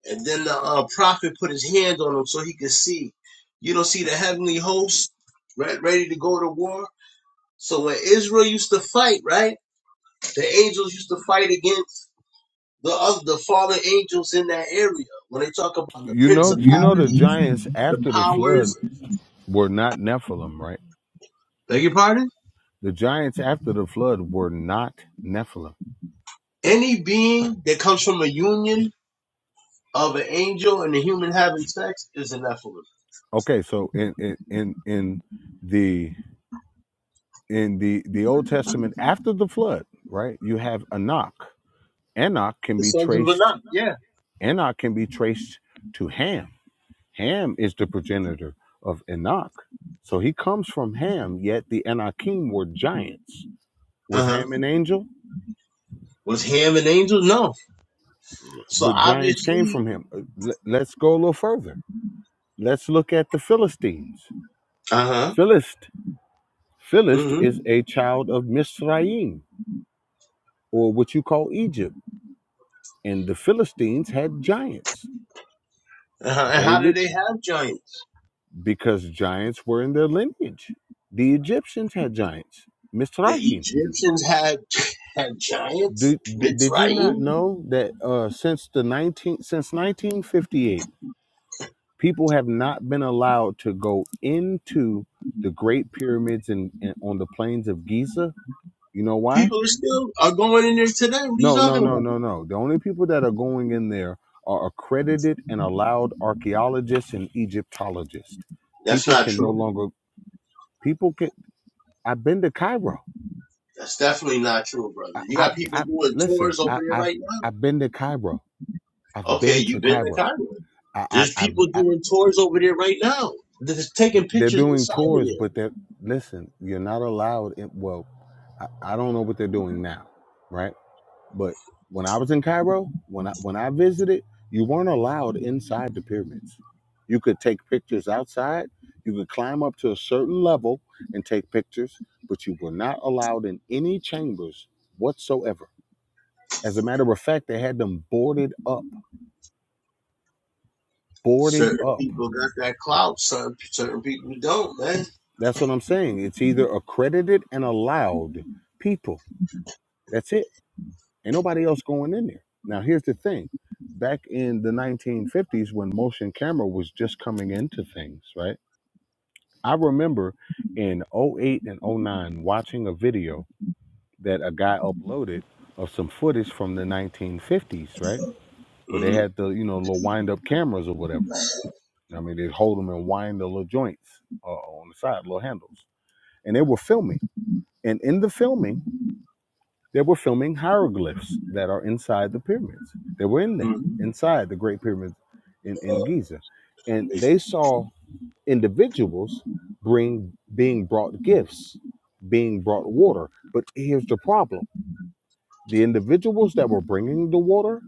H: And then the uh, prophet put his hand on him so he could see. You don't see the heavenly host right, ready to go to war. So when Israel used to fight, right, the angels used to fight against the other, the fallen angels in that area. When they talk about the
C: You know, you know the
H: principalities
C: giants
H: the
C: after the flood
H: powers
C: were not Nephilim, right?
H: Beg your pardon?
C: The giants after the flood were not Nephilim.
H: Any being that comes from a union of an angel and a human having sex is an Nephilim.
C: Okay, so in in in, in the in the the Old Testament after the flood, right? You have Enoch. Enoch can
H: The
C: be
H: sons of
C: traced.
H: Anak, yeah.
C: Enoch can be traced to Ham. Ham is the progenitor of Enoch, so he comes from Ham. Yet the Enochim were giants.
H: Uh
C: Was
H: huh.
C: Ham an angel?
H: Was Ham an angel? No. So
C: But giants came
H: obviously,
C: from him. Uh, le- Let's go a little further. Let's look at the Philistines.
H: uh huh.
C: Philist, Philist
H: Mm-hmm.
C: is a child of Misraim, or what you call Egypt, and the Philistines had giants.
H: Uh-huh. And how
C: David
H: did they have giants?
C: because giants were in their lineage. The Egyptians had giants.
H: The
C: Mizrahi.
H: Egyptians had [laughs] had giants.
C: Did, did did you not
H: Mitzrayim.
C: know that uh, since the 19 since 1958, people have not been allowed to go into the Great Pyramids and on the plains of Giza? You know why?
H: People are still are going in there today. What are you
C: No, no,
H: talking
C: no,
H: about?
C: no, no. The only people that are going in there are accredited and allowed archaeologists and Egyptologists.
H: That's
C: People
H: not
C: can no
H: true.
C: longer people can. I've been to Cairo
H: That's definitely not true, brother.
C: I,
H: You
C: I,
H: got people
C: I
H: doing
C: listen.
H: tours over
C: I,
H: there
C: I,
H: right now.
C: I've been to Cairo. I've
H: Okay,
C: been to
H: you've been to
C: Cairo.
H: Cairo.
C: I, I,
H: There's
C: I've,
H: people
C: I,
H: doing tours over there right now. They're taking
C: they're
H: pictures
C: doing
H: inside of
C: tours,
H: there.
C: but they're listen. You're not allowed. In, well, I, I don't know what they're doing now, right? But when I was in Cairo, when I when I visited, you weren't allowed inside the pyramids. You could take pictures outside. You could climb up to a certain level and take pictures, but you were not allowed in any chambers whatsoever. As a matter of fact, they had them boarded up boarded
H: Certain
C: up.
H: people got that clout. Certain certain people don't, man.
C: That's what I'm saying. It's either accredited and allowed people. That's it. Ain't nobody else going in there. Now, here's the thing. Back in the 1950s, when motion camera was just coming into things, right? I remember in '08 and '09 watching a video that a guy uploaded of some footage from the 1950s, right? Where they had the, you know, little wind up cameras or whatever. I mean, they'd hold them and wind the little joints uh, on the side, little handles. And they were filming And in the filming, they were filming hieroglyphs that are inside the pyramids. They were in there,
H: Mm-hmm.
C: inside the Great Pyramid in, in Giza. And they saw individuals bring being brought gifts, being brought water. But here's the problem. The individuals that were bringing the water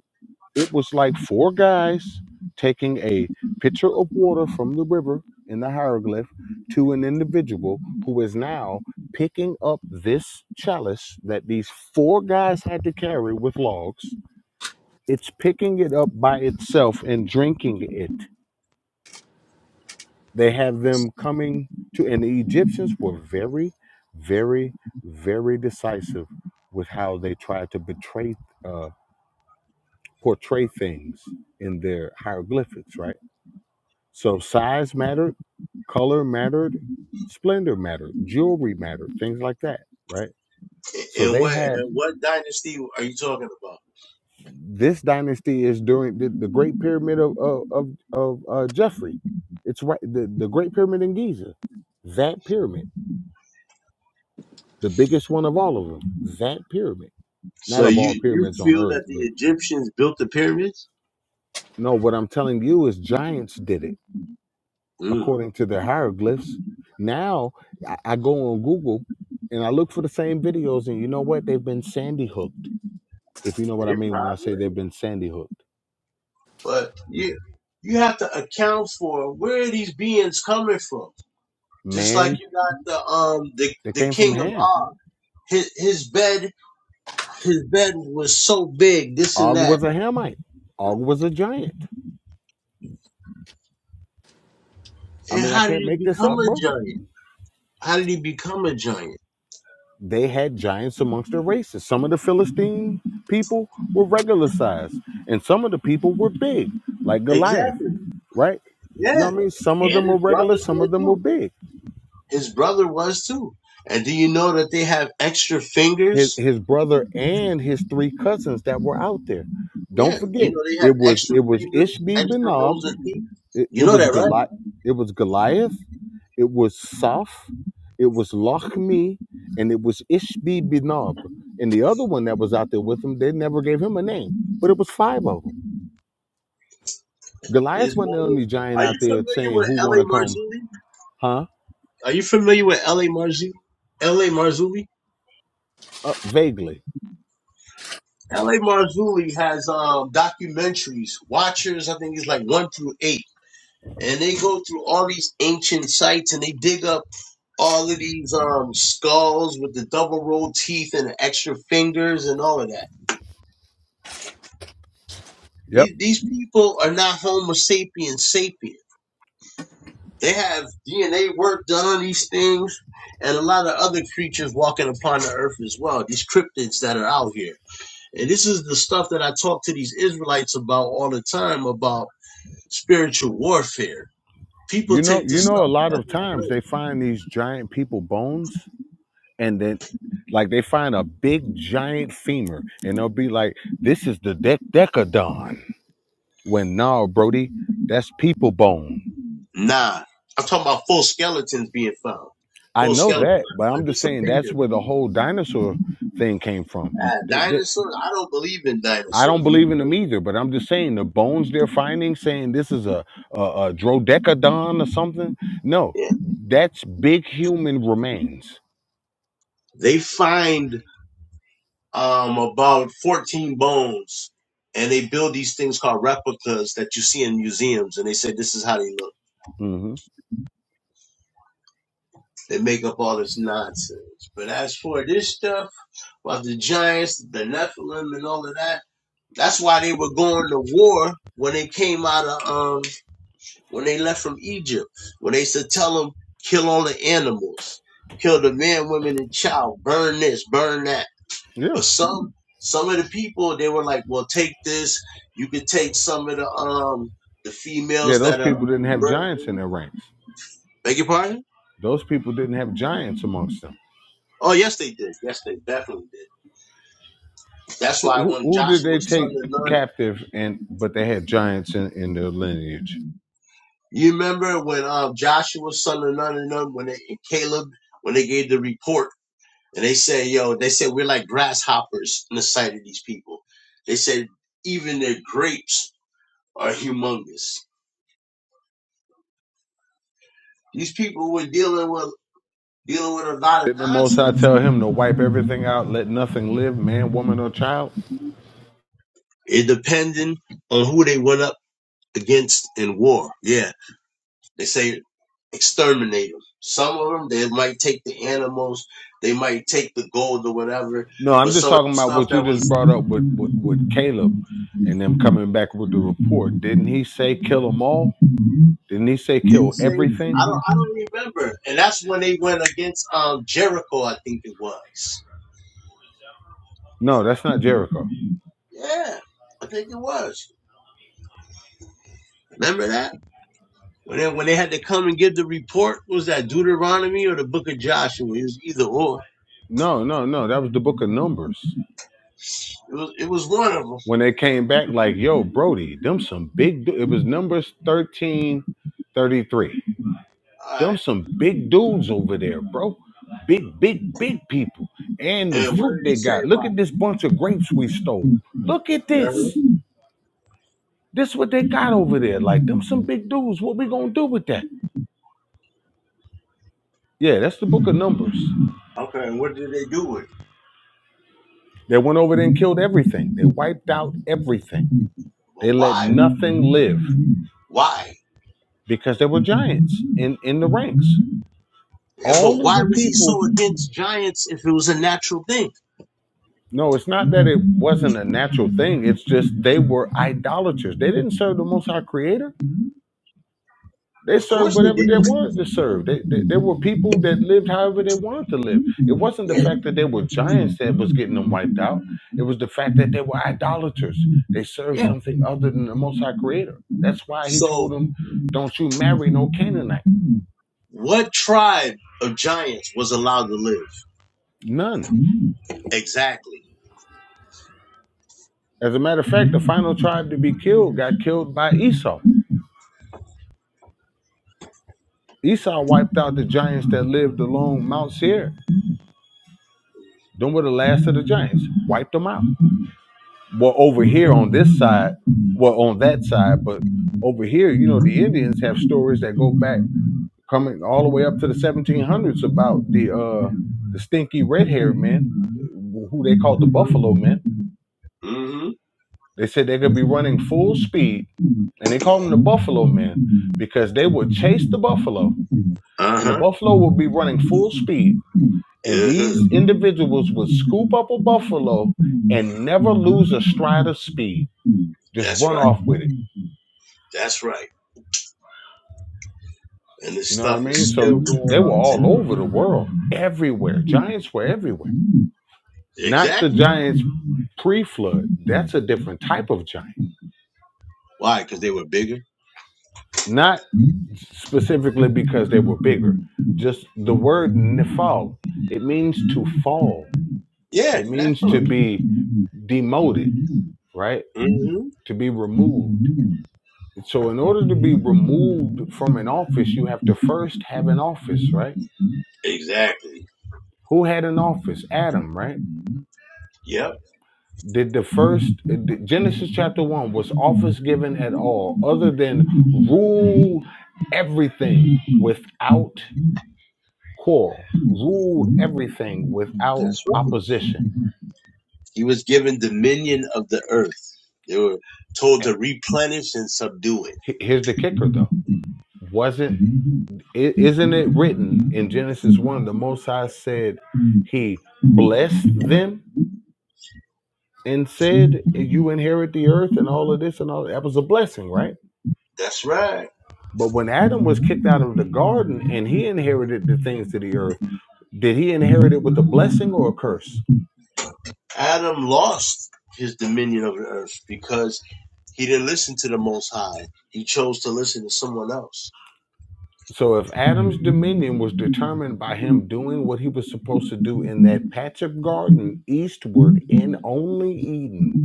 C: it was like four guys taking a pitcher of water from the river in the hieroglyph to an individual who is now picking up this chalice that these four guys had to carry with logs. It's picking it up by itself and drinking it. They have them coming to, and the Egyptians were very, very, very decisive with how they tried to betray, uh, portray things in their hieroglyphics, right? So size mattered, color mattered, splendor mattered, jewelry mattered, things like that, right? So
H: And
C: they
H: what
C: have
H: and what dynasty are you talking about?
C: this dynasty is during the, the Great Pyramid of of of, of uh, Jeffrey. It's right the, the Great Pyramid in Giza, that pyramid, the biggest one of all of them, that pyramid.
H: So
C: Not of all
H: you you
C: pyramids on
H: feel
C: Earth,
H: that the
C: but
H: Egyptians built the pyramids?
C: no. What I'm telling you is giants did it
H: Mm.
C: according to their hieroglyphs. Now I, I go on Google and I look for the same videos, and you know what? They've been sandy hooked. If you know what I
H: They
C: mean when I say
H: probably,
C: they've been sandy hooked,
H: but yeah, you have to account for where are these beings coming from. Just like
C: man,
H: you got the um the
C: they
H: the
C: came from
H: king of
C: Ham.
H: Og, his his bed his bed was so big, this and
C: Og
H: that.
C: was a Hamite. Og was a giant. I
H: And
C: mean, I
H: how did
C: can't
H: he
C: make this
H: become
C: up,
H: a
C: bro.
H: giant? How did he become a giant?
C: They had giants amongst their races. Some of the Philistine people were regular size, and some of the people were big, like Goliath,
H: Exactly.
C: right? You
H: Yeah.
C: know what I mean? Some of
H: And
C: them were
H: his
C: regular,
H: brothers
C: some
H: were
C: of them were
H: too.
C: big.
H: His brother was too. And do you know that they have extra
C: his
H: fingers?
C: his brother and his three cousins that were out there. Don't
H: Yeah. You
C: forget,
H: know they have
C: it was
H: extra
C: it was
H: fingers,
C: Ishbi
H: extra rows
C: Benob,
H: of teeth.
C: it,
H: You
C: it
H: know
C: was
H: that, right?
C: Goliath, it was Goliath, it was Soph, it was Lochmi, and it was Ishbi Benob. And the other one that was out there with him, they never gave him a name, but it was five of them. Goliath
H: It's
C: wasn't
H: more
C: the
H: than-
C: only giant
H: are you
C: out there
H: familiar
C: saying
H: with
C: who
H: L.A.
C: want to come,
H: Marzulli?
C: huh?
H: Are you familiar with L.A. Marzulli? L.A. Marzulli?
C: Uh, vaguely.
H: L.A. Marzulli has um, documentaries. Watchers, I think it's like one through eight and they go through all these ancient sites and they dig up all of these um skulls with the double rolled teeth and the extra fingers and all of that.
C: Yep.
H: These these people are not Homo sapiens sapiens. They have DNA work done on these things and a lot of other creatures walking upon the earth as well, these cryptids that are out here. And this is the stuff that I talk to these Israelites about all the time about spiritual warfare. People
C: You know,
H: take
C: you
H: this
C: know, a
H: stuff
C: lot
H: as
C: of
H: a
C: times
H: joke
C: they find these giant people bones and then like they find a big giant femur and they'll be like, this is the dec- decadon. When nah, Brody, that's people bone.
H: Nah, I'm talking about full skeletons being found.
C: I
H: Full
C: know
H: skeleton,
C: that, but
H: not
C: I'm just
H: just a
C: saying
H: finger.
C: that's where the whole dinosaur thing came from.
H: Uh,
C: They, they,
H: dinosaurs, I don't believe in
C: I
H: dinosaurs.
C: don't
H: Me
C: believe in them
H: personally,
C: either, but I'm just saying the bones they're finding, saying this is a, a, a drodecadon or something. No,
H: yeah.
C: that's big human remains.
H: They find um about 14 bones, and they build these things called replicas that you see in museums. And they say this is how they look.
C: hmm
H: They make up all this nonsense. But as for this stuff about the giants, the Nephilim, and all of that, that's why they were going to war when they came out of um. when they left from Egypt, when they said, tell them, kill all the animals, kill the men, women, and child, burn this, burn that.
C: Yeah.
H: But some, some of the people, they were like, well, take this. You could take some of the, um, the
C: Yeah,
H: females
C: those
H: that are
C: people didn't have giants in
H: virgin.
C: their ranks.
H: Beg your pardon?
C: Those people didn't have giants amongst them.
H: Oh, yes, they did. Yes, they definitely did. That's why
C: Who,
H: when
C: who who did they
H: Joshua's son of
C: take
H: Nun,
C: captive and but they had giants in, in their lineage?
H: you remember when um, Joshua's son of Nun and them, when they, and Caleb, when they gave the report And they said, yo, they said we're like grasshoppers in the sight of these people. They said even their grapes are humongous. These people were dealing with dealing with a lot of
C: Did the Most High
H: nonsense.
C: tell him to wipe everything out, let nothing live, man, woman, or child?
H: It depended on who they went up against in war. Yeah. They say exterminate them. Some of them they might take the animals, they might take the gold or whatever,
C: No,
H: but
C: I'm just
H: some of
C: talking
H: them
C: about
H: stuff
C: what you
H: that
C: just
H: was
C: brought up with, with, with Caleb and them coming back with the report. Didn't he say kill them all? Didn't he say
H: didn't
C: kill
H: say
C: everything?
H: I don't I don't remember. And that's when they went against um Jericho, I think it was.
C: No, that's not Jericho.
H: Yeah, I think it was. Remember that? When they, when they had to come and give the report, was that Deuteronomy or the Book of Joshua? It was either or.
C: No, no, no. That was the book of Numbers.
H: It was it was one of them. All
C: When they came back, like, yo, Brody, them some big, du- it was Numbers 13, 33. Them
H: right.
C: some big dudes over there, bro. Big, big, big people. And the
H: And what
C: fruit
H: did he
C: they
H: say
C: got. Look
H: about
C: at
H: it?
C: this bunch of grapes we stole. Look at
H: Remember?
C: this. This what they got over there. Like them some big dudes. What we gonna do with that? Yeah, that's the book of Numbers.
H: Okay. And what did they do with it?
C: They went over there and killed everything. They wiped out everything. They
H: But
C: let
H: why?
C: nothing live
H: Why?
C: because there were giants in, in the ranks.
H: Yeah, but
C: All of
H: why
C: the
H: was he
C: people
H: so against giants if it was a natural thing?
C: no, it's not that it wasn't a natural thing. It's just they were idolaters. They didn't serve the Most High Creator. They
H: Of
C: served
H: course they
C: whatever they
H: didn't.
C: wanted to serve. They, they they were people that lived however they wanted to live. It wasn't the
H: Yeah.
C: fact that they were giants that was getting them wiped out. It was the fact that they were idolaters. They served
H: Yeah.
C: something other than the Most High Creator. That's why He
H: So
C: told them, "Don't you marry no Canaanite,
H: what tribe of giants was allowed to live?
C: none."
H: Exactly.
C: As a matter of fact, the final tribe to be killed got killed by Esau. Esau wiped out the giants that lived along Mount Seir. Them were the last of the giants. Wiped them out. Well, over here on this
H: Mm-hmm.
C: side, well, on that side, but over here, you know, the Indians have stories that go back coming all the way up to the 1700s about the uh the stinky red-haired man, who they called the Buffalo Men. They said they could be running full speed, and they called them the Buffalo Men because they would chase the buffalo, and the
H: Uh-huh.
C: buffalo would be running full speed, and
H: Uh-huh.
C: these individuals would scoop up a buffalo and never lose a stride of speed, just
H: That's
C: run off with it
H: right. That's right. And this
C: You know what I
H: stuff
C: mean?
H: is
C: So
H: still going
C: they were
H: on
C: all
H: today.
C: over the world, everywhere. Giants were everywhere. Not the
H: Exactly.
C: Giants pre flood. That's a different type of giant.
H: Why? Because they were bigger.
C: Not specifically because they were bigger. Just the word nifal, it means to fall.
H: Yeah,
C: It means to
H: Nephilim.
C: be demoted, right?
H: hmm
C: To be removed. So in order to be removed from an office, you have to first have an office, right?
H: Exactly.
C: Who had an office? Adam, right?
H: Yep.
C: Did the first did Genesis chapter one was office given at all, other than rule everything without quarrel, rule everything without
H: That's right.
C: opposition.
H: He was given dominion of the earth. They were told to replenish and subdue
C: H- Here's the
H: it.
C: kicker, though. Wasn't i- isn't it written in Genesis one? The Most High said He blessed them and said, "You inherit the earth and all of this and all." That That was a blessing, right?
H: That's right.
C: But when Adam was kicked out of the garden and he inherited the things of the earth Did he inherit it with a blessing or a curse?
H: Adam lost his dominion of the earth because he didn't listen to the Most High. He chose to listen to someone else.
C: So if Adam's dominion was determined by him doing what he was supposed to do in that patch of garden eastward in only Eden,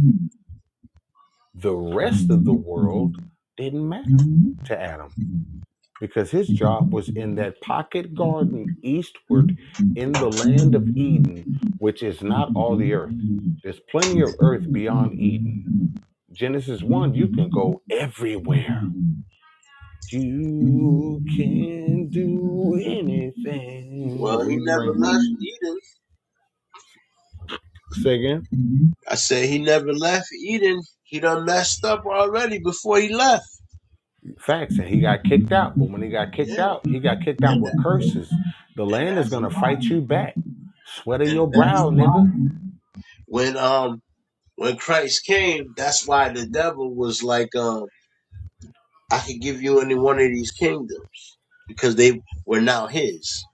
C: the rest of the world didn't matter to Adam because his job was in that pocket garden eastward in the land of Eden, which is not all the earth. There's plenty of earth beyond Eden. Genesis 1, you can go everywhere
H: [laughs]
C: You
H: Well,
C: can do anything.
H: he
C: Reading
H: never
C: Rainbow.
H: left Eden.
C: Say again.
H: I said he never left Eden. He done messed up already before he left.
C: Facts. And he got kicked out. But when he got kicked
H: Yeah,
C: out, he got kicked out
H: and
C: with
H: that, and,
C: curses. The
H: and
C: land is
H: that's
C: gonna
H: why,
C: fight you back. Sweat of
H: and
C: your
H: that's
C: brow,
H: why.
C: nigga.
H: When um, when Christ came, that's why the devil was like, um, I could give you any one of these kingdoms because they were now his,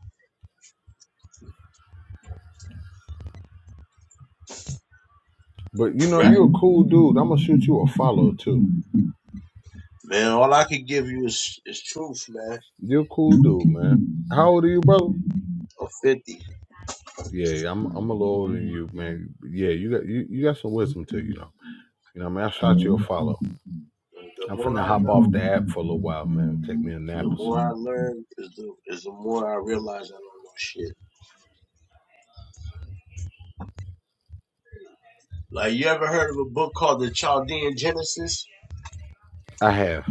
C: But you know,
H: right?
C: you are a cool dude. I'm gonna shoot you a follow too.
H: Man, all I can give you is is truth, man.
C: You're a cool dude, man. How old are you, brother?
H: Or fifty.
C: Yeah, I'm I'm a little older than you, man. Yeah, you got you, you got some wisdom too, you know. You know, what I mean, I
H: I
C: shot you a
H: don't know.
C: follow.
H: The, the
C: I'm
H: more
C: finna
H: I
C: hop off
H: know,
C: the app for a little while, man. Take me a
H: the
C: nap or
H: more
C: something.
H: I learn, is the is the more I realize I don't know shit. Like you ever heard of a book called The Chaldean Genesis?
C: I have.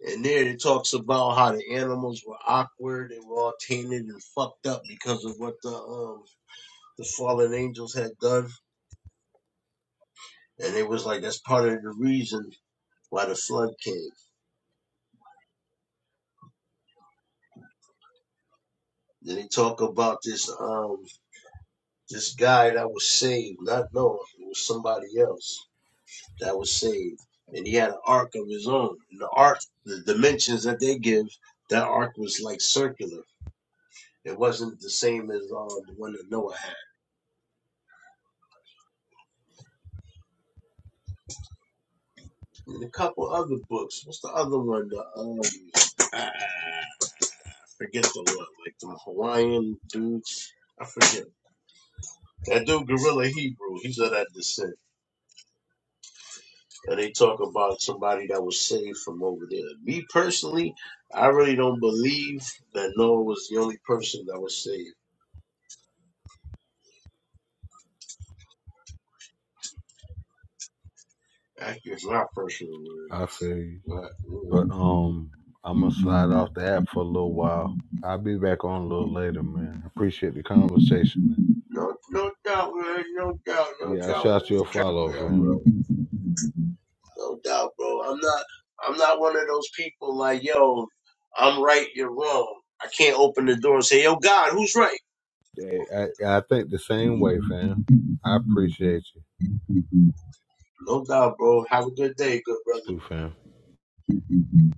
H: And there it talks about how the animals were awkward, they were all tainted and fucked up because of what the um the fallen angels had done. And it was like that's part of the reason why the flood came. Then they talk about this um this guy that was saved, not Noah, it was somebody else that was saved. And he had an ark of his own. And the ark, the dimensions that they give, that ark was like circular. It wasn't the same as um, the one that Noah had. And a couple other books. What's the other one? The um, ah, forget the one, like the Hawaiian dude. I forget. That dude, Gorilla Hebrew, he's of that descent. And they talk about somebody that was saved from over there. Me personally, I really don't believe that Noah was the only person that was saved. That is my personal word.
C: I feel you.
H: But,
C: But um I'm gonna slide
H: mm,
C: off the app for a little while. I'll be back on a little later, man. I appreciate the conversation, man.
H: no, no doubt, man. No doubt, no
C: Yeah, I
H: doubt,
C: shot
H: man.
C: you a
H: Cap
C: follow,
H: it out,
C: fam.
H: bro. No doubt, bro. I'm not I'm not one of those people like, yo, I'm right, you're wrong. I can't open the door and say, yo, God, who's right?
C: Hey, I, I think the same way, fam. I appreciate you
H: No doubt, bro. Have a good day, good
C: too, fam.
H: brother.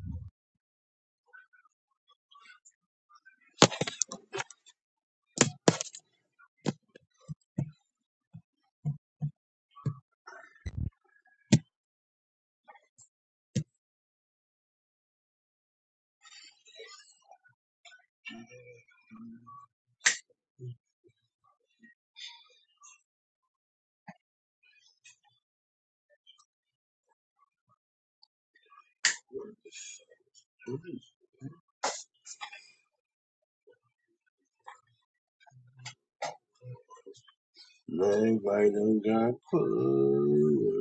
H: Man, right on God.